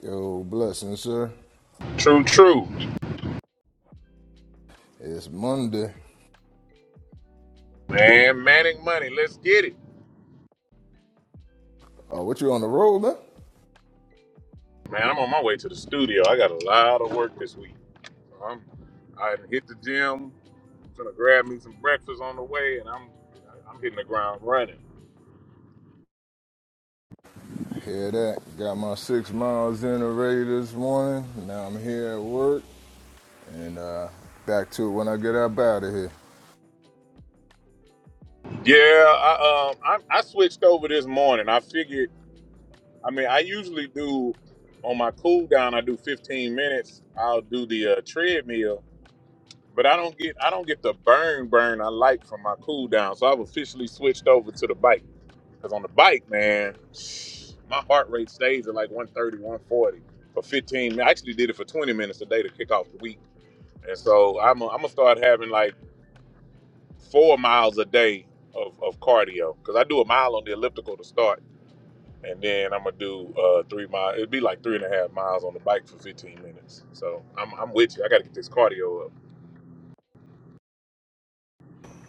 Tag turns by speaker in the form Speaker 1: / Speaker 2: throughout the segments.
Speaker 1: Yo, blessing, sir.
Speaker 2: True, true.
Speaker 1: It's Monday.
Speaker 2: Man, Manic Money, let's get it.
Speaker 1: Oh, what you on the road, man?
Speaker 2: Man, I'm on my way to the studio. I got a lot of work this week. So I'm, I hit the gym, gonna grab me some breakfast on the way, and I'm I'm hitting the ground running.
Speaker 1: Hear that? Got my six miles in already this morning. Now I'm here at work and uh, back to it when I get up out of here.
Speaker 2: Yeah, I um I, I switched over this morning. I figured, I mean, I usually do on my cool down. I do 15 minutes. I'll do the uh, treadmill, but I don't get I don't get the burn burn I like from my cool down. So I've officially switched over to the bike. Because on the bike, man, my heart rate stays at like one thirty, one forty for 15 minutes. I actually did it for 20 minutes a day to kick off the week. And so I'm going to start having like four miles a day of, of cardio because I do a mile on the elliptical to start. And then I'm going to do uh, three miles. It'd be like three and a half miles on the bike for 15 minutes. So I'm, I'm with you. I got to get this cardio up.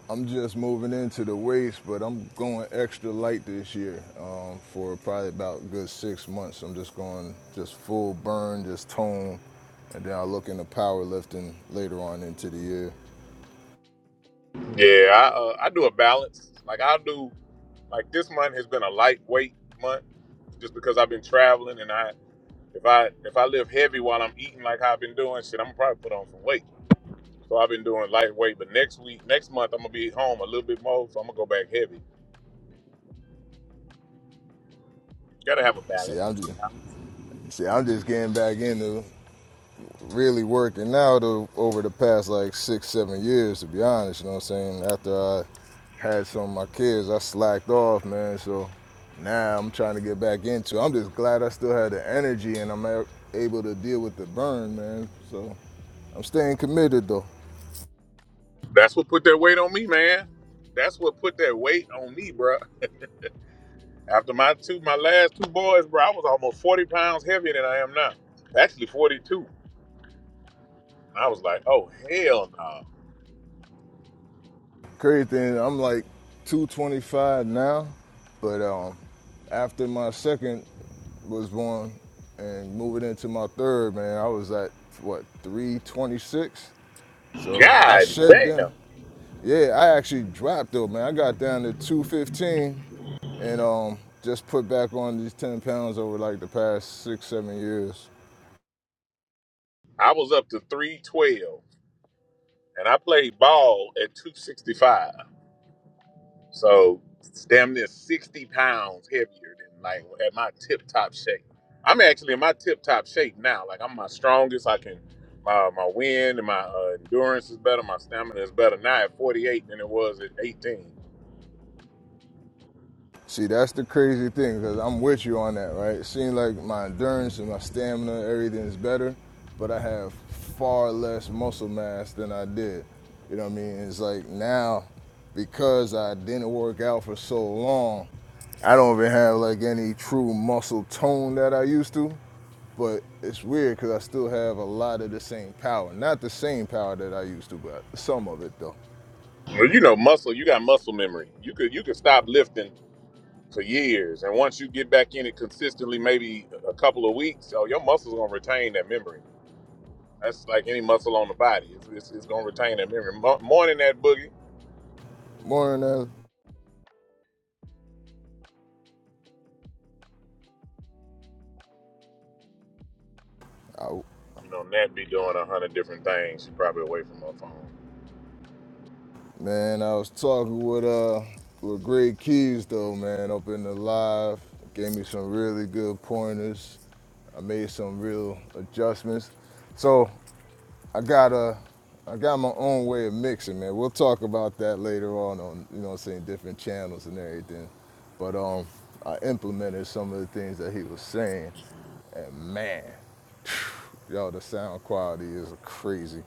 Speaker 1: I'm just moving into the waist, but I'm going extra light this year um, for probably about a good six months. I'm just going just full burn, just tone, and then I look into powerlifting later on into the year.
Speaker 2: Yeah, I, uh, I do a balance. Like I'll do, like this month has been a lightweight month just because I've been traveling and I If I if I lift heavy while I'm eating like I've been doing, shit, I'm gonna probably put on some weight. So I've been doing lightweight, but next week, next month, I'm gonna be home a little bit more, so I'm gonna go back heavy. You Gotta have a
Speaker 1: See,
Speaker 2: balance.
Speaker 1: I'm just see, I'm just getting back into really working out over the past like six, seven years, to be honest. You know what I'm saying? After I had some of my kids, I slacked off, man. So now I'm trying to get back into. it. I'm just glad I still had the energy and I'm able to deal with the burn, man. So I'm staying committed though.
Speaker 2: That's what put that weight on me, man. That's what put that weight on me, bro. After my two, my last two boys, bro, I was almost 40 pounds heavier than I am now. Actually, 42. I was like, oh hell no,
Speaker 1: Crazy thing, I'm like 225 now, but um, after my second was born and moving into my third, man, I was at what 326
Speaker 2: Nah.
Speaker 1: So I
Speaker 2: god
Speaker 1: shut
Speaker 2: damn.
Speaker 1: down. Yeah, I actually dropped though, man. I got down to 215 and um just put back on these 10 pounds over like the past six, seven years.
Speaker 2: I was up to 312, and I played ball at 265. So it's damn near 60 pounds heavier than like at my tip top shape. I'm actually in my tip top shape now. Like I'm my strongest. I can my my wind and my uh, endurance is better. My stamina is better now at 48 than it was at 18.
Speaker 1: See, that's the crazy thing because I'm with you on that, right? It seems like my endurance and my stamina, everything is better, but I have far less muscle mass than I did. You know what I mean? It's like now, because I didn't work out for so long, I don't even have like any true muscle tone that I used to. But it's weird because I still have a lot of the same power. Not the same power that I used to, but some of it though.
Speaker 2: Well, you know, muscle. You got muscle memory. You could you could stop lifting for years, and once you get back in it consistently, maybe a couple of weeks, oh, your muscles gonna retain that memory. That's like any muscle on the body. It's, it's, it's gonna retain that memory. Mo- morning that boogie.
Speaker 1: More than that, I
Speaker 2: You know, Nat be doing a hundred different things. She probably away from her phone.
Speaker 1: Man, I was talking with uh with Greg Keys though, man, up in the live. Gave me some really good pointers. I made some real adjustments. So I got a I got my own way of mixing, man. We'll talk about that later on on you know what I'm saying different channels and everything. But um I implemented some of the things that he was saying and man, yo, the sound quality is crazy.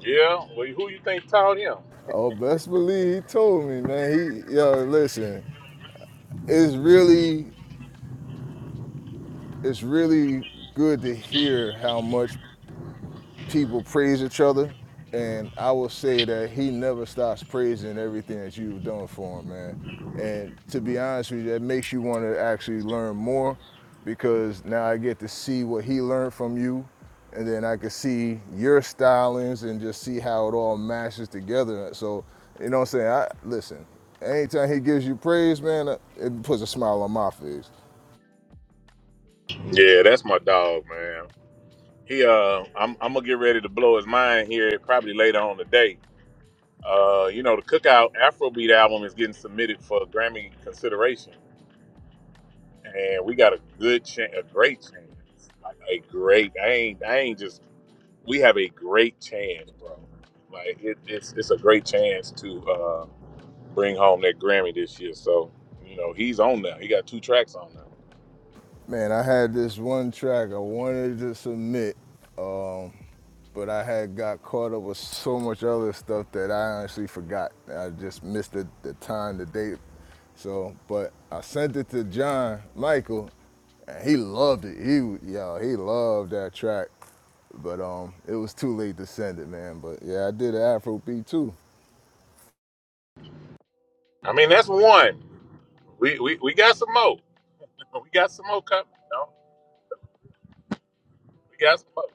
Speaker 2: Yeah, well, who you think taught him?
Speaker 1: Oh, best believe he told me, man. He yo, listen, it's really it's really good to hear how much people praise each other and i will say that he never stops praising everything that you've done for him man and to be honest with you that makes you want to actually learn more because now i get to see what he learned from you and then I can see your stylings and just see how it all mashes together. So, you know what I'm saying? I listen. Anytime he gives you praise, man, it puts a smile on my face.
Speaker 2: Yeah, that's my dog, man. He, uh, I'm, I'm gonna get ready to blow his mind here probably later on today. Uh, you know, the Cookout Afrobeat album is getting submitted for Grammy consideration, and we got a good chance, a great chance, like a great. I ain't, I ain't just. We have a great chance, bro. Like it, it's, it's a great chance to. Uh, bring home that Grammy this year. So, you know, he's on now. He got two tracks on now.
Speaker 1: Man, I had this one track I wanted to submit, um, but I had got caught up with so much other stuff that I honestly forgot. I just missed the, the time, the date. So, but I sent it to John Michael, and he loved it. He, w- yo, he loved that track. But um, it was too late to send it, man. But yeah, I did an Afro too.
Speaker 2: I mean, that's one. We we, we got some more. We got some more coming. You know? We got some more.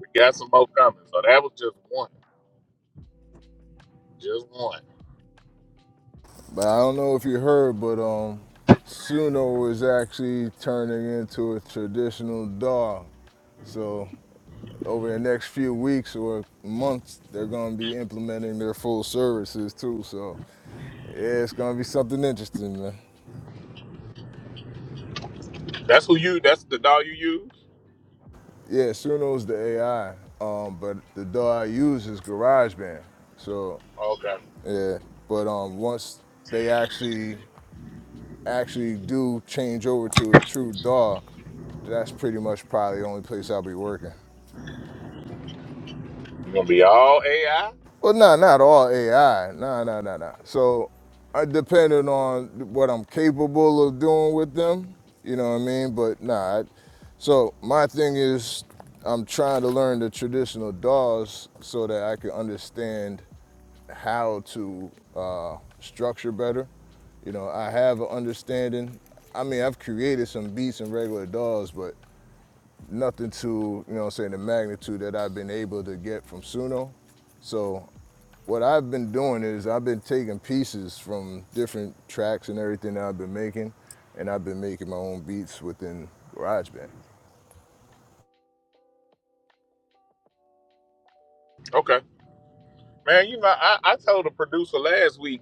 Speaker 2: We got some more coming. So that was just one. Just one.
Speaker 1: But I don't know if you heard, but um, Suno is actually turning into a traditional dog. So over the next few weeks or months, they're going to be implementing their full services too. So yeah, it's going to be something interesting, man.
Speaker 2: That's who you that's the doll you use?
Speaker 1: Yeah, Suno's the AI, um, but the DAW I use is GarageBand. So
Speaker 2: Okay.
Speaker 1: yeah, but um, once they actually actually do change over to a true DAW, that's pretty much probably the only place I'll be working.
Speaker 2: You gonna be all AI?
Speaker 1: Well, nah, not all AI. nah, nah, nah, nah. So, I depending on what I'm capable of doing with them, you know what I mean. But nah. I, so my thing is, I'm trying to learn the traditional DAWs so that I can understand how to uh, structure better. You know, I have an understanding. I mean, I've created some beats and regular DAWs, but nothing to, you know what I'm saying, the magnitude that I've been able to get from Suno. So what I've been doing is I've been taking pieces from different tracks and everything that I've been making, and I've been making my own beats within GarageBand.
Speaker 2: Okay. Man, you know, I, I told the producer last week.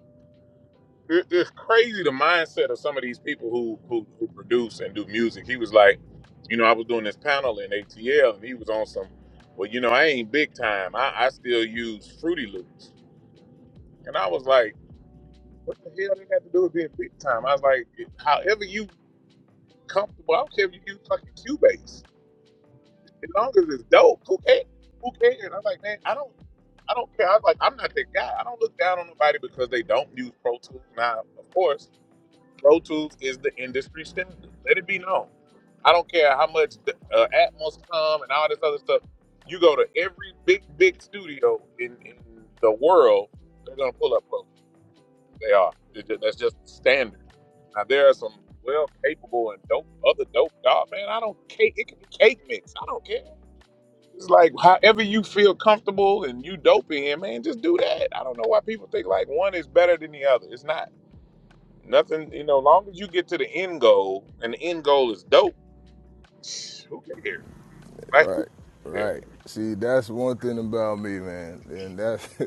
Speaker 2: it, it's crazy the mindset of some of these people who, who who produce and do music. He was like, you know, I was doing this panel in ATL, and he was on some. Well, you know, I ain't big time. I, I still use Fruity Loops, and I was like, what the hell did that have to do with being big time? I was like, however you comfortable. I don't care if you use fucking Cubase, as long as it's dope. Who cares? Who cares? I'm like, man, I don't. I don't care. I was like, I'm not that guy. I don't look down on nobody because they don't use Pro Tools. Now, of course, Pro Tools is the industry standard. Let it be known. I don't care how much the, uh, Atmos come and all this other stuff. You go to every big, big studio in, in the world, they're going to pull up Pro Tools. They are. It that's just standard. Now, there are some well capable and dope, other dope dog, man. I don't cake. It can be cake mix. I don't care. It's like however you feel comfortable and you dope in, man, just do that. I don't know why people think like one is better than the other. It's not. Nothing, you know, long as you get to the end goal and the end goal is dope, who cares? Like, who
Speaker 1: right,
Speaker 2: cares?
Speaker 1: right. See, that's one thing about me, man. And that's,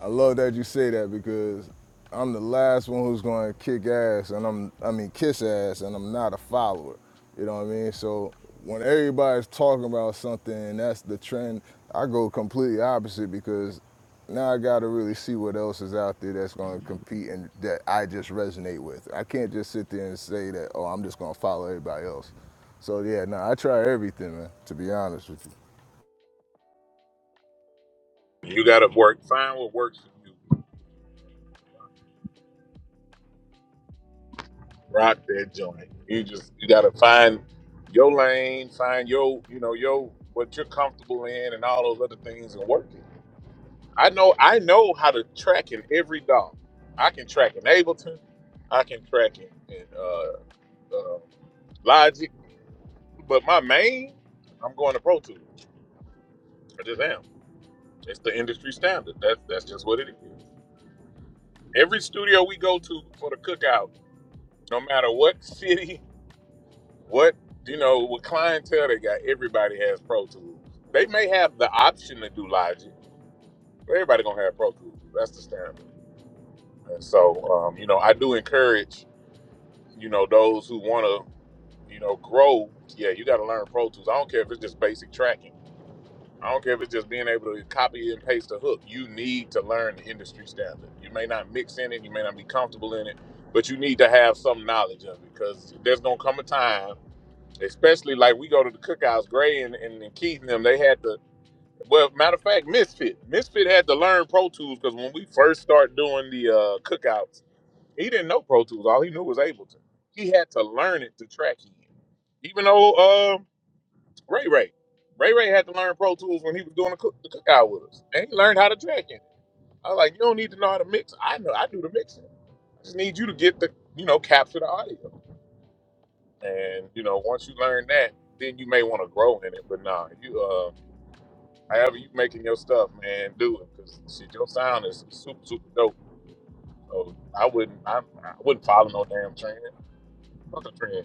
Speaker 1: I love that you say that because I'm the last one who's going to kick ass and I'm, I mean, kiss ass and I'm not a follower. You know what I mean? So when everybody's talking about something and that's the trend, I go completely opposite because now I gotta really see what else is out there that's gonna compete and that I just resonate with. I can't just sit there and say that, oh, I'm just gonna follow everybody else. So yeah, no, I try everything, man, to be honest with you.
Speaker 2: You gotta work, find what works for you. Rock that joint. You just you gotta find your lane, find your, you know, your what you're comfortable in and all those other things and work it. I know I know how to track in every dog. I can track in Ableton, I can track in, in uh, uh Logic, but my main, I'm going to Pro Tools. I just am. It's the industry standard. That's that's just what it is. Every studio we go to for the cookout, no matter what city, what you know, what clientele they got, everybody has Pro Tools. They may have the option to do Logic, but everybody gonna have Pro Tools. That's the standard. And so, um, you know, I do encourage, you know, those who wanna, you know, grow. Yeah, you gotta learn Pro Tools. I don't care if it's just basic tracking I don't care if it's just being able to copy and paste a hook. You need to learn the industry standard. You may not mix in it, you may not be comfortable in it, but you need to have some knowledge of it because there's gonna come a time, especially like we go to the cookouts, Gray and, and, and Keith and them, they had to well, matter of fact, Misfit. Misfit had to learn Pro Tools because when we first started doing the uh, cookouts, he didn't know Pro Tools. All he knew was Ableton. He had to learn it to track in. Even though uh, Ray Ray. Ray Ray had to learn Pro Tools when he was doing the, cook, the cookout with us. And he learned how to track in it. I was like, you don't need to know how to mix. I know I do the mixing. I just need you to get the, you know, capture the audio. And, you know, once you learn that, then you may want to grow in it. But nah, you uh however you making your stuff, man, do it. Cause shit, your sound is super, super dope. So I wouldn't I, I wouldn't follow no damn trend. Fuck a trend.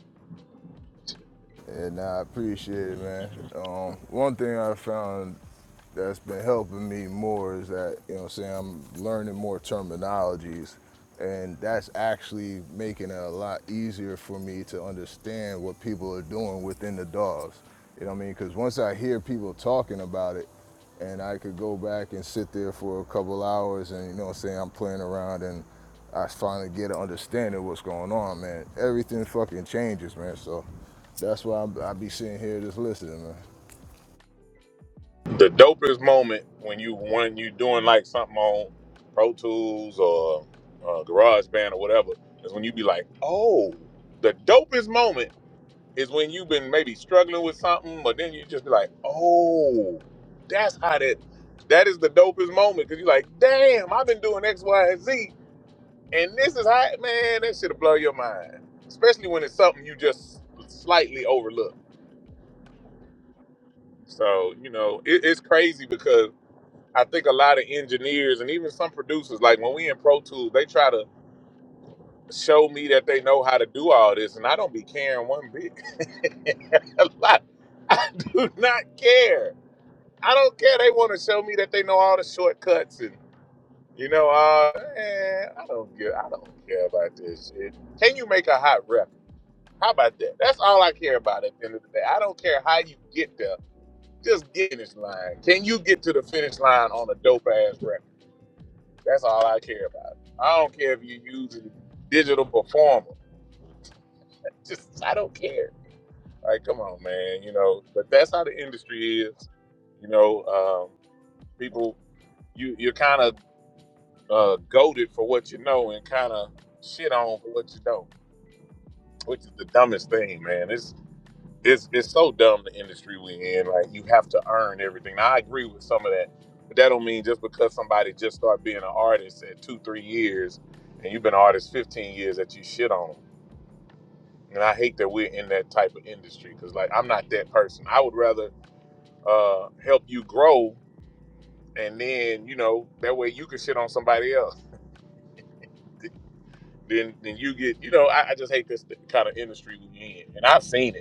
Speaker 1: And I appreciate it, man. Um, one thing I found that's been helping me more is that you know what I'm saying I'm learning more terminologies and that's actually making it a lot easier for me to understand what people are doing within the dogs. You know what I mean? Because once I hear people talking about it, and I could go back and sit there for a couple hours and you know what I'm saying I'm playing around and I finally get an understanding of what's going on, man. Everything fucking changes, man. So that's why i be sitting here just listening, man.
Speaker 2: the dopest moment when you when you doing like something on Pro Tools or uh, GarageBand or whatever is when you be like, oh, the dopest moment is when you've been maybe struggling with something, but then you just be like, oh, that's how that that is the dopest moment because you're like, damn, I've been doing X, Y, and Z, and this is how man that should blow your mind, especially when it's something you just slightly overlook. So you know it, it's crazy because I think a lot of engineers and even some producers, like when we in Pro Tools, they try to show me that they know how to do all this, and I don't be caring one bit. like, I do not care. I don't care. They want to show me that they know all the shortcuts and you know, uh, man, I don't care. I don't care about this shit. Can you make a hot record? How about that? That's all I care about at the end of the day. I don't care how you get there. Just get finish line. Can you get to the finish line on a dope ass record? That's all I care about. I don't care if you're using digital performer. Just I don't care. Like, come on, man. You know, but that's how the industry is. You know, um, people, you you're kind of uh, goaded for what you know and kind of shit on for what you don't, which is the dumbest thing, man. It's it's it's so dumb the industry we in. Like you have to earn everything. Now, I agree with some of that, but that don't mean just because somebody just started being an artist at two, three years, and you've been an artist fifteen years that you shit on. 'em. And I hate that we're in that type of industry because like I'm not that person. I would rather uh, help you grow, and then you know that way you can shit on somebody else. Then then you get you know I, I just hate this kind of industry we in, and I've seen it.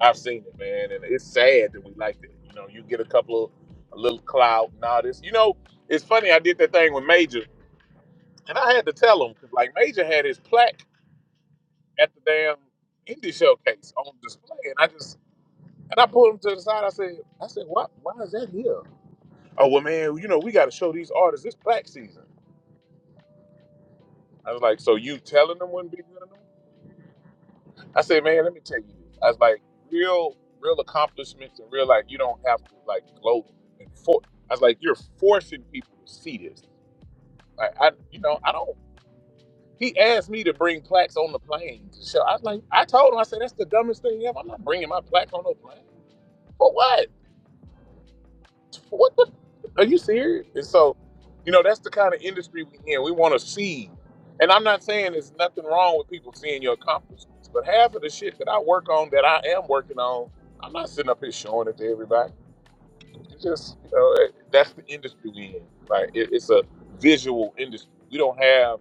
Speaker 2: I've seen it, man, and it's sad that we like that. You know, you get a couple of a little clout and all this. You know, it's funny. I did that thing with Major, and I had to tell him because, like Major had his plaque at the damn indie showcase on display, and I just and I pulled him to the side. I said, I said, why, why is that here? Oh well, man, you know, we got to show these artists this plaque season. I was like, so you telling them wouldn't be good enough? I said, man, let me tell you. I was like, real, real accomplishments and real like you don't have to like gloat and for. I was like, you're forcing people to see this. Like I, you know, I don't. He asked me to bring plaques on the plane to show. I was like, I told him, I said, that's the dumbest thing ever. I'm not bringing my plaque on no plane. For what? What the? Are you serious? And so, you know, that's the kind of industry we in. We want to see. And I'm not saying there's nothing wrong with people seeing your accomplishments, but half of the shit that I work on, that I am working on, I'm not sitting up here showing it to everybody. It's just, you know, it- that's the industry we in. Like, it, it's a visual industry. We don't have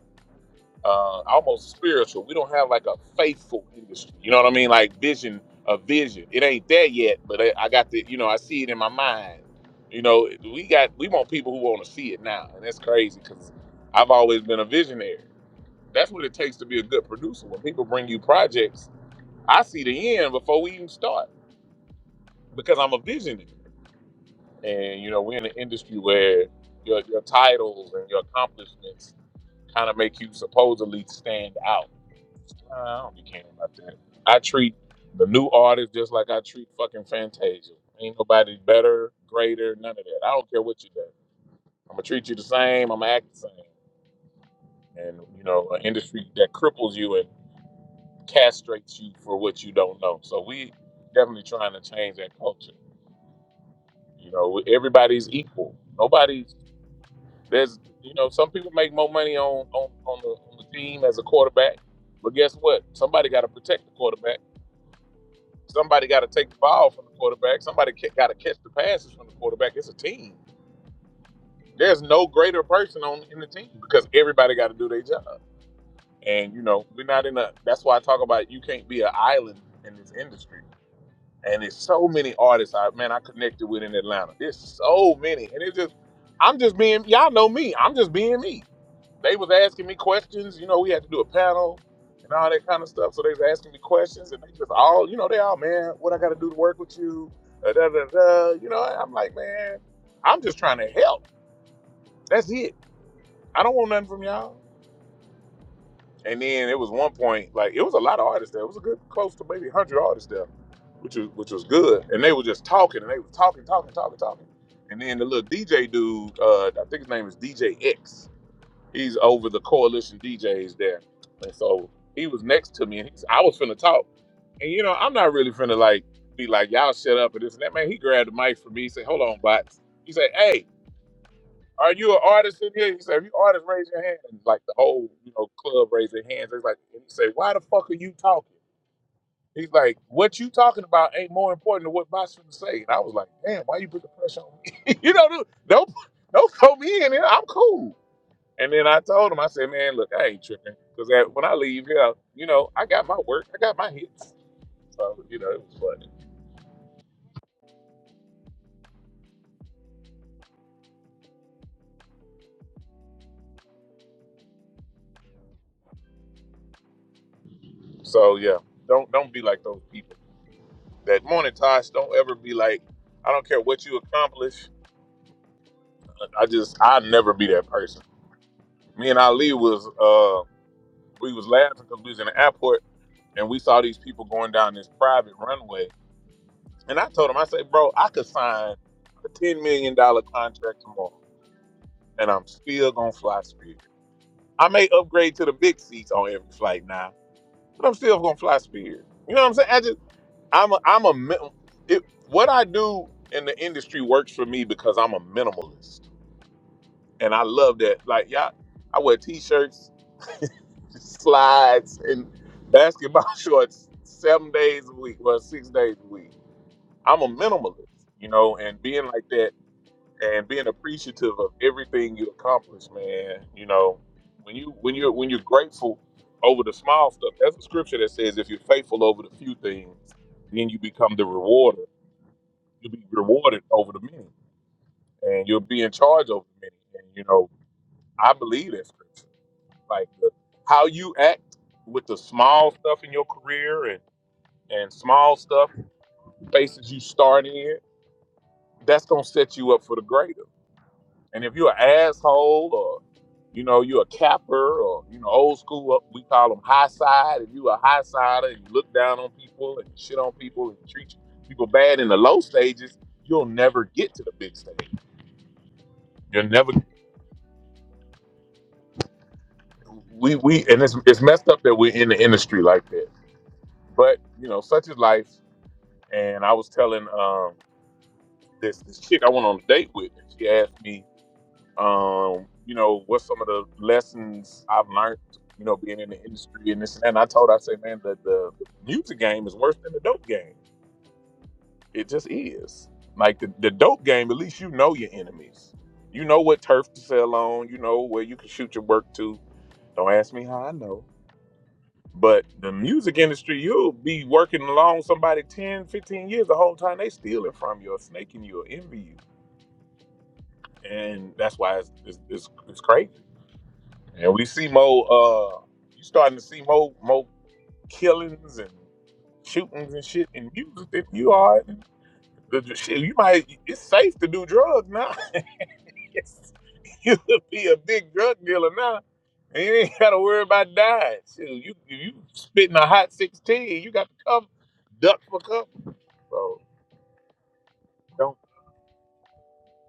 Speaker 2: uh, almost spiritual. We don't have like a faithful industry. You know what I mean? Like vision, a vision. It ain't there yet, but I, I got the, you know, I see it in my mind. You know, we got, we want people who want to see it now. And that's crazy because I've always been a visionary. That's what it takes to be a good producer. When people bring you projects, I see the end before we even start because I'm a visionary. And, you know, we're in an industry where your, your titles and your accomplishments kind of make you supposedly stand out Uh, I don't be caring about that. I treat the new artists just like I treat fucking Fantasia. Ain't nobody better, greater, none of that. I don't care what you do. I'm gonna treat you the same. I'm gonna act the same. And you know, an industry that cripples you and castrates you for what you don't know. So we definitely trying to change that culture. You know, everybody's equal. Nobody's there's you know some people make more money on on on the, on the team as a quarterback, but guess what? Somebody got to protect the quarterback. Somebody got to take the ball from the quarterback. Somebody got to catch the passes from the quarterback. It's a team. There's no greater person on in the team because everybody got to do their job. And you know, we're not in a. That's why I talk about you can't be an island in this industry. And there's so many artists I man I connected with in Atlanta. There's so many, and it's just I'm just being y'all know me. I'm just being me they was asking me questions. You know, we had to do a panel and all that kind of stuff. So they was asking me questions, and they just all, you know, they all, man, what I got to do to work with you? Da, da, da, da. You know, I'm like, man, I'm just trying to help. That's it. I don't want nothing from y'all. And then it was one point, like it was a lot of artists there. It was a good, close to maybe one hundred artists there, which was which was good. And they were just talking, and they were talking, talking, talking, talking. And then the little DJ dude, uh, I think his name is DJ X He's over the coalition DJs there. And so he was next to me and he's I was finna talk. And you know, I'm not really finna like be like, y'all shut up and this and that. Man, he grabbed the mic from me, he said, Hold on, bots. He said, Hey, are you an artist in here? He said, If you artists, raise your hand. And like the whole, you know, club raised their hands. It's like and he said, Why the fuck are you talking? He's like, What you talking about ain't more important than what bots finna say. And I was like, Damn, why you put the pressure on me? you know, dude, don't don't throw me in here. I'm cool. And then I told him, I said, man, look, I ain't tripping. Because when I leave here, you know, I got my work, I got my hits. So, you know, it was funny. So, yeah, don't don't be like those people. That morning, Tosh, don't ever be like, I don't care what you accomplish. I just, i will never be that person. Me and Ali was, uh, we was laughing because we was in the airport and we saw these people going down this private runway. And I told him, I said, bro, I could sign a $10 million dollar contract tomorrow and I'm still going to fly speed. I may upgrade to the big seats on every flight now, but I'm still gonna fly Spirit. You know what I'm saying? I just I'm a I'm a mi- it, what I do in the industry works for me because I'm a minimalist, and I love that. Like y'all, I wear t-shirts, slides, and basketball shorts seven days a week, well six days a week. I'm a minimalist, you know, and being like that. and being appreciative of everything you accomplish, man. You know, when you when you're when you're grateful over the small stuff, that's a scripture that says if you're faithful over the few things, then you become the rewarder. You'll be rewarded over the many, and you'll be in charge over the many. And you know, I believe that scripture. Like the, how you act with the small stuff in your career and and small stuff spaces you start in, that's gonna set you up for the greater. And if you're an asshole or you know you're a capper or you know old school, uh, we call them high side. If you are a high sider and you look down on people and shit on people and treat people bad in the low stages, you'll never get to the big stage. You'll never. We we and it's it's messed up that we're in the industry like that. But you know, such is life. And I was telling um this this chick I went on a date with, and she asked me Um, you know, what some of the lessons I've learned, you know, being in the industry and this and that. And I told her, I say, man, the, the music game is worse than the dope game. It just is. Like the, the dope game, at least you know your enemies. You know what turf to sell on, you know where you can shoot your work to. Don't ask me how I know. But the music industry, you'll be working along somebody 10, 15 years the whole time they stealing from you or snaking you or envy you. And that's why it's, it's, it's, it's crazy. And we see more. Uh, you starting to see more more killings and shootings and shit in music than you are. in The, the shit, you might. It's safe to do drugs now. It's- you could be a big drug dealer now, and you ain't got to worry about dying. Shit, you you spitting a hot sixteen. You got to come duck for cover. So don't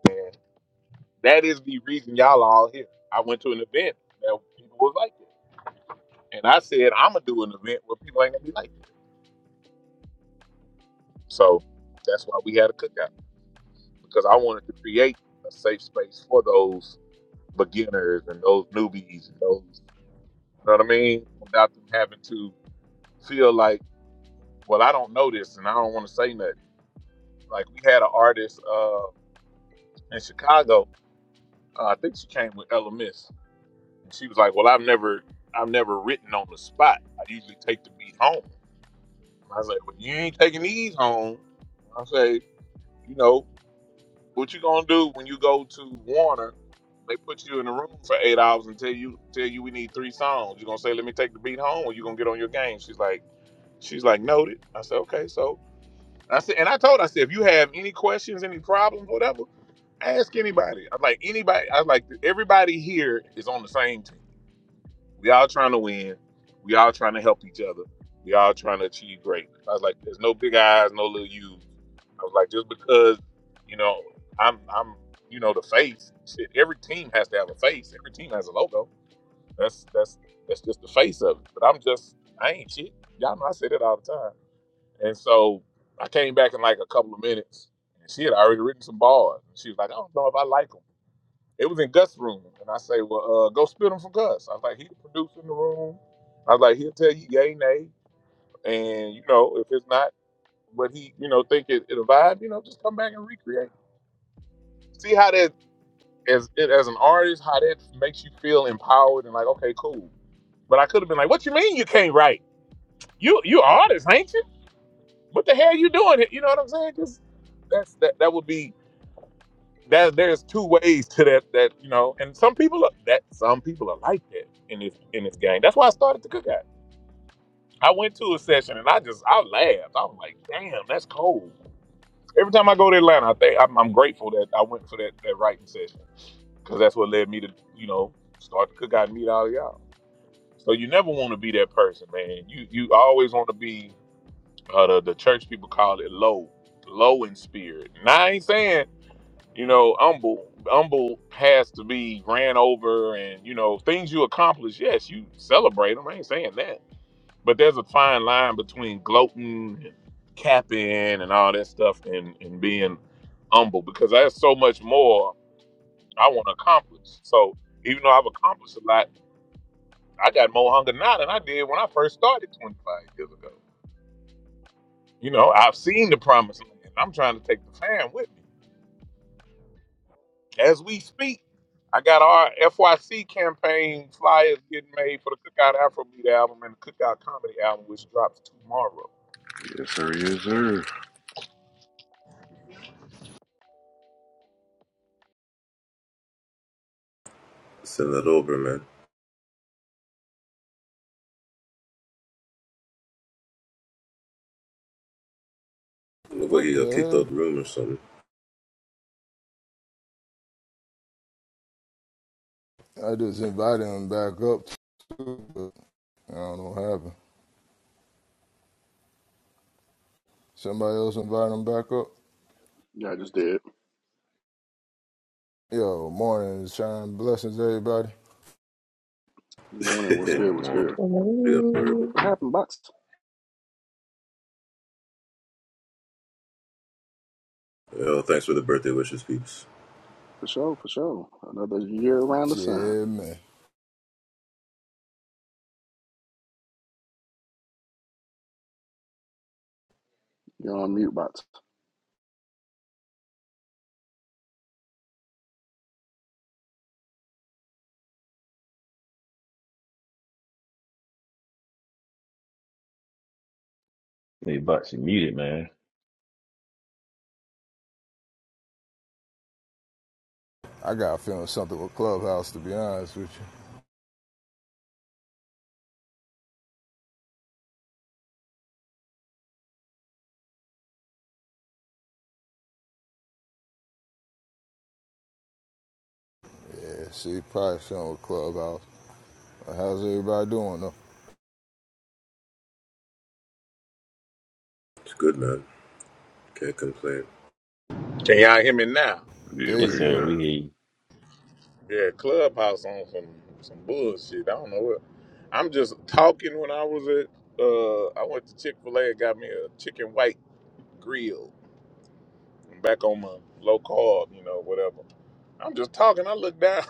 Speaker 2: man. That is the reason y'all are all here. I went to an event that people was like it, and I said I'm gonna do an event where people ain't gonna be like. that. So that's why we had a cookout because I wanted to create a safe space for those beginners and those newbies and those, you know what I mean? Without them having to feel like, well, I don't know this and I don't want to say nothing. Like we had an artist uh, in Chicago. Uh, I think she came with Ella Miss, and she was like, "Well, I've never, I've never written on the spot. I usually take the beat home." And I was like, "Well, you ain't taking these home." I say, "You know, What you gonna do when you go to Warner? They put you in a room for eight hours and tell you tell you we need three songs. You gonna say, "Let me take the beat home," or you gonna get on your game? She's like, she's like, noted. I said, okay, so I said, and I told, her, I said, if you have any questions, any problems, whatever, ask anybody. I'm like anybody. I was like everybody here is on the same team. We all trying to win. We all trying to help each other. We all trying to achieve greatness. I was like, there's no big eyes, no little U's. I was like, just because, you know, I'm I'm you know the face. Shit, every team has to have a face. Every team has a logo. That's that's that's just the face of it. But I'm just I ain't shit. Y'all know I say that all the time. And so I came back in like a couple of minutes, and she had already written some bars. And she was like, I don't know if I like them. It was in Gus' room, and I say, well, uh, go spit them for Gus. I was like, he the producer in the room. I was like, he'll tell you yay nay, and you know if it's not what he you know think it, it'll vibe, you know just come back and recreate. See how that as it as an artist, how that makes you feel empowered and like, okay, cool. But I could have been like, what you mean you can't write? You you artist, ain't you? What the hell you doing? here?" You know what I'm saying? Just that's that that would be that there's two ways to that that you know and some people are that some people are like that in this in this game that's why i started the cookout i went to a session and i just i laughed i was like damn that's cold Every time I go to Atlanta, I think I'm, I'm grateful that I went for that, that writing session because that's what led me to, you know, start the cookout and meet all of y'all. So you never want to be that person, man. You you always want to be uh, the the church people call it low, low in spirit. Now I ain't saying you know humble. Humble has to be ran over, and you know things you accomplish. Yes, you celebrate them. I ain't saying that but there's a fine line between gloating and capping and all that stuff and, and being humble because there's so much more I want to accomplish. So even though I've accomplished a lot, I got more hunger now than I did when I first started 25 years ago. You know, I've seen the promised land. I'm trying to take the fan with me. As we speak, I got our FYC campaign flyers getting made for the Cookout Afrobeat album and the Cookout Comedy album, which drops tomorrow.
Speaker 3: Yes, sir. Yes, sir.
Speaker 4: Send that over, man. Look like
Speaker 1: What
Speaker 4: he
Speaker 1: the
Speaker 4: got kicked
Speaker 1: hell?
Speaker 4: out the room or something.
Speaker 1: I just invited him back up too, but I don't know what happened. Somebody else invited him back up.
Speaker 5: Yeah, I just did.
Speaker 1: Yo, morning, shine blessings, everybody.
Speaker 5: Morning, what's good,
Speaker 3: Morning,
Speaker 5: what's
Speaker 3: morning.
Speaker 5: good?
Speaker 6: Hello.
Speaker 5: What happened, bots?
Speaker 4: Yo, thanks for the birthday wishes, peeps.
Speaker 5: For sure, for sure. Another year around the sun.
Speaker 1: Yeah, man.
Speaker 5: You're on mute, bots.
Speaker 7: Hey, Bucks, you muted, man.
Speaker 1: I got a feeling something with Clubhouse, to be honest with you. Yeah, see, probably something with Clubhouse. How's everybody doing, though?
Speaker 4: It's good, man. Can't complain.
Speaker 2: Can y'all hear me now?
Speaker 3: Yeah,
Speaker 1: There
Speaker 3: we
Speaker 7: Yes,
Speaker 1: you
Speaker 3: hear you
Speaker 7: sir.
Speaker 1: go.
Speaker 3: now.
Speaker 7: We hear you.
Speaker 2: Yeah, Clubhouse on some some bullshit. I don't know what. I'm just talking when I was at. Uh, I went to Chick Fil A and got me a chicken white grill. I'm back on my low carb, you know, whatever. I'm just talking. I look down.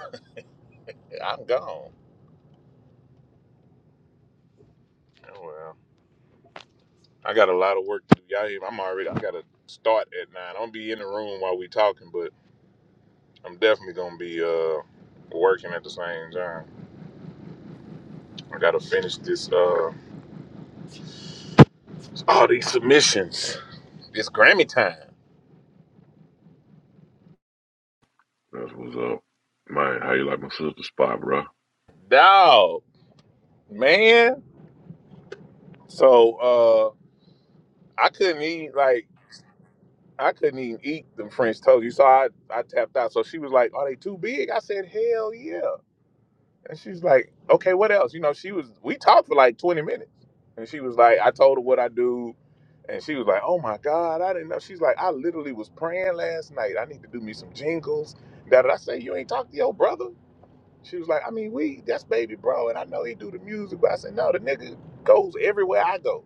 Speaker 2: I'm gone. Oh, well, I got a lot of work to do. Y'all, hear me? I'm already. I got to start at nine. I'm gonna be in the room while we talking, but I'm definitely gonna be uh working at the same time. I gotta finish this. Uh, all these submissions. It's Grammy time.
Speaker 3: That's what's up. Man, how you like my sister's spot, bro?
Speaker 2: Dog, man. So uh I couldn't eat like I couldn't even eat them French toast. You saw I, I tapped out. So she was like, Are they too big? I said, Hell yeah. And she's like, Okay, what else? You know, she was we talked for like 20 minutes. And she was like, I told her what I do. And she was like, Oh my God, I didn't know. She's like, I literally was praying last night. I need to do me some jingles. That I say, You ain't talk to your brother. She was like, I mean, we that's baby bro, and I know he do the music, but I said, No, the nigga goes everywhere I go.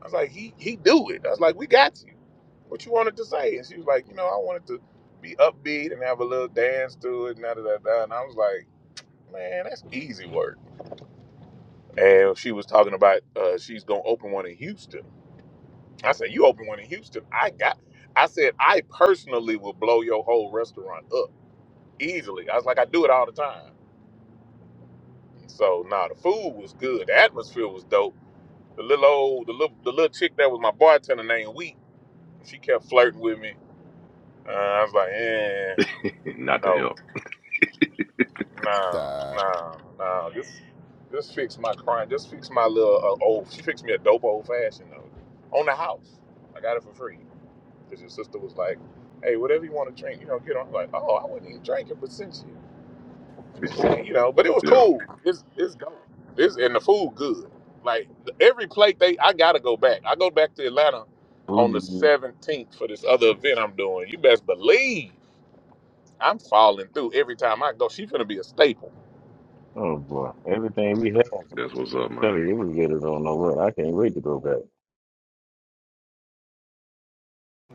Speaker 2: I was like, he he do it. I was like, we got you. What you wanted to say? And she was like, you know, I wanted to be upbeat and have a little dance to it and da da da. da. And I was like, man, that's easy work. And she was talking about uh, she's gonna open one in Houston. I said, you open one in Houston? I got. I said, I personally will blow your whole restaurant up easily. I was like, I do it all the time. So nah, the food was good. The atmosphere was dope. The little old, the little, the little chick that was my bartender named Wheat. She kept flirting with me Uh, I was like, eh,
Speaker 3: Not to
Speaker 2: no,
Speaker 3: help.
Speaker 2: no,
Speaker 1: That
Speaker 2: no, no. Just, just fix my crime. Just fix my little uh, old. She fixed me a dope old fashioned though, on the house. I got it for free because your sister was like, hey, whatever you want to drink, you know, get on. I'm like, oh, I wouldn't even drink it, but since you, you know, but it was
Speaker 3: Yeah,
Speaker 2: cool. It's, it's good. It's and the food good. Like every plate they, I gotta go back. I go back to Atlanta
Speaker 7: Who
Speaker 2: on the
Speaker 7: did you?
Speaker 2: 17th for this other event I'm doing. You best believe. I'm falling through every time I go. She's gonna be a staple.
Speaker 7: Oh boy, everything we had. man.
Speaker 3: that's what's up,
Speaker 7: I'm
Speaker 3: man.
Speaker 7: telling you, it was good as I don't know what. I can't wait to go back.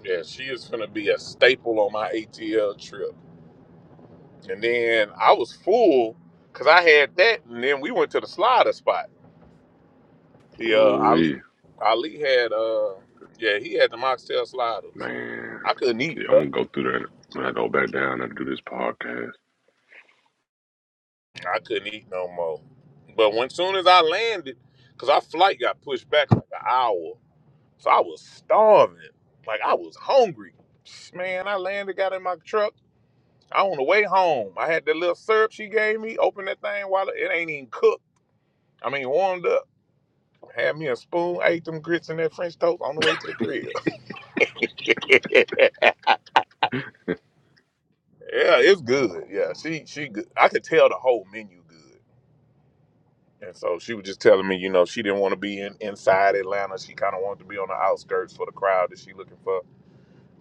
Speaker 2: Yeah, she is gonna be a staple on my ATL trip. And then I was full because I had that, and then we went to the slider spot. The uh,
Speaker 3: Ooh,
Speaker 2: Ali,
Speaker 3: we
Speaker 2: Ali had uh, yeah, he had the mocktail sliders.
Speaker 3: man.
Speaker 2: I couldn't
Speaker 3: Yeah,
Speaker 2: eat,
Speaker 3: I'm
Speaker 2: bro.
Speaker 3: gonna go through that when I go back down and do this podcast.
Speaker 2: I couldn't eat no more. But when soon as I landed, cause our flight got pushed back like an hour, so I was starving. Like I was hungry. Man, I landed, got in my truck. I on the way home, I had that little syrup she gave me. Open that thing while it ain't even cooked. I mean, warmed up. Had me a spoon, ate them grits and that French toast on the way to the crib. yeah, it's good. Yeah, she she. Good. I could tell the whole menu good, and so she was just telling me, you know, she didn't want to be in inside Atlanta. She kind of wanted to be on the outskirts for the crowd that she looking for.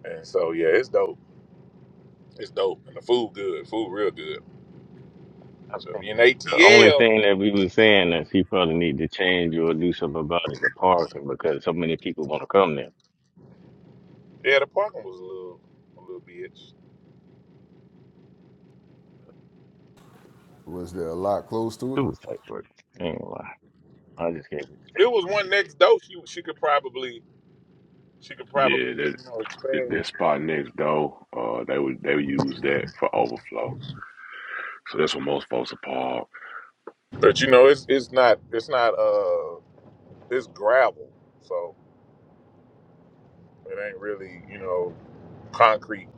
Speaker 2: And so yeah, it's dope. It's dope, and the food good. Food real good.
Speaker 7: I
Speaker 2: So if
Speaker 7: think
Speaker 2: you in
Speaker 7: that the only
Speaker 2: ATL,
Speaker 7: thing that we was saying that she probably need to change or do something about is the parking because so many people want to come there.
Speaker 2: yeah, the parking was a little a little bitch.
Speaker 1: Was there a lot close to
Speaker 7: It
Speaker 1: it?
Speaker 7: was tight work. I ain't gonna lie. I just can't wait to take
Speaker 2: it was
Speaker 7: the
Speaker 2: one
Speaker 7: food.
Speaker 2: next door. She she could probably she could probably
Speaker 3: Yeah,
Speaker 2: you
Speaker 3: that
Speaker 2: know
Speaker 3: that
Speaker 2: expand.
Speaker 3: that spot next door. Uh, they would they would use that for overflow. So that's what most folks are parked.
Speaker 2: But you know it's it's not it's not uh it's gravel, so it ain't really you know concrete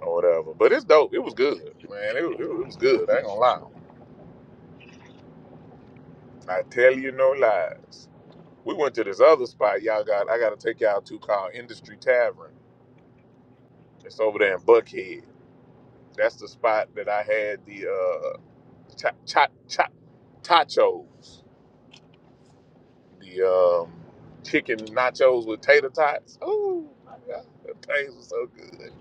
Speaker 2: or whatever. But it's dope. It was good, man. It, was- it, was- it was good. I
Speaker 7: Yeah,
Speaker 2: ain't
Speaker 7: This is
Speaker 2: gonna lie.
Speaker 7: sure.
Speaker 2: I tell you no lies. We went to this other spot. Y'all got I got to take y'all to called Industry Tavern. It's over there in Buckhead. That's the spot that I had the uh cha cha cha tachos. the um, chicken nachos with tater tots. Oh my god, that taste was so good.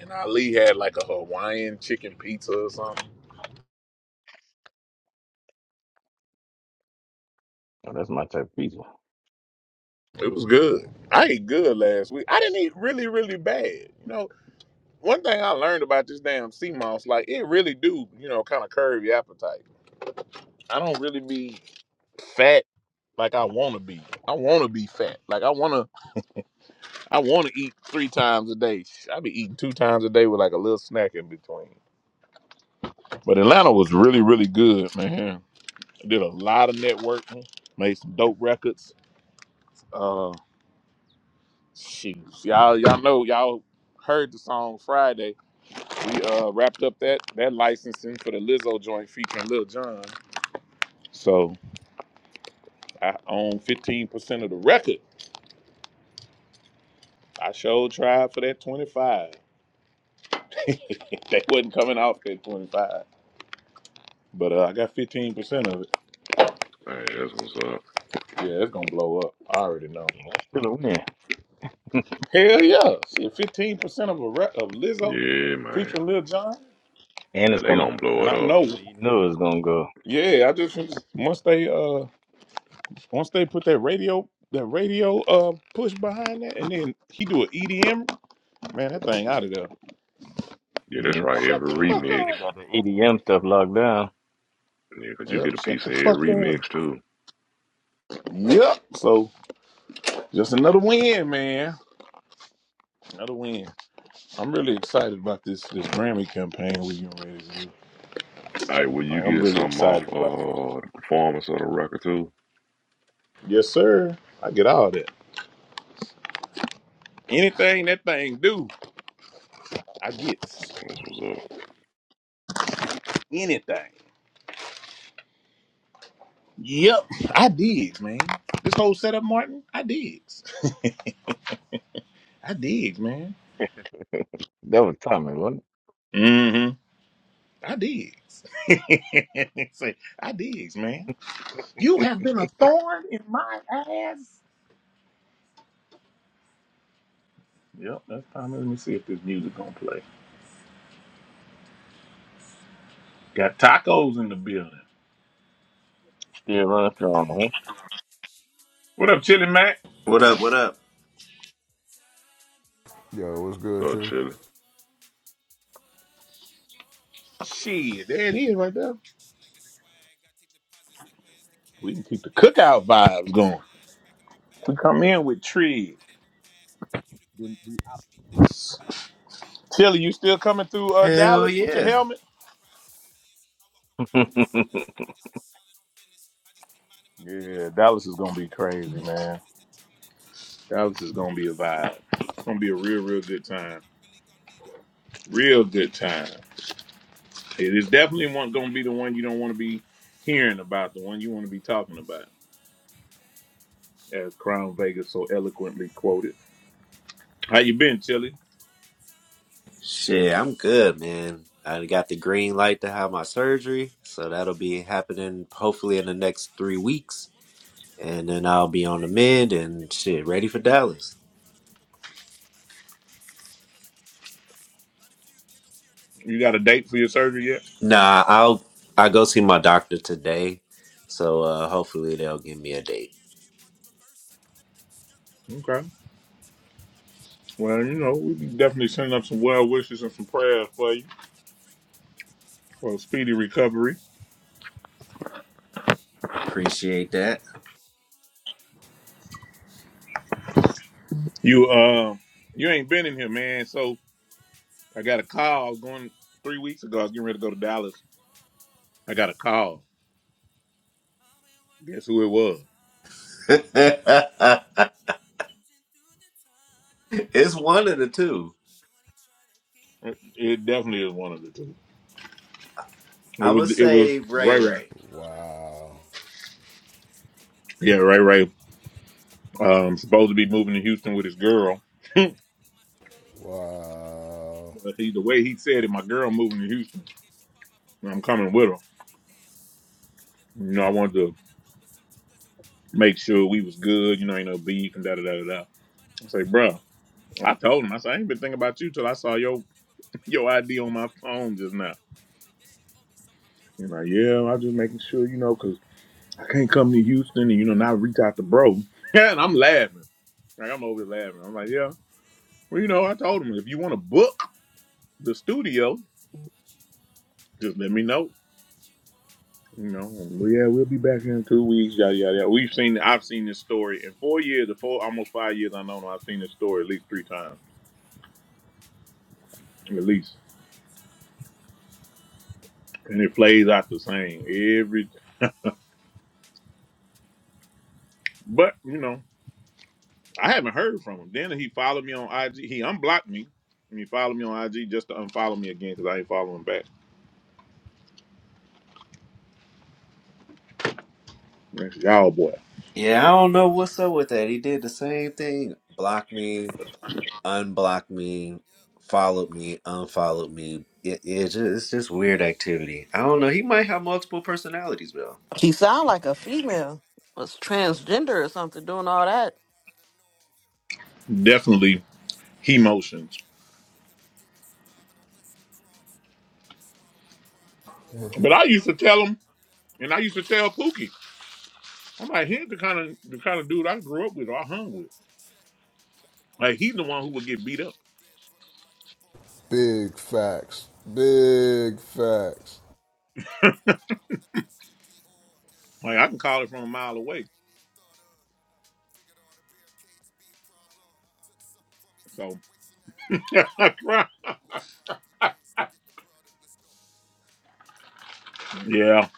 Speaker 2: And Ali had like a Hawaiian chicken pizza or something.
Speaker 7: so that's my type of pizza.
Speaker 2: It was good. I ate good last week. I didn't eat really, really bad. You know, one thing I learned about this damn sea moss, like it really do, you know, kind of curve your appetite. I don't really be fat like I want to be. I want to be fat. Like I want to. I want to eat three times a day. Sh- I be eating two times a day with like a little snack in between. But Atlanta was really, really good, man. Did a lot of networking, made some dope records. Uh shoot. Y'all y'all know y'all heard the song Friday. We uh wrapped up that that licensing for the Lizzo joint featuring Lil Jon. So I own 15% of the record. I showed tried for that 25. They wasn't coming off that 25. But uh, I got 15% of it.
Speaker 3: Hey, that's what's up.
Speaker 2: Yeah, it's gonna blow up. I already know.
Speaker 7: Yeah, that's still a win.
Speaker 2: Hell yeah. Shit, 15% of a rap of Lizzo
Speaker 3: Yeah, man.
Speaker 2: featuring Lil Jon.
Speaker 7: And
Speaker 3: Yeah,
Speaker 7: it's
Speaker 3: they
Speaker 7: coming
Speaker 3: gonna
Speaker 7: out as a
Speaker 3: blow
Speaker 2: And
Speaker 3: it
Speaker 2: I
Speaker 3: up.
Speaker 7: single,
Speaker 2: know,
Speaker 7: so you know it's gonna go.
Speaker 2: yeah, I just once they uh once they put that radio that radio uh push behind that and then he do an EDM, man, that thing out of there.
Speaker 3: Yeah, that's
Speaker 7: You know,
Speaker 3: right.
Speaker 7: Lil
Speaker 2: Shut the
Speaker 3: Every
Speaker 7: John
Speaker 2: fuck
Speaker 3: remix.
Speaker 7: already
Speaker 2: up.
Speaker 7: got the EDM stuff locked down.
Speaker 3: Yeah, 'cause you
Speaker 2: Yep,
Speaker 3: get a
Speaker 2: shut
Speaker 3: piece
Speaker 2: the
Speaker 3: of
Speaker 2: fuck
Speaker 3: every
Speaker 2: up.
Speaker 3: remix too.
Speaker 2: Yep. So just another win, man. Another win. I'm really excited about this this Grammy campaign we getting ready to do.
Speaker 3: Hey, will you
Speaker 2: Like, I'm
Speaker 3: get
Speaker 2: really
Speaker 3: something off
Speaker 2: excited about it.
Speaker 3: uh the performance of the record too?
Speaker 2: Yes, sir. I get all that. Anything that thing do, I gets.
Speaker 3: This was up.
Speaker 2: Anything. Yep, I dig, man. This whole setup, Martin, I digs. I dig, man.
Speaker 7: That was Tommy, wasn't it?
Speaker 2: Mm-hmm. I digs. Say, I digs, man. You have been a thorn in my ass. Yep, that's time. Let me see if this music gonna play. Got tacos in the building.
Speaker 7: Still running strong,
Speaker 2: What up, Chili Mac?
Speaker 8: What up? What up?
Speaker 1: Yo, what's good,
Speaker 3: So
Speaker 1: Chip?
Speaker 3: chilly.
Speaker 9: that you want. Back in my
Speaker 2: Shit, there
Speaker 9: bag,
Speaker 2: it
Speaker 9: uh,
Speaker 2: is right there.
Speaker 9: she like the swag. I take deposits like where's the
Speaker 2: We
Speaker 9: cash?
Speaker 2: can keep
Speaker 9: She
Speaker 2: the
Speaker 9: making
Speaker 2: cookout
Speaker 9: sounds, I
Speaker 2: vibes
Speaker 9: make it
Speaker 2: going.
Speaker 9: splash. Back in my bag,
Speaker 2: We come
Speaker 9: why you
Speaker 2: in
Speaker 9: do
Speaker 2: with
Speaker 9: that?
Speaker 2: trees.
Speaker 9: That ain't no pass. Take you to class, cause you be thinking you bad. You be stuck
Speaker 2: Tilly,
Speaker 9: in
Speaker 2: you
Speaker 9: the
Speaker 2: still
Speaker 9: past,
Speaker 2: coming
Speaker 9: you be
Speaker 2: through uh,
Speaker 9: stuck
Speaker 8: Hell
Speaker 9: in your
Speaker 2: Dallas with your
Speaker 9: feelings.
Speaker 8: yeah.
Speaker 9: You
Speaker 2: helmet?
Speaker 9: wanna ride to the millions. I walk around
Speaker 7: huh?
Speaker 9: with no ceilings. I just be solid on business. I just be minding my
Speaker 2: Yeah,
Speaker 9: business. I
Speaker 2: Dallas
Speaker 9: got
Speaker 2: is
Speaker 9: the
Speaker 2: gonna be
Speaker 9: time if you
Speaker 2: crazy,
Speaker 9: need it.
Speaker 2: man.
Speaker 9: If it's the drama, then keep it. I can
Speaker 2: Dallas
Speaker 9: be
Speaker 2: is
Speaker 9: gone
Speaker 2: gonna
Speaker 9: for
Speaker 2: be
Speaker 9: the
Speaker 2: a
Speaker 9: season.
Speaker 2: vibe.
Speaker 9: I
Speaker 2: It's
Speaker 9: circle
Speaker 2: gonna be a
Speaker 9: back if I
Speaker 2: real, real
Speaker 9: need it.
Speaker 2: good
Speaker 9: Don't
Speaker 2: time.
Speaker 9: think I'm really gonna need it
Speaker 2: Real good
Speaker 9: at all. At
Speaker 2: time.
Speaker 9: all.
Speaker 2: It is definitely one gonna be the one you don't want to be hearing about, the one you want to be talking about, as Crown Vegas so
Speaker 9: cool.
Speaker 2: eloquently quoted. How you been, Tilly?
Speaker 8: Shit, I'm good, man. I got the green light to have my surgery,
Speaker 9: Hey there, baby,
Speaker 8: so
Speaker 9: what you
Speaker 8: that'll
Speaker 9: trying
Speaker 8: be
Speaker 9: to get into?
Speaker 8: happening
Speaker 9: Got a bitty
Speaker 8: hopefully in the
Speaker 9: girl, let me
Speaker 8: next
Speaker 9: holler at
Speaker 8: three weeks,
Speaker 9: I'm only here in town for
Speaker 8: and
Speaker 9: a
Speaker 8: then
Speaker 9: couple
Speaker 8: I'll
Speaker 9: of
Speaker 8: be on
Speaker 9: days,
Speaker 8: the
Speaker 9: and I'm
Speaker 8: mend
Speaker 9: busy making
Speaker 8: and
Speaker 9: moves in
Speaker 8: shit
Speaker 9: a
Speaker 8: ready for
Speaker 9: major way.
Speaker 8: Dallas.
Speaker 9: Carve out a couple more hours for us. Incense smelling like Egyptian musk. Light a few candles here next to the
Speaker 2: You got
Speaker 9: bed,
Speaker 2: a
Speaker 9: and I'm
Speaker 2: date
Speaker 9: gonna
Speaker 2: for
Speaker 9: make
Speaker 2: your
Speaker 9: your eyes
Speaker 2: surgery
Speaker 9: roll
Speaker 2: yet?
Speaker 9: in the back of
Speaker 8: Nah,
Speaker 9: the head.
Speaker 8: I'll
Speaker 9: Top of
Speaker 8: I
Speaker 9: your
Speaker 8: go see
Speaker 9: stick
Speaker 8: my
Speaker 9: into the
Speaker 8: doctor
Speaker 9: cavalry.
Speaker 8: today,
Speaker 9: Teach you how to
Speaker 8: so
Speaker 9: operate a
Speaker 8: uh,
Speaker 9: stick
Speaker 8: hopefully
Speaker 9: today.
Speaker 8: they'll give me
Speaker 9: Switch
Speaker 8: a
Speaker 9: up the
Speaker 8: date.
Speaker 9: gears, can you park in reverse? I can lift up the skirt, girl, and make
Speaker 2: Okay.
Speaker 9: it hurt. Turn up the music, can you do
Speaker 2: Well,
Speaker 9: slow
Speaker 2: you
Speaker 9: twerk?
Speaker 2: know, we
Speaker 9: Put
Speaker 2: can
Speaker 9: a towel
Speaker 2: definitely
Speaker 9: down
Speaker 2: send
Speaker 9: for
Speaker 2: up
Speaker 9: you,
Speaker 2: some
Speaker 9: make it
Speaker 2: well
Speaker 9: squirt.
Speaker 2: wishes and some
Speaker 9: Tap your
Speaker 2: prayers for
Speaker 9: potential,
Speaker 2: you
Speaker 9: break out the freak. Make your pussy fart
Speaker 2: for
Speaker 9: to
Speaker 2: a
Speaker 9: the swing
Speaker 2: speedy
Speaker 9: of the beat.
Speaker 2: recovery.
Speaker 9: She wanna be bad, she wanna be
Speaker 8: Appreciate
Speaker 9: cool.
Speaker 8: that.
Speaker 9: She wanna be bad, she wanna be cool. Hey,
Speaker 2: You
Speaker 9: hey,
Speaker 2: um,
Speaker 9: hey.
Speaker 2: you ain't been in here, man. So
Speaker 9: time, one
Speaker 2: I
Speaker 9: time,
Speaker 2: got a
Speaker 9: you
Speaker 2: call.
Speaker 9: want
Speaker 2: I was
Speaker 9: you
Speaker 2: going
Speaker 9: want
Speaker 2: three weeks ago. I was getting ready to go to
Speaker 9: what
Speaker 2: Dallas.
Speaker 9: you want.
Speaker 2: I got a call.
Speaker 9: I've been
Speaker 2: Guess
Speaker 9: working
Speaker 2: who it
Speaker 9: all the
Speaker 2: was?
Speaker 9: time. Lay back in the truck, cruising through the time.
Speaker 8: it's one of the two.
Speaker 9: Shorty trying to give
Speaker 2: It
Speaker 9: me
Speaker 2: it
Speaker 9: mine.
Speaker 2: definitely is one of the two.
Speaker 9: Trying to be bad, but I'm stuck
Speaker 2: It
Speaker 8: I
Speaker 9: in
Speaker 2: was
Speaker 8: would
Speaker 9: my
Speaker 2: it was
Speaker 8: say
Speaker 9: phone.
Speaker 8: Ray
Speaker 2: Ray Ray.
Speaker 8: Ray.
Speaker 9: I cannot play with you,
Speaker 1: Wow.
Speaker 9: wasting my time playing two faced ridiculous.
Speaker 2: Yeah,
Speaker 9: You try
Speaker 2: Ray
Speaker 9: to run
Speaker 2: Ray.
Speaker 9: it to me like I'm stupid, but I
Speaker 2: Um,
Speaker 9: see that you
Speaker 2: supposed to be
Speaker 9: behind
Speaker 2: moving
Speaker 9: your
Speaker 2: to
Speaker 9: fake
Speaker 2: Houston with his
Speaker 9: identity. Uh.
Speaker 2: girl. but
Speaker 9: Said I need my serenity, Trying to keep up with your
Speaker 1: Wow.
Speaker 9: antics is
Speaker 2: he, the
Speaker 9: tiring.
Speaker 2: way
Speaker 9: But
Speaker 2: he
Speaker 9: I'm in
Speaker 2: said
Speaker 9: the
Speaker 2: it, my girl
Speaker 9: studio
Speaker 2: moving to
Speaker 9: getting my
Speaker 2: Houston.
Speaker 9: time again. She called my phone for the
Speaker 2: I'm coming with
Speaker 9: 17th
Speaker 2: her.
Speaker 9: time today. Damn, two different
Speaker 2: You know, I
Speaker 9: faces
Speaker 2: wanted
Speaker 9: like I'm
Speaker 2: to
Speaker 9: in a loop, but some two girls in one
Speaker 2: make
Speaker 9: body. We
Speaker 2: sure
Speaker 9: a
Speaker 2: we was
Speaker 9: threesome, and
Speaker 2: good. You
Speaker 9: she
Speaker 2: know, ain't
Speaker 9: trying
Speaker 2: no
Speaker 9: to trim me.
Speaker 2: beef and
Speaker 9: I
Speaker 2: da da
Speaker 9: like
Speaker 2: da
Speaker 9: a
Speaker 2: da. da.
Speaker 9: freak one, but I'm
Speaker 2: I
Speaker 9: my
Speaker 2: say,
Speaker 9: summer
Speaker 2: bro,
Speaker 9: zone. I do not
Speaker 2: I
Speaker 9: need
Speaker 2: told
Speaker 9: none.
Speaker 2: him. I said, I ain't been thinking about you till
Speaker 9: Bobby
Speaker 2: I
Speaker 9: going
Speaker 2: saw
Speaker 9: like
Speaker 2: your
Speaker 9: a lyrical
Speaker 2: your
Speaker 9: marathon. She
Speaker 2: ID on
Speaker 9: be
Speaker 2: my
Speaker 9: trying to mess
Speaker 2: phone
Speaker 9: me
Speaker 2: just
Speaker 9: up,
Speaker 2: now.
Speaker 9: get away from me. Yet she always somehow
Speaker 2: You
Speaker 9: managed to
Speaker 2: know,
Speaker 9: pull me.
Speaker 2: yeah, I'm just making sure you know, 'cause I can't come to Houston and you know not reach out to bro. Yeah, and I'm laughing. Like I'm over there laughing. I'm like, yeah.
Speaker 9: Hey,
Speaker 2: Well, you know, I
Speaker 9: hey,
Speaker 2: told him if you want to
Speaker 9: what
Speaker 2: book
Speaker 9: time you
Speaker 2: the
Speaker 9: want?
Speaker 2: studio,
Speaker 9: Baby, tell me what you want.
Speaker 2: just let me know.
Speaker 9: What you
Speaker 2: You
Speaker 9: want?
Speaker 2: know,
Speaker 9: She
Speaker 2: well, yeah, we'll
Speaker 9: wanna
Speaker 2: be
Speaker 9: be
Speaker 2: back in two weeks. Yada
Speaker 9: bad. She
Speaker 2: yada. yada. We've
Speaker 9: wanna
Speaker 2: seen.
Speaker 9: be
Speaker 2: I've seen this
Speaker 9: cool.
Speaker 2: story in
Speaker 9: She
Speaker 2: four
Speaker 9: wanna
Speaker 2: years, the
Speaker 9: be
Speaker 2: four almost five
Speaker 9: bad.
Speaker 2: years. I know.
Speaker 9: She
Speaker 2: I've seen this
Speaker 9: wanna
Speaker 2: story
Speaker 9: be
Speaker 2: at least three
Speaker 9: cool.
Speaker 2: times,
Speaker 9: Tell me what time you want. What
Speaker 2: at least,
Speaker 9: time you want? Baby, tell me what you want.
Speaker 2: and it plays out the same every. But you know, I haven't heard from him. Then he followed me on IG. He unblocked me, and he followed me on IG just to unfollow me again because I ain't following back. That's y'all boy.
Speaker 8: Yeah, I don't know what's up with that. He did the
Speaker 9: Yeah,
Speaker 8: same thing. Blocked me,
Speaker 9: d
Speaker 8: unblocked me,
Speaker 9: Yep.
Speaker 8: followed me,
Speaker 9: Let's go.
Speaker 8: unfollowed me. It, it's
Speaker 9: Let's go.
Speaker 8: just,
Speaker 9: Yeah.
Speaker 8: it's just weird activity.
Speaker 9: I
Speaker 8: I
Speaker 9: was
Speaker 8: don't
Speaker 9: born
Speaker 8: know.
Speaker 9: in
Speaker 8: He
Speaker 9: the
Speaker 8: might
Speaker 9: eye
Speaker 8: have
Speaker 9: of a
Speaker 8: multiple
Speaker 9: quiet storm.
Speaker 8: personalities,
Speaker 9: I
Speaker 10: She
Speaker 9: just
Speaker 10: sound
Speaker 9: remember
Speaker 10: like a
Speaker 9: I couldn't
Speaker 10: female.
Speaker 9: quiet the
Speaker 10: Was
Speaker 9: horns.
Speaker 10: transgender or
Speaker 9: Silent
Speaker 10: something doing
Speaker 9: sounded
Speaker 10: all
Speaker 9: hard
Speaker 10: that.
Speaker 9: pounding out of the norm. Into the stage
Speaker 2: definitely
Speaker 9: like last time I
Speaker 2: he
Speaker 9: performed.
Speaker 2: motions.
Speaker 9: Yeah. In the beginning, surviving on less than crumbs. Swallow my pride, let lessons
Speaker 2: But I
Speaker 9: come.
Speaker 2: used to tell him,
Speaker 9: Yeah. I'm better from
Speaker 2: and I
Speaker 9: having
Speaker 2: used to tell
Speaker 9: experience as
Speaker 2: Pookie,
Speaker 9: a guide. Caught
Speaker 2: I'm
Speaker 9: the
Speaker 2: like,
Speaker 9: vibe,
Speaker 2: he's the
Speaker 9: rolled
Speaker 2: kind
Speaker 9: the
Speaker 2: of
Speaker 9: wave
Speaker 2: the
Speaker 9: of a
Speaker 2: kind of dude
Speaker 9: steady
Speaker 2: I grew
Speaker 9: drum.
Speaker 2: up with or I hung
Speaker 9: Yeah. One,
Speaker 2: with.
Speaker 9: two, check. Microphone
Speaker 2: Like he's the
Speaker 9: check.
Speaker 2: one who would get
Speaker 9: Now
Speaker 2: beat
Speaker 9: I
Speaker 2: up.
Speaker 9: get big from the microphone checks.
Speaker 1: Big
Speaker 9: Destiny
Speaker 1: facts.
Speaker 9: manifest. Though I
Speaker 1: Big
Speaker 9: took a
Speaker 1: facts.
Speaker 9: detour. Got caught up in whether Christian Dior.
Speaker 2: Like I can
Speaker 9: Yeah.
Speaker 2: call
Speaker 9: Some
Speaker 2: it from a
Speaker 9: other
Speaker 2: mile
Speaker 9: form
Speaker 2: away.
Speaker 9: I ain't even thought of. Figured all the barricades would be a problem. Took something from me,
Speaker 2: So
Speaker 9: situation that had me caught up. Yeah.
Speaker 2: right.
Speaker 9: Multiply the three things to get the product. Let's go.
Speaker 2: yeah,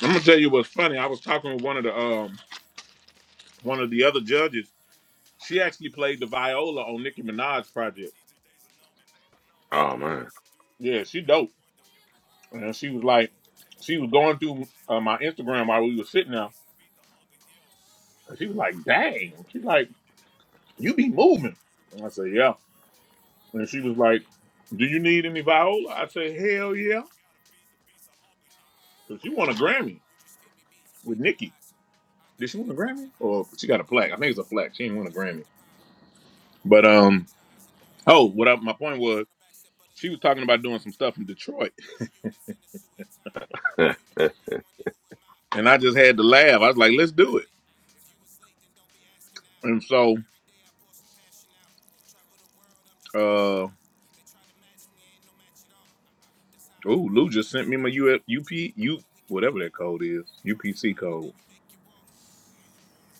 Speaker 2: I'm gonna tell you what's funny. I was talking with one of the um one of the other judges. She actually played the viola on
Speaker 9: When
Speaker 2: Nicki
Speaker 9: you're born,
Speaker 2: Minaj's
Speaker 9: it's
Speaker 2: project.
Speaker 9: guaranteed your days are numbered. So
Speaker 3: Oh
Speaker 9: it's
Speaker 3: man.
Speaker 9: bitch, do the
Speaker 2: Yeah,
Speaker 9: most while
Speaker 2: she
Speaker 9: you can
Speaker 2: dope.
Speaker 9: wonder.
Speaker 2: And
Speaker 9: As a
Speaker 2: she was
Speaker 9: globe,
Speaker 2: like,
Speaker 9: take the
Speaker 2: she was
Speaker 9: stop and
Speaker 2: going
Speaker 9: thunder.
Speaker 2: through uh, my
Speaker 9: Survival wants To
Speaker 2: Instagram
Speaker 9: survive, I want some
Speaker 2: while we
Speaker 9: It's
Speaker 2: were sitting
Speaker 9: gotta be
Speaker 2: there.
Speaker 9: some feet, the hunger, yo. When
Speaker 2: And
Speaker 9: you're
Speaker 2: she was
Speaker 9: born,
Speaker 2: like,
Speaker 9: it's
Speaker 2: dang.
Speaker 9: guaranteed your
Speaker 2: She's
Speaker 9: days are
Speaker 2: like,
Speaker 9: numbered.
Speaker 2: you
Speaker 9: So
Speaker 2: be
Speaker 9: it's bitch,
Speaker 2: moving. And I
Speaker 9: do
Speaker 2: said,
Speaker 9: the
Speaker 2: yeah.
Speaker 9: most while you
Speaker 2: And
Speaker 9: can
Speaker 2: she was
Speaker 9: wonder.
Speaker 2: like,
Speaker 9: As a globe,
Speaker 2: Do
Speaker 9: take the
Speaker 2: you
Speaker 9: stop
Speaker 2: need
Speaker 9: and
Speaker 2: any
Speaker 9: thunder. To
Speaker 2: viola? I
Speaker 9: survive,
Speaker 2: said,
Speaker 9: I want
Speaker 2: Hell
Speaker 9: some
Speaker 2: yeah.
Speaker 9: It's gotta be some beats, the beast of hunger, yo.
Speaker 2: Because she won a Grammy
Speaker 9: You just feed me beats, and feed
Speaker 2: with
Speaker 9: me
Speaker 2: Nicki.
Speaker 9: lies. Out the
Speaker 2: Did she
Speaker 9: way
Speaker 2: win a
Speaker 9: the
Speaker 2: Grammy?
Speaker 9: tension high, I
Speaker 2: Or
Speaker 9: see
Speaker 2: she got
Speaker 9: them
Speaker 2: a plaque.
Speaker 9: demon
Speaker 2: I think it's a
Speaker 9: eyes.
Speaker 2: plaque. She didn't
Speaker 9: Who
Speaker 2: win a
Speaker 9: just
Speaker 2: Grammy.
Speaker 9: after pie? No, I won't
Speaker 2: But um,
Speaker 9: apologize and don't ask
Speaker 2: oh,
Speaker 9: me
Speaker 2: what
Speaker 9: why.
Speaker 2: I, my point
Speaker 9: They was
Speaker 2: was,
Speaker 9: on the back step of the
Speaker 2: she was
Speaker 9: door
Speaker 2: talking
Speaker 9: when we
Speaker 2: about
Speaker 9: was
Speaker 2: doing some
Speaker 9: passing
Speaker 2: stuff
Speaker 9: by.
Speaker 2: in Detroit.
Speaker 9: Moving units in a suit and tie. If you the truest one, then who am
Speaker 2: And I just
Speaker 9: I?
Speaker 2: had to laugh. I was
Speaker 9: Acquaintances to
Speaker 2: like, let's do it.
Speaker 9: appetite. If you was late, then don't be asking out.
Speaker 2: And so
Speaker 9: Every day I pour some passion out. Travel the world, I'm just cashing
Speaker 2: uh oh,
Speaker 9: out. They try to match me, ain't no match at all. Uh-uh. That's how I can
Speaker 2: Lou
Speaker 9: really
Speaker 2: just sent
Speaker 9: pass
Speaker 2: me
Speaker 9: it
Speaker 2: my
Speaker 9: off.
Speaker 2: U F,
Speaker 9: You
Speaker 2: UP
Speaker 9: check the ball,
Speaker 2: U
Speaker 9: then we can
Speaker 2: whatever
Speaker 9: make
Speaker 2: that
Speaker 9: it raw.
Speaker 2: code is.
Speaker 9: You cross the
Speaker 2: UPC
Speaker 9: line, and
Speaker 2: code.
Speaker 9: then you make it walk.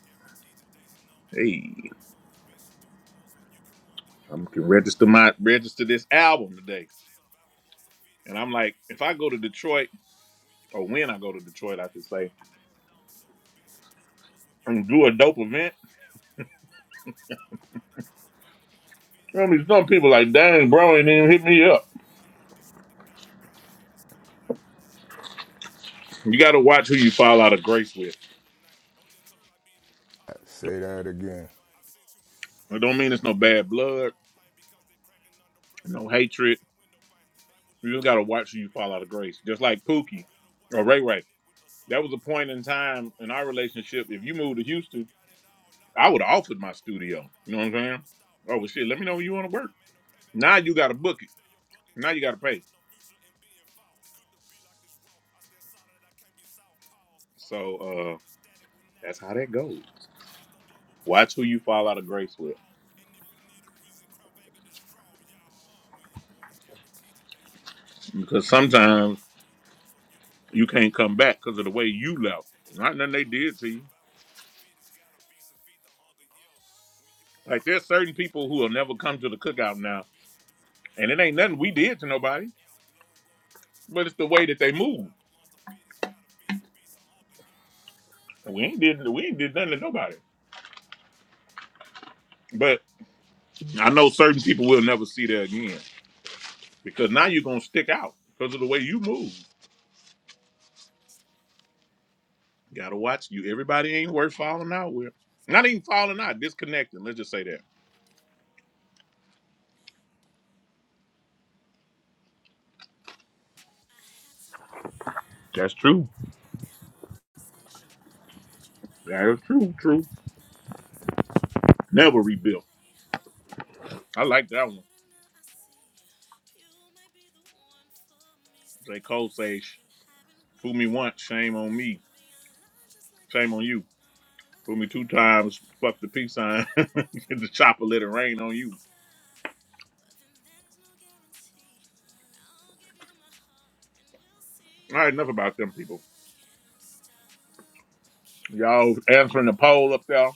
Speaker 9: Guaranteed the days are numbered.
Speaker 2: Hey,
Speaker 9: So it's bitch should do the most what you can wonder. You
Speaker 2: I'm
Speaker 9: can
Speaker 2: can
Speaker 9: wonder.
Speaker 2: register my register
Speaker 9: Road
Speaker 2: this
Speaker 9: Texas, stop
Speaker 2: album
Speaker 9: with
Speaker 2: today.
Speaker 9: thunder. To survive a monster feet, it's
Speaker 2: And I'm
Speaker 9: gotta
Speaker 2: like,
Speaker 9: be
Speaker 2: if
Speaker 9: some
Speaker 2: I
Speaker 9: feed
Speaker 2: go
Speaker 9: the
Speaker 2: to
Speaker 9: hunger.
Speaker 2: Detroit,
Speaker 9: Yeah. When you're
Speaker 2: or
Speaker 9: born,
Speaker 2: when
Speaker 9: it's
Speaker 2: I go to
Speaker 9: guaranteed
Speaker 2: Detroit,
Speaker 9: the
Speaker 2: I
Speaker 9: days
Speaker 2: should
Speaker 9: are
Speaker 2: say.
Speaker 9: numbered. So it's bitch should do the most what you can
Speaker 2: and do a dope
Speaker 9: wonder.
Speaker 2: event.
Speaker 9: As the globe roll, takes your stomach thunder to survive amongst the fittest.
Speaker 2: I
Speaker 9: Gotta
Speaker 2: mean, some
Speaker 9: be some
Speaker 2: people like,
Speaker 9: beast.
Speaker 2: dang, bro, ain't even hit me
Speaker 9: Xbox,
Speaker 2: up.
Speaker 9: yeah, don't dish with the game plan. Haters come out like roaches, I turn raid and just start
Speaker 2: You
Speaker 9: spraying.
Speaker 2: got
Speaker 9: Shit,
Speaker 2: to
Speaker 9: don't end
Speaker 2: watch who
Speaker 9: up getting
Speaker 2: you fall out of
Speaker 9: buried, trying
Speaker 2: grace
Speaker 9: to
Speaker 2: with.
Speaker 9: build a name. Don't let your life be the deposit for
Speaker 1: Say
Speaker 9: paying
Speaker 1: that
Speaker 9: the price of
Speaker 1: again.
Speaker 9: fame. I've seen too many
Speaker 2: It
Speaker 9: crash
Speaker 2: don't mean
Speaker 9: out
Speaker 2: it's no bad
Speaker 9: driving in the
Speaker 2: blood,
Speaker 9: wrong lane because they cracking under pressure
Speaker 2: no
Speaker 9: like pebbles
Speaker 2: hatred.
Speaker 9: in window panes. They will
Speaker 2: You
Speaker 9: leave
Speaker 2: just
Speaker 9: you
Speaker 2: got to
Speaker 9: out here
Speaker 2: watch who you
Speaker 9: lipping.
Speaker 2: fall
Speaker 9: I
Speaker 2: out of
Speaker 9: ain't
Speaker 2: grace.
Speaker 9: talking
Speaker 2: Just
Speaker 9: Ike's
Speaker 2: like
Speaker 9: price.
Speaker 2: Pookie
Speaker 9: Better
Speaker 2: or
Speaker 9: watching
Speaker 2: Ray
Speaker 9: you
Speaker 2: Ray.
Speaker 9: connect with a sucker
Speaker 2: That was
Speaker 9: that
Speaker 2: a
Speaker 9: was
Speaker 2: point
Speaker 9: leaving
Speaker 2: in
Speaker 9: drink.
Speaker 2: time in
Speaker 9: Pride
Speaker 2: our
Speaker 9: call before the
Speaker 2: relationship. If
Speaker 9: fall.
Speaker 2: you moved to
Speaker 9: Quicker when
Speaker 2: Houston,
Speaker 9: you got it all. Not a
Speaker 2: I would have
Speaker 9: matter of
Speaker 2: offered
Speaker 9: if
Speaker 2: my
Speaker 9: but when and
Speaker 2: studio. You
Speaker 9: father
Speaker 2: know what I'm
Speaker 9: time
Speaker 2: saying?
Speaker 9: never stop.
Speaker 2: Oh, well, shit, let me
Speaker 9: Recognize
Speaker 2: know when
Speaker 9: it's
Speaker 2: you want
Speaker 9: real
Speaker 2: to work.
Speaker 9: time ain't no payback or
Speaker 2: Now you
Speaker 9: hitting
Speaker 2: got to
Speaker 9: pause.
Speaker 2: book it.
Speaker 9: Stay your buck and
Speaker 2: Now
Speaker 9: take
Speaker 2: you
Speaker 9: the
Speaker 2: got to pay.
Speaker 9: losses, no future in being false. Could the be like this raw? I stand solid, I can't be south pause. I'm not
Speaker 2: So
Speaker 9: referring
Speaker 2: uh,
Speaker 9: to static when I
Speaker 2: that's how
Speaker 9: get
Speaker 2: that
Speaker 9: off
Speaker 2: goes.
Speaker 9: now. Cause it's the global
Speaker 2: Watch who
Speaker 9: position
Speaker 2: you
Speaker 9: and where
Speaker 2: fall
Speaker 9: you
Speaker 2: out of grace
Speaker 9: flout
Speaker 2: with.
Speaker 9: all. And if you need a reason, crown Vega the straw, y'all. Uh, when you're born, it's guaranteed your days are numbered.
Speaker 2: Because
Speaker 9: So,
Speaker 2: sometimes
Speaker 9: bitch, do the most while you can
Speaker 2: You
Speaker 9: wonder. When you
Speaker 2: can't
Speaker 9: can
Speaker 2: come back
Speaker 9: wonder.
Speaker 2: because of the
Speaker 9: It's a
Speaker 2: way
Speaker 9: low
Speaker 2: you
Speaker 9: road,
Speaker 2: left.
Speaker 9: takes your
Speaker 2: Not nothing
Speaker 9: stomach
Speaker 2: they
Speaker 9: thunder
Speaker 2: did
Speaker 9: to
Speaker 2: to you.
Speaker 9: survive amongst the fittest. Gotta be some feed the hunger, yo. When you're born,
Speaker 2: Like
Speaker 9: it's
Speaker 2: there's certain
Speaker 9: guaranteed your
Speaker 2: people who
Speaker 9: days
Speaker 2: will
Speaker 9: are
Speaker 2: never
Speaker 9: numbered.
Speaker 2: come to the cookout
Speaker 9: So,
Speaker 2: now,
Speaker 9: bitch, do the most
Speaker 2: and
Speaker 9: while
Speaker 2: it
Speaker 9: you
Speaker 2: ain't
Speaker 9: can
Speaker 2: nothing we
Speaker 9: wonder.
Speaker 2: did to nobody,
Speaker 9: When you can wonder. It's a low road, takes your
Speaker 2: but it's
Speaker 9: stomach
Speaker 2: the way
Speaker 9: thunder
Speaker 2: that
Speaker 9: to
Speaker 2: they move.
Speaker 9: survive amongst the fittest. Gotta be some feed some hunger, yo. I must
Speaker 2: And We ain't
Speaker 9: admit, I
Speaker 2: did
Speaker 9: tried to put you with
Speaker 2: we ain't did nothing to nobody. But I know certain people will never see that again because now you're gonna stick out because of the way you move.
Speaker 9: the mother lips, but you're different.
Speaker 2: gotta watch you. Everybody ain't worth falling out with. Not even falling out, disconnecting. Let's just say that.
Speaker 9: Yeah, you're different. I had to lay off
Speaker 2: That's true.
Speaker 9: from our conversation, boy. I had you way
Speaker 2: That
Speaker 9: off
Speaker 2: is true. True.
Speaker 9: from the looks I put you with. The
Speaker 2: Never
Speaker 9: rest I
Speaker 2: rebuilt.
Speaker 9: played hard.
Speaker 2: I like that one.
Speaker 9: Getting now I see you might be the one for me. Still
Speaker 2: J.
Speaker 9: got
Speaker 2: Cole
Speaker 9: to
Speaker 2: says,
Speaker 9: see, been having
Speaker 2: "Fool me once,
Speaker 9: withdrawals.
Speaker 2: shame on me."
Speaker 9: Being alive just like I
Speaker 2: Shame on
Speaker 9: should
Speaker 2: you.
Speaker 9: know I love
Speaker 2: Put me two
Speaker 9: her.
Speaker 2: times,
Speaker 9: And
Speaker 2: fuck the
Speaker 9: if you
Speaker 2: peace sign,
Speaker 9: give your
Speaker 2: and
Speaker 9: best to
Speaker 2: the
Speaker 9: me,
Speaker 2: chopper let it rain on you.
Speaker 9: my heart.
Speaker 2: All right, enough about them people.
Speaker 9: Stop.
Speaker 2: Y'all answering the poll up there.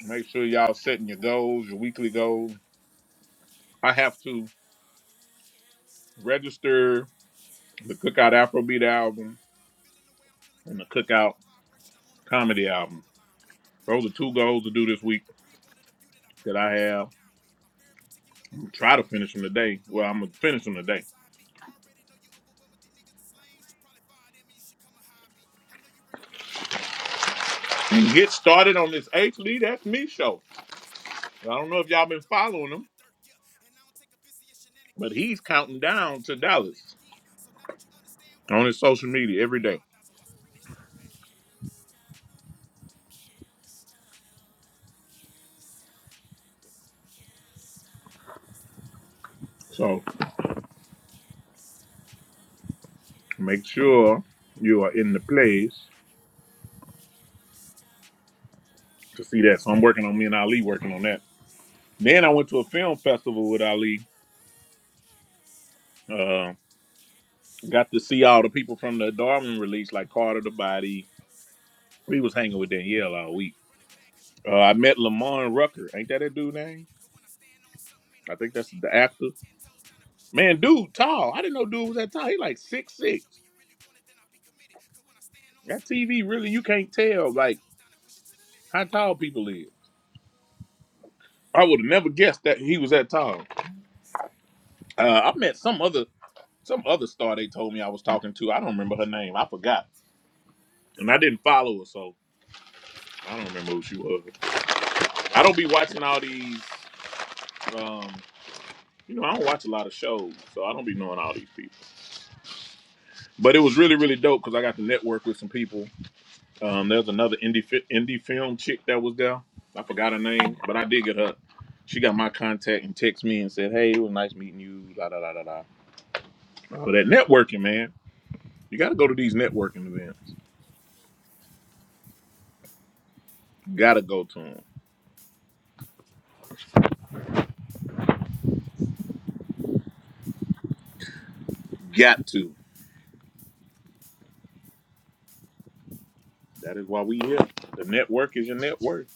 Speaker 2: Make sure y'all setting your goals, your weekly goals. I have to register the Cookout Afrobeat album
Speaker 9: Feeling the way I'm feeling,
Speaker 2: and
Speaker 9: girl,
Speaker 2: the
Speaker 9: I know you beat
Speaker 2: Cookout
Speaker 9: my vibration. I'm on a frequency
Speaker 2: Comedy
Speaker 9: only you
Speaker 2: album.
Speaker 9: align with. Appealing
Speaker 2: Those are
Speaker 9: to all
Speaker 2: two
Speaker 9: my
Speaker 2: goals
Speaker 9: needs,
Speaker 2: to
Speaker 9: the
Speaker 2: do
Speaker 9: edit,
Speaker 2: this
Speaker 9: I
Speaker 2: week
Speaker 9: need to breathe. One of the few that I break
Speaker 2: that I
Speaker 9: bread sitting
Speaker 2: have.
Speaker 9: down with. I'm very particular with
Speaker 2: I'm
Speaker 9: who
Speaker 2: gonna
Speaker 9: I
Speaker 2: try
Speaker 9: share
Speaker 2: to
Speaker 9: my
Speaker 2: finish them
Speaker 9: energy, even
Speaker 2: today.
Speaker 9: though I
Speaker 2: Well, I'm gonna
Speaker 9: recognize you
Speaker 2: finish them
Speaker 9: before you
Speaker 2: today
Speaker 9: decide me. I already know you overwhelmed with these niggas that's lame. Should probably fire them and you should come and hide me. I know you recognize what I'm really worth, cause you talking to
Speaker 2: and
Speaker 9: me
Speaker 2: get
Speaker 9: different than how you
Speaker 2: started
Speaker 9: did
Speaker 2: on
Speaker 9: it
Speaker 2: this
Speaker 9: first.
Speaker 2: H
Speaker 9: Papa
Speaker 2: Lee
Speaker 9: helped me
Speaker 2: That's
Speaker 9: off of
Speaker 2: Me
Speaker 9: the
Speaker 2: show.
Speaker 9: mountain when I first birthed, and
Speaker 2: I
Speaker 9: I'ma be
Speaker 2: don't
Speaker 9: the
Speaker 2: know if
Speaker 9: king
Speaker 2: y'all
Speaker 9: of the
Speaker 2: been
Speaker 9: jungle till
Speaker 2: following
Speaker 9: I'm in
Speaker 2: him,
Speaker 9: the dirt, yeah. And I don't take offense to your
Speaker 2: but
Speaker 9: shenanigans,
Speaker 2: he's
Speaker 9: cause I know
Speaker 2: counting
Speaker 9: if I shoot my
Speaker 2: down
Speaker 9: shot,
Speaker 2: to
Speaker 9: then I'ma land
Speaker 2: Dallas.
Speaker 9: again. So now that you understand where we
Speaker 2: on his
Speaker 9: really
Speaker 2: social
Speaker 9: at,
Speaker 2: media every
Speaker 9: Michael
Speaker 2: day.
Speaker 9: 5000 watts, bring that shit
Speaker 2: So make sure you are in the place to see that. So I'm working on me and Ali working on that. Then I went to a film festival with Ali.
Speaker 9: back. Can
Speaker 2: Uh,
Speaker 9: Can Can we we we stop?
Speaker 2: got to see all the people from the Darwin release, like Carter the Body.
Speaker 9: stop?
Speaker 2: We was hanging with
Speaker 9: stop?
Speaker 2: Danielle all
Speaker 9: Run
Speaker 2: week.
Speaker 9: it back, cause you know
Speaker 2: Uh,
Speaker 9: I'm
Speaker 2: I
Speaker 9: with it.
Speaker 2: met
Speaker 9: If you show me
Speaker 2: Lamar
Speaker 9: you really
Speaker 2: Rucker.
Speaker 9: want
Speaker 2: Ain't
Speaker 9: it,
Speaker 2: that
Speaker 9: then
Speaker 2: that
Speaker 9: I'll be
Speaker 2: dude
Speaker 9: committed.
Speaker 2: name?
Speaker 9: Cause when I stand on something, ain't no
Speaker 2: I think that's
Speaker 9: bullshitting.
Speaker 2: the
Speaker 9: Girl, I'll
Speaker 2: actor.
Speaker 9: be ten toes down and push it to the
Speaker 2: Man,
Speaker 9: limit.
Speaker 2: dude,
Speaker 9: Are you
Speaker 2: tall. I
Speaker 9: ready
Speaker 2: didn't
Speaker 9: to
Speaker 2: know
Speaker 9: run it
Speaker 2: dude was
Speaker 9: back?
Speaker 2: that
Speaker 9: Cause
Speaker 2: tall. He
Speaker 9: you know
Speaker 2: like
Speaker 9: I'm with it.
Speaker 2: six
Speaker 9: If you show
Speaker 2: six.
Speaker 9: me you really want it, then I'll be committed. Cause when I stand on
Speaker 2: That
Speaker 9: something, ain't no
Speaker 2: TV really, you
Speaker 9: bullshitting.
Speaker 2: can't
Speaker 9: Girl, I'll be
Speaker 2: tell
Speaker 9: ten
Speaker 2: like
Speaker 9: toes down and push it to the limit.
Speaker 2: how
Speaker 9: Yeah.
Speaker 2: tall people is.
Speaker 9: Yeah,
Speaker 2: I would have never guessed that he was that tall.
Speaker 9: wanna start over and over.
Speaker 2: Uh, I met some other
Speaker 9: Tell
Speaker 2: some other star they
Speaker 9: me
Speaker 2: told me I was talking to. I don't remember her name. I forgot,
Speaker 9: why
Speaker 2: and I didn't follow her, so
Speaker 9: you stay.
Speaker 2: I don't
Speaker 9: I
Speaker 2: remember who
Speaker 9: don't
Speaker 2: she
Speaker 9: wanna
Speaker 2: was.
Speaker 9: start over.
Speaker 2: I don't be watching all these. Um, you know, I don't watch a lot of shows, so I don't be knowing all these people. But it was really, really dope because I got to network with some people. Um, there's another indie fi- indie film chick that was there. I forgot her name, but I did get her. She got my contact and texted me and said, "Hey, it was nice meeting you." La da da da da. All of that networking, man. You got to go to these networking events.
Speaker 9: Miss me?
Speaker 2: You got to go to them. Got to. That is why we here. The network is your net worth.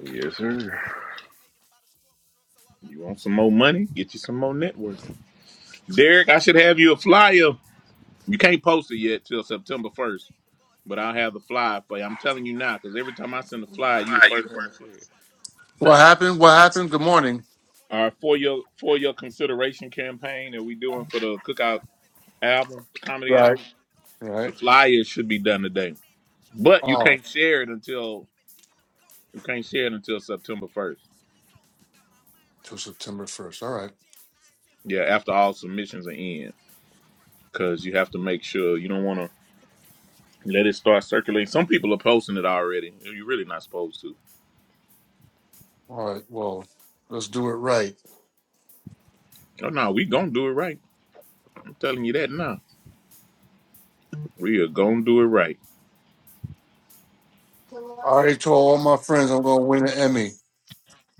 Speaker 3: Yes,
Speaker 9: Look,
Speaker 3: sir.
Speaker 9: motivated by the struggle. So all I
Speaker 2: You
Speaker 9: know
Speaker 2: want
Speaker 9: is
Speaker 2: some more
Speaker 9: hustle. Fake
Speaker 2: money? Get
Speaker 9: hard
Speaker 2: you some
Speaker 9: good, I
Speaker 2: more
Speaker 9: need it,
Speaker 2: network.
Speaker 9: then they give it on the muscle.
Speaker 2: Derek, I
Speaker 9: I
Speaker 2: should have
Speaker 9: dedicate
Speaker 2: you a
Speaker 9: my grind to
Speaker 2: flyer.
Speaker 9: my mother, cause she
Speaker 2: You
Speaker 9: taught
Speaker 2: can't
Speaker 9: me what
Speaker 2: post
Speaker 9: I
Speaker 2: it
Speaker 9: know.
Speaker 2: yet till
Speaker 9: I wish she
Speaker 2: September
Speaker 9: could have
Speaker 2: first,
Speaker 9: stayed, but God
Speaker 2: but
Speaker 9: said she
Speaker 2: I'll have
Speaker 9: had
Speaker 2: the
Speaker 9: to go.
Speaker 2: flyer for you.
Speaker 9: My
Speaker 2: I'm telling
Speaker 9: baby
Speaker 2: you
Speaker 9: and my
Speaker 2: now, because
Speaker 9: brother,
Speaker 2: every
Speaker 9: shit, I
Speaker 2: time I
Speaker 9: miss
Speaker 2: send a
Speaker 9: him so
Speaker 2: flyer,
Speaker 9: much.
Speaker 2: you
Speaker 9: That's
Speaker 2: the
Speaker 11: Why
Speaker 9: why
Speaker 11: you the
Speaker 2: first
Speaker 9: I
Speaker 2: one
Speaker 9: don't
Speaker 2: to
Speaker 11: first?
Speaker 9: play
Speaker 2: share
Speaker 9: about
Speaker 2: it.
Speaker 9: who I love. So is you
Speaker 11: What
Speaker 9: with me?
Speaker 11: happened?
Speaker 9: What?
Speaker 11: What happened? Good
Speaker 9: Nigga ain't
Speaker 11: morning.
Speaker 9: my shooter
Speaker 2: All
Speaker 9: ointment,
Speaker 2: right,
Speaker 9: cause he
Speaker 2: for your
Speaker 9: staying the
Speaker 2: for
Speaker 9: cut.
Speaker 2: your
Speaker 9: Got something in the
Speaker 2: consideration
Speaker 9: car that ain't
Speaker 2: campaign
Speaker 9: a
Speaker 2: that we
Speaker 9: jacket.
Speaker 2: doing for
Speaker 9: Nigga,
Speaker 2: the
Speaker 9: what?
Speaker 2: cookout
Speaker 9: She has been tapped in.
Speaker 2: album,
Speaker 9: I've
Speaker 2: comedy
Speaker 9: been
Speaker 11: Right.
Speaker 2: album,
Speaker 9: touching my goals. She took
Speaker 2: the
Speaker 11: Right.
Speaker 9: cues and
Speaker 2: flyers
Speaker 9: you
Speaker 2: should
Speaker 9: the
Speaker 2: be
Speaker 9: choice.
Speaker 2: done
Speaker 9: I'm
Speaker 2: today.
Speaker 9: automatic. I chose. we
Speaker 2: But
Speaker 9: been
Speaker 2: you
Speaker 11: Oh,
Speaker 2: can't
Speaker 9: scraped in the
Speaker 2: share it
Speaker 9: trenches.
Speaker 2: until
Speaker 9: We've been digging up gold.
Speaker 2: you
Speaker 9: I'm
Speaker 2: can't
Speaker 9: a
Speaker 2: share it
Speaker 9: top
Speaker 2: until
Speaker 9: tier bitch. I
Speaker 2: September
Speaker 9: can't be
Speaker 2: first.
Speaker 9: fucking these hoes. I got my mind right.
Speaker 11: till
Speaker 9: I ain't
Speaker 11: September
Speaker 9: tight.
Speaker 11: 1st.
Speaker 9: Been
Speaker 11: All
Speaker 9: in
Speaker 11: right.
Speaker 9: that jam. And I sent
Speaker 2: Yeah,
Speaker 9: money to
Speaker 2: after
Speaker 9: my
Speaker 2: all
Speaker 9: mommy and she
Speaker 2: submissions are
Speaker 9: think it's a
Speaker 2: in.
Speaker 9: scam. I brought pounds to my
Speaker 2: because you have to
Speaker 9: niggas. They
Speaker 2: make
Speaker 9: was
Speaker 2: sure
Speaker 9: pinching
Speaker 2: you
Speaker 9: on
Speaker 2: don't want
Speaker 9: grams.
Speaker 2: to
Speaker 9: Niggas hating, trying to take
Speaker 2: let it
Speaker 9: taking. I
Speaker 2: start
Speaker 9: just pray it
Speaker 2: circulating.
Speaker 9: don't
Speaker 2: Some
Speaker 9: jam.
Speaker 2: people are
Speaker 9: Uh.
Speaker 2: posting it already. You're really not supposed to.
Speaker 11: All right. Well, let's do it right.
Speaker 2: Oh no, we gonna do it right. I'm telling you that now. We are gonna do it right.
Speaker 11: I already told all my friends I'm going to win an Emmy.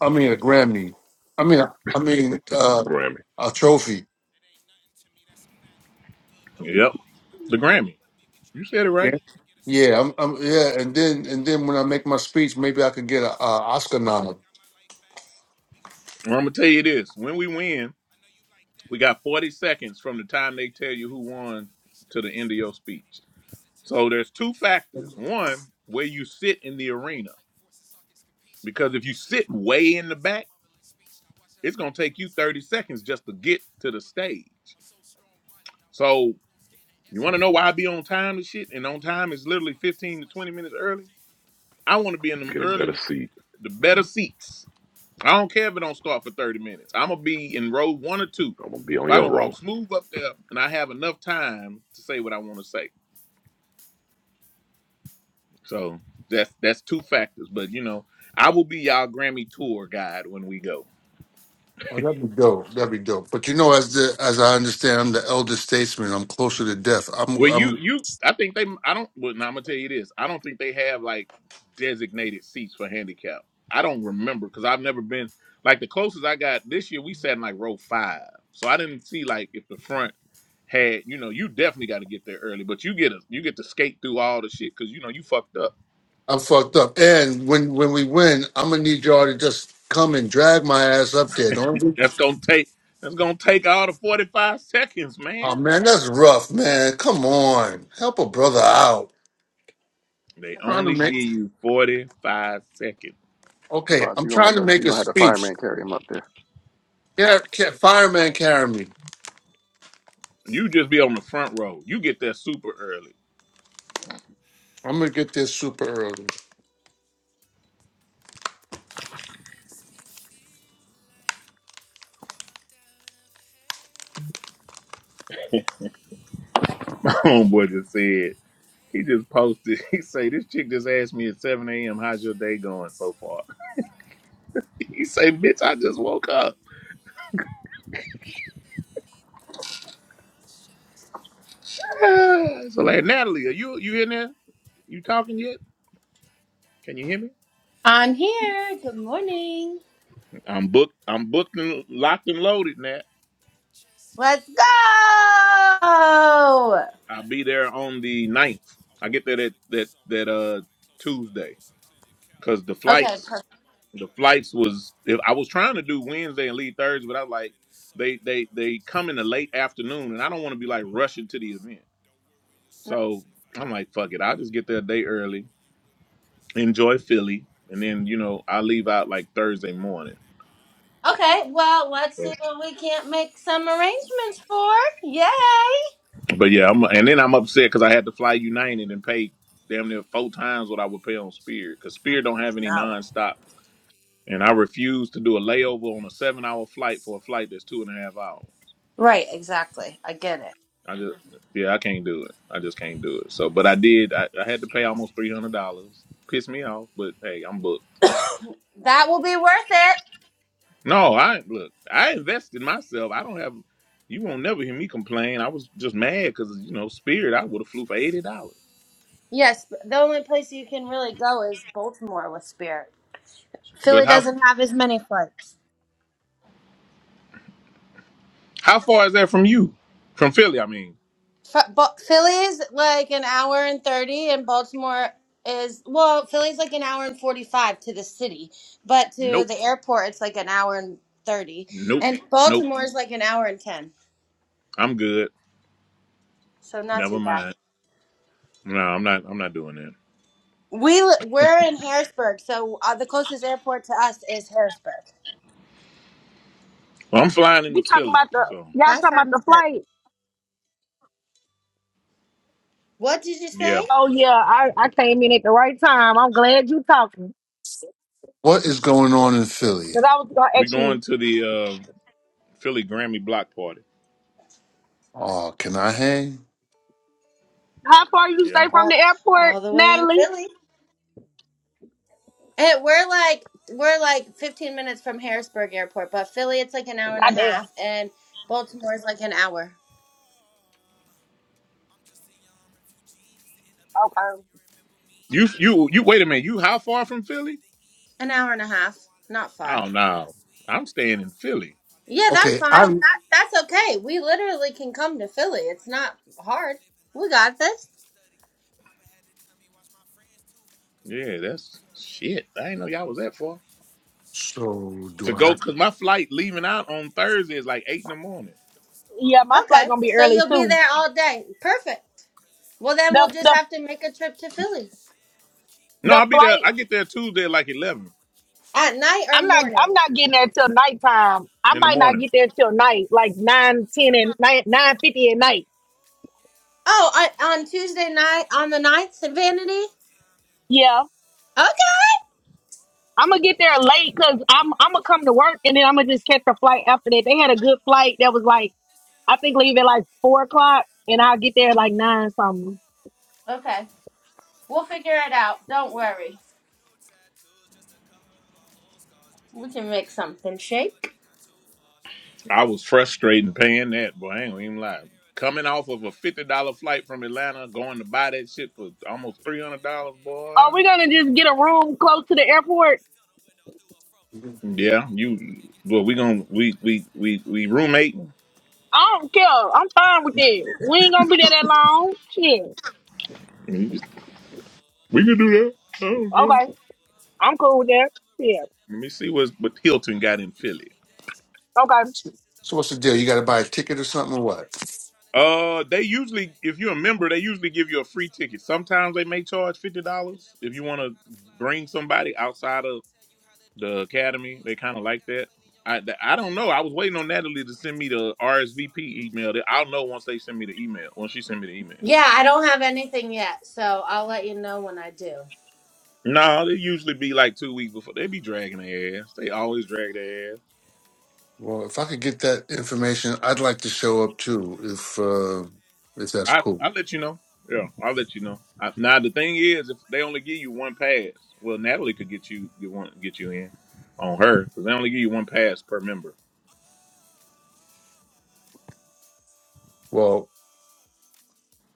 Speaker 11: I mean, a Grammy. I mean, I mean,
Speaker 9: Why would
Speaker 11: uh,
Speaker 9: I need that
Speaker 3: Grammy,
Speaker 9: to wait
Speaker 11: a
Speaker 9: on you?
Speaker 11: trophy.
Speaker 9: It ain't nothing to me, that's a fact. Good lordy,
Speaker 2: Yep.
Speaker 9: know you got my
Speaker 2: The
Speaker 9: back.
Speaker 2: Grammy.
Speaker 9: I mean, we
Speaker 2: You
Speaker 9: tryna
Speaker 2: said it
Speaker 9: make a
Speaker 2: right.
Speaker 11: Yeah.
Speaker 9: stack to get us on the
Speaker 11: Yeah. I'm,
Speaker 9: map.
Speaker 11: I'm,
Speaker 9: And
Speaker 11: yeah.
Speaker 9: if we
Speaker 11: And
Speaker 9: gotta
Speaker 11: then,
Speaker 9: run
Speaker 11: and
Speaker 9: it
Speaker 11: then
Speaker 9: back,
Speaker 11: when I
Speaker 9: I'm
Speaker 11: make my
Speaker 9: talking right
Speaker 11: speech,
Speaker 9: back.
Speaker 11: maybe I could get
Speaker 9: I
Speaker 11: a, a
Speaker 9: was stuck for
Speaker 11: Oscar
Speaker 9: a minute,
Speaker 11: nom.
Speaker 9: got my life back. We go straight
Speaker 2: Well, I'm
Speaker 9: to
Speaker 2: gonna
Speaker 9: the
Speaker 2: tell
Speaker 9: bank,
Speaker 2: you
Speaker 9: I know
Speaker 2: this.
Speaker 9: you
Speaker 2: When
Speaker 9: like
Speaker 2: we
Speaker 9: that.
Speaker 2: win,
Speaker 9: I know you like that.
Speaker 2: we
Speaker 9: The
Speaker 2: got 40
Speaker 9: two, three,
Speaker 2: seconds
Speaker 9: turn
Speaker 2: from
Speaker 9: four,
Speaker 2: the time
Speaker 9: five,
Speaker 2: they tell
Speaker 9: they
Speaker 2: you who
Speaker 9: might back. to
Speaker 2: won to the end of your speech.
Speaker 9: your feast and tear
Speaker 2: So
Speaker 9: shit apart
Speaker 2: there's two factors.
Speaker 9: pizza and you
Speaker 2: One,
Speaker 9: get a
Speaker 2: where
Speaker 9: piece.
Speaker 2: you
Speaker 9: Nothing
Speaker 2: sit
Speaker 9: to
Speaker 2: in the
Speaker 9: play
Speaker 2: arena.
Speaker 9: with, like force and sockets capiche.
Speaker 2: Because
Speaker 9: Hope
Speaker 2: if you
Speaker 9: you
Speaker 2: sit
Speaker 9: understand me
Speaker 2: way in
Speaker 9: clearly.
Speaker 2: the
Speaker 9: It's no
Speaker 2: back,
Speaker 9: mumbling speech. Now watch as
Speaker 2: it's
Speaker 9: I
Speaker 2: gonna
Speaker 9: reach for
Speaker 2: take
Speaker 9: the
Speaker 2: you 30
Speaker 9: stars. It's a
Speaker 2: seconds
Speaker 9: bit of
Speaker 2: just
Speaker 9: a
Speaker 2: to
Speaker 9: leap.
Speaker 2: get to the
Speaker 9: Unbelievable.
Speaker 2: stage.
Speaker 9: I'm so strong-minded, not weak.
Speaker 2: So
Speaker 9: Goals getting
Speaker 2: You want to know why
Speaker 9: executed,
Speaker 2: I
Speaker 9: just
Speaker 2: be
Speaker 9: like
Speaker 2: on
Speaker 9: Ronnie
Speaker 2: time and
Speaker 9: did
Speaker 2: shit?
Speaker 9: Neek.
Speaker 2: And on
Speaker 9: I'm going
Speaker 2: time
Speaker 9: to
Speaker 2: is
Speaker 9: the
Speaker 2: literally
Speaker 9: top,
Speaker 2: 15
Speaker 9: just
Speaker 2: to
Speaker 9: like she
Speaker 2: 20 minutes
Speaker 9: riding her
Speaker 2: early.
Speaker 9: deep.
Speaker 2: I want to be in them
Speaker 3: get a
Speaker 2: early,
Speaker 3: better seat.
Speaker 2: the better seats. I don't care if it don't start for 30 minutes. I'm going to be in row one or two.
Speaker 3: I'm gonna be
Speaker 2: If
Speaker 3: on
Speaker 2: I
Speaker 3: your
Speaker 2: can walk
Speaker 3: row.
Speaker 2: smooth up there and I have enough time to say what I want to say. So that's that's two factors. But, you know, I will be y'all Grammy tour guide when we go.
Speaker 11: Oh, that'd be dope. That'd be dope. But you know, as the, as I understand, I'm the elder statesman. I'm closer to death. I'm,
Speaker 2: Well, you
Speaker 11: I'm
Speaker 2: you I think they I don't well now I'm gonna tell you this. I don't think they have like designated seats for handicap. I don't remember because I've never been like the closest I got this year we sat in like row five. So I didn't see like if the front had you know, you definitely gotta get there early, but you get a you get to skate through all the shit because you know you fucked up.
Speaker 11: I'm fucked up. And when when we win, I'm gonna need y'all to just come and drag my ass up there. Don't. we?
Speaker 2: That's gonna take that's gonna take all the forty five seconds,
Speaker 11: Oh
Speaker 2: man.
Speaker 11: man, that's rough, man. Come on, help a brother out.
Speaker 2: They
Speaker 11: trying to
Speaker 2: only give
Speaker 11: make.
Speaker 2: you forty five seconds.
Speaker 11: Okay,
Speaker 5: Bots,
Speaker 11: I'm
Speaker 5: you're gonna have
Speaker 11: trying to
Speaker 5: to
Speaker 11: make
Speaker 5: you're
Speaker 11: a
Speaker 5: gonna have to
Speaker 11: speech.
Speaker 5: fireman carry him up there.
Speaker 11: Yeah, ca- fireman, carry me.
Speaker 2: You just be on the front row. You get there super early.
Speaker 11: I'm gonna get there super early.
Speaker 9: Only in
Speaker 2: My homeboy
Speaker 9: nature
Speaker 2: just
Speaker 9: could
Speaker 2: said.
Speaker 9: make me
Speaker 2: He just posted. He say, "This
Speaker 9: leave.
Speaker 2: chick just asked me at 7 a.m.
Speaker 9: We're
Speaker 2: How's your day
Speaker 9: shining
Speaker 2: going so
Speaker 9: so
Speaker 2: far?"
Speaker 9: bright under
Speaker 2: He
Speaker 9: the
Speaker 2: say, "Bitch, I just woke up."
Speaker 9: moonlight. Underneath the stars, just you and me.
Speaker 2: so like, Natalie, are you you in there? You talking yet? Can you hear me?
Speaker 12: I'm
Speaker 9: She make me
Speaker 12: here. Good
Speaker 9: feel like.
Speaker 12: morning.
Speaker 2: I'm booked. I'm booked and locked and loaded, Nat.
Speaker 9: Just you.
Speaker 12: Let's go.
Speaker 9: I like the way your heels move, got me
Speaker 2: I'll be there
Speaker 9: hypnotized
Speaker 2: on
Speaker 9: by the
Speaker 2: the
Speaker 9: motion.
Speaker 2: ninth.
Speaker 9: I
Speaker 2: I get there
Speaker 9: wanna
Speaker 2: that
Speaker 9: take you
Speaker 2: that
Speaker 9: somewhere
Speaker 2: that uh
Speaker 9: exotic, closer to
Speaker 2: Tuesday
Speaker 9: ocean. Clear your
Speaker 2: because
Speaker 9: calendar
Speaker 2: the
Speaker 9: for
Speaker 12: Okay,
Speaker 2: flights
Speaker 9: about
Speaker 12: personal.
Speaker 9: a month, we
Speaker 2: the
Speaker 9: about to be
Speaker 2: flights was
Speaker 9: coasting.
Speaker 2: if I
Speaker 9: What
Speaker 2: was
Speaker 9: I'm
Speaker 2: trying to do
Speaker 9: about to do
Speaker 2: Wednesday
Speaker 9: to
Speaker 2: and
Speaker 9: your
Speaker 2: leave Thursday,
Speaker 9: body,
Speaker 2: but I
Speaker 9: you
Speaker 2: like
Speaker 9: may need
Speaker 2: they
Speaker 9: soaking. I'm
Speaker 2: they
Speaker 9: gonna
Speaker 2: they
Speaker 9: text your
Speaker 2: come in the late
Speaker 9: flexibility,
Speaker 2: afternoon, and
Speaker 9: stretch
Speaker 2: I
Speaker 9: you
Speaker 2: don't want
Speaker 9: out
Speaker 2: to be
Speaker 9: like
Speaker 2: like rushing to the
Speaker 9: Pilates.
Speaker 2: event.
Speaker 9: Don't worry, your secret's
Speaker 2: So
Speaker 9: safe. I
Speaker 2: I'm
Speaker 9: know
Speaker 2: like,
Speaker 9: you get
Speaker 2: fuck it. I'll just
Speaker 9: naughty.
Speaker 2: get there a day early,
Speaker 9: And when you in my presence, my
Speaker 2: enjoy
Speaker 9: mind get it
Speaker 2: Philly,
Speaker 9: right. I'm
Speaker 2: and then
Speaker 9: trying
Speaker 2: you
Speaker 9: to be
Speaker 2: know
Speaker 9: your
Speaker 2: I leave out
Speaker 9: medication,
Speaker 2: like
Speaker 9: baby.
Speaker 2: Thursday
Speaker 9: You an
Speaker 2: morning.
Speaker 9: antibiotic.
Speaker 12: Okay, well, let's
Speaker 2: So,
Speaker 12: see what we can't
Speaker 9: She
Speaker 12: make some
Speaker 9: makes me
Speaker 12: arrangements for.
Speaker 9: feel
Speaker 12: Yay!
Speaker 9: like I walked
Speaker 2: but
Speaker 9: out of
Speaker 2: yeah, I'm, and then
Speaker 9: heaven,
Speaker 2: I'm upset because
Speaker 9: but
Speaker 2: I
Speaker 9: only an
Speaker 2: had to fly
Speaker 9: angel could
Speaker 2: United and pay
Speaker 9: make me
Speaker 2: damn near four times what I would pay on
Speaker 9: leave.
Speaker 2: Spirit because Spirit don't have any
Speaker 12: No.
Speaker 2: nonstop, and I refuse to do a layover on a
Speaker 9: We're
Speaker 2: seven hour
Speaker 9: shining
Speaker 2: flight for a
Speaker 9: so
Speaker 2: flight that's two and a half
Speaker 9: bright
Speaker 2: hours.
Speaker 12: Right,
Speaker 9: under
Speaker 12: exactly.
Speaker 9: the
Speaker 12: I get it.
Speaker 2: I just
Speaker 9: moonlight,
Speaker 2: yeah, I can't do it. I just can't do it.
Speaker 9: underneath
Speaker 2: So,
Speaker 9: the
Speaker 2: but I did. I, I
Speaker 9: stars,
Speaker 2: had to pay almost
Speaker 9: just
Speaker 2: three hundred
Speaker 9: you
Speaker 2: dollars.
Speaker 9: and
Speaker 2: Pissed me
Speaker 9: me,
Speaker 2: off, but hey, I'm booked.
Speaker 12: That will be worth it.
Speaker 2: No, I look. I invested myself. I don't have. You won't never hear me complain. I was just mad because you know Spirit. I would have flew for
Speaker 9: just
Speaker 2: eighty dollars.
Speaker 9: you
Speaker 12: Yes, but the only place you
Speaker 9: and
Speaker 12: can
Speaker 9: me.
Speaker 12: really go is Baltimore with Spirit.
Speaker 2: But
Speaker 12: Philly
Speaker 2: how
Speaker 12: doesn't have as many flights.
Speaker 2: how far is that from you? From Philly, I mean.
Speaker 12: F- but Philly's like an hour and 30, and Baltimore is, well, Philly's like an hour and 45 to the city, but to
Speaker 2: Nope.
Speaker 12: the airport, it's like an hour and 30.
Speaker 2: Nope.
Speaker 12: And
Speaker 2: Nope.
Speaker 12: Baltimore is like an hour and 10.
Speaker 2: I'm good.
Speaker 12: So not too
Speaker 2: Never
Speaker 12: bad.
Speaker 2: mind. No, I'm not. I'm not doing that.
Speaker 12: We, li- we're in Harrisburg, so uh, the closest airport to us is Harrisburg.
Speaker 2: Well, I'm flying into
Speaker 13: You talking
Speaker 2: Philly,
Speaker 13: about the
Speaker 2: so
Speaker 13: y'all
Speaker 12: That
Speaker 13: talking about the
Speaker 12: sounds good.
Speaker 13: flight?
Speaker 12: What did you
Speaker 2: yeah,
Speaker 12: say?
Speaker 13: Oh yeah, I, I came in at the right time. I'm glad you talking
Speaker 11: What is going on in Philly?
Speaker 13: because I was gonna
Speaker 2: we
Speaker 13: ask you
Speaker 2: going to the uh, Philly Grammy block party.
Speaker 11: Oh, can I hang?
Speaker 13: how far you stay
Speaker 2: Yeah.
Speaker 13: from the
Speaker 12: All,
Speaker 13: airport,
Speaker 12: all the way in
Speaker 13: Natalie.
Speaker 12: Philly. It, we're like we're like 15 minutes from Harrisburg Airport, but Philly it's like an hour and a
Speaker 13: Goddamn.
Speaker 9: Oh,
Speaker 12: half, and Baltimore
Speaker 9: oh,
Speaker 12: is like an hour,
Speaker 9: oh, oh. oh. I'm just a young refugee, sitting up in class. Do
Speaker 13: Okay.
Speaker 9: you remember me?
Speaker 2: You
Speaker 9: Dark
Speaker 2: you
Speaker 9: skin
Speaker 2: you.
Speaker 9: and
Speaker 2: Wait a
Speaker 9: kid with
Speaker 2: minute. You
Speaker 9: yellow
Speaker 2: how
Speaker 9: teeth,
Speaker 2: far
Speaker 9: and too
Speaker 2: from
Speaker 9: much
Speaker 2: Philly?
Speaker 9: food to
Speaker 12: an hour and a
Speaker 9: eat.
Speaker 12: half,
Speaker 9: Know I look
Speaker 12: not
Speaker 9: good, but
Speaker 12: far.
Speaker 2: Oh
Speaker 9: life is
Speaker 2: no,
Speaker 9: bittersweet.
Speaker 2: I'm
Speaker 9: If
Speaker 2: staying
Speaker 9: you'd
Speaker 2: in
Speaker 9: have seen the
Speaker 2: Philly.
Speaker 9: life I lived,
Speaker 12: Yeah,
Speaker 9: then you
Speaker 12: that's
Speaker 11: Okay,
Speaker 9: know
Speaker 12: fine.
Speaker 9: it
Speaker 11: I.
Speaker 9: ain't
Speaker 12: That
Speaker 9: cheap.
Speaker 12: that's
Speaker 9: And all
Speaker 12: okay.
Speaker 9: the
Speaker 12: We
Speaker 9: people that
Speaker 12: literally can
Speaker 9: support me
Speaker 12: come
Speaker 9: got
Speaker 12: to
Speaker 9: my love
Speaker 12: Philly.
Speaker 9: for
Speaker 12: It's
Speaker 9: life.
Speaker 12: not
Speaker 9: This life we
Speaker 12: hard.
Speaker 9: live in,
Speaker 12: We
Speaker 9: nothing
Speaker 12: got
Speaker 9: nice. I had
Speaker 12: this.
Speaker 9: to study. Papa had to tell me, watch my friends too. Cause when
Speaker 2: Yeah,
Speaker 9: they brought me
Speaker 2: that's
Speaker 9: to America,
Speaker 2: shit. I
Speaker 9: I
Speaker 2: didn't know
Speaker 9: landed
Speaker 2: y'all
Speaker 9: with
Speaker 2: was
Speaker 9: some
Speaker 2: that far.
Speaker 9: bloody. I'ma Keep pushing, I'ma
Speaker 11: So
Speaker 9: keep
Speaker 2: To
Speaker 11: do I
Speaker 2: go,
Speaker 11: have?
Speaker 2: cause
Speaker 9: girl.
Speaker 2: my flight leaving out on Thursday is like eight in the morning.
Speaker 13: Yeah, my flight
Speaker 12: Okay,
Speaker 13: gonna be
Speaker 12: so
Speaker 13: early
Speaker 12: you'll be
Speaker 13: too.
Speaker 12: there all day. Perfect. Well, then
Speaker 13: The
Speaker 12: we'll just
Speaker 13: the
Speaker 12: have to make a trip to Philly
Speaker 2: No,
Speaker 13: the
Speaker 2: I'll be there.
Speaker 13: flight.
Speaker 2: I get there Tuesday at like eleven
Speaker 12: at night or
Speaker 13: I'm not
Speaker 12: morning.
Speaker 13: I'm not getting there till nighttime. I
Speaker 2: in the
Speaker 13: might not
Speaker 2: morning.
Speaker 13: get there till night, like nine ten and nine nine fifty at night.
Speaker 12: Oh, on, on Tuesday night on the 9th, Vanity.
Speaker 13: Yeah.
Speaker 12: Okay.
Speaker 13: I'm gonna get there late because I'm I'm gonna come to work and then I'm gonna just catch a flight after that. They had a good flight that was like I think leave at like four o'clock, and I'll get there at like nine something.
Speaker 12: Okay, we'll figure it out. Don't worry.
Speaker 9: New tattoos just to cover up my old scars.
Speaker 12: We
Speaker 9: Drinking to
Speaker 12: can make
Speaker 9: forget, been
Speaker 12: something
Speaker 9: drinking too much
Speaker 12: shake.
Speaker 9: and got too far. Thinking with
Speaker 2: I
Speaker 9: my
Speaker 2: was
Speaker 9: soul, but
Speaker 2: frustrated
Speaker 9: ignoring in
Speaker 2: paying
Speaker 9: my
Speaker 2: that, boy.
Speaker 9: old
Speaker 2: I ain't gonna
Speaker 9: heart.
Speaker 2: even
Speaker 9: Once I
Speaker 2: lie.
Speaker 9: hear it talking,
Speaker 2: Coming off of
Speaker 9: baby,
Speaker 2: a
Speaker 9: yeah,
Speaker 2: fifty
Speaker 9: get to
Speaker 2: dollar flight
Speaker 9: feeling in
Speaker 2: from
Speaker 9: my soul.
Speaker 2: Atlanta,
Speaker 9: Get
Speaker 2: going to
Speaker 9: to
Speaker 2: buy
Speaker 9: pushing
Speaker 2: that
Speaker 9: through the
Speaker 2: shit for
Speaker 9: glow. Hear
Speaker 2: almost
Speaker 9: him
Speaker 2: three
Speaker 9: talking
Speaker 2: hundred
Speaker 9: in my
Speaker 2: dollars,
Speaker 9: head, hear my
Speaker 2: boy.
Speaker 13: Are we
Speaker 9: knees
Speaker 13: gonna
Speaker 9: hit the
Speaker 13: just get a
Speaker 9: flow.
Speaker 13: room
Speaker 9: Never
Speaker 13: close
Speaker 9: felt
Speaker 13: to
Speaker 9: this
Speaker 13: the
Speaker 9: high before.
Speaker 13: airport?
Speaker 9: Feel the window through a fro. Once I hear him
Speaker 2: Yeah,
Speaker 9: get to
Speaker 2: you.
Speaker 9: talking, get to
Speaker 2: Well, we
Speaker 9: one,
Speaker 2: gonna
Speaker 9: two,
Speaker 2: we
Speaker 9: ready,
Speaker 2: we
Speaker 9: set,
Speaker 2: we
Speaker 9: go.
Speaker 2: we roommating.
Speaker 13: I don't care. I'm fine with that. We ain't gonna
Speaker 9: Get to
Speaker 13: be there that
Speaker 9: working,
Speaker 13: long.
Speaker 9: working in a,
Speaker 13: Shit.
Speaker 9: in a.
Speaker 2: We can do that. I don't know.
Speaker 13: Okay. I'm cool with that. Yeah.
Speaker 2: Let me see what's, what Hilton got in Philly.
Speaker 13: Okay.
Speaker 11: So what's the deal? You got to buy a ticket or something or what?
Speaker 2: Uh, they usually, if you're a member, they usually give you a free
Speaker 9: Fuck
Speaker 2: ticket.
Speaker 9: with the
Speaker 2: Sometimes they may charge fifty dollars if you want to
Speaker 9: fly
Speaker 2: bring
Speaker 9: play.
Speaker 2: somebody outside of the academy. They
Speaker 9: Thanks,
Speaker 2: kind of
Speaker 9: I
Speaker 2: like
Speaker 9: got.
Speaker 2: that. I th- I don't know. I was waiting on Natalie to send me the RSVP email. That I'll know once they send me the email. Once she send me the email.
Speaker 12: Yeah, I don't have anything yet, so I'll let you know when I do.
Speaker 2: No, they usually be like two weeks before. They
Speaker 9: I
Speaker 2: be
Speaker 9: know it's
Speaker 2: dragging
Speaker 9: bad, but we
Speaker 2: their ass.
Speaker 9: gon'
Speaker 2: They
Speaker 9: make it with
Speaker 2: always
Speaker 9: a
Speaker 2: drag
Speaker 9: smile.
Speaker 2: their ass.
Speaker 11: Well, if I could get that information, I'd like to show up too, if uh, if that's
Speaker 2: I
Speaker 11: cool.
Speaker 2: I'll let you know. Yeah, I'll let you know. I, now the thing is, if they only give you one pass, well, Natalie could get you get one get you in on her because they only give you one pass per member.
Speaker 11: Well,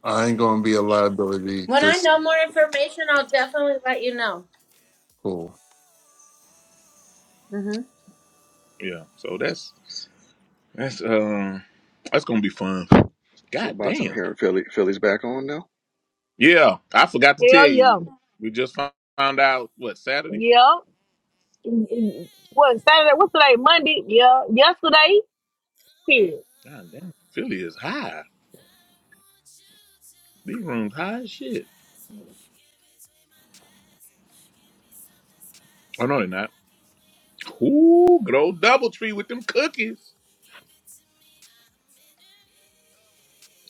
Speaker 11: I ain't gonna be a liability.
Speaker 12: When I
Speaker 11: Just
Speaker 12: know more information, I'll definitely let you know.
Speaker 11: cool.
Speaker 12: hmm
Speaker 2: Yeah, so that's that's um that's gonna be fun.
Speaker 5: So
Speaker 2: God
Speaker 5: bots, I'm
Speaker 2: damn.
Speaker 5: hearing Philly. Philly's back on now.
Speaker 2: Yeah, I forgot to tell
Speaker 13: Hell
Speaker 2: you.
Speaker 13: yeah.
Speaker 2: We just fo- found out what Saturday.
Speaker 13: Yeah. Mm,
Speaker 9: Get
Speaker 13: mm.
Speaker 9: between
Speaker 13: What Saturday? What's today? Monday? Yeah. Yesterday? Shit.
Speaker 2: God damn, Philly is high. These rooms high as shit.
Speaker 9: my legs and give me something
Speaker 2: Oh no,
Speaker 9: special.
Speaker 2: they're not.
Speaker 9: I can win.
Speaker 2: Ooh, good old Double tree with them cookies.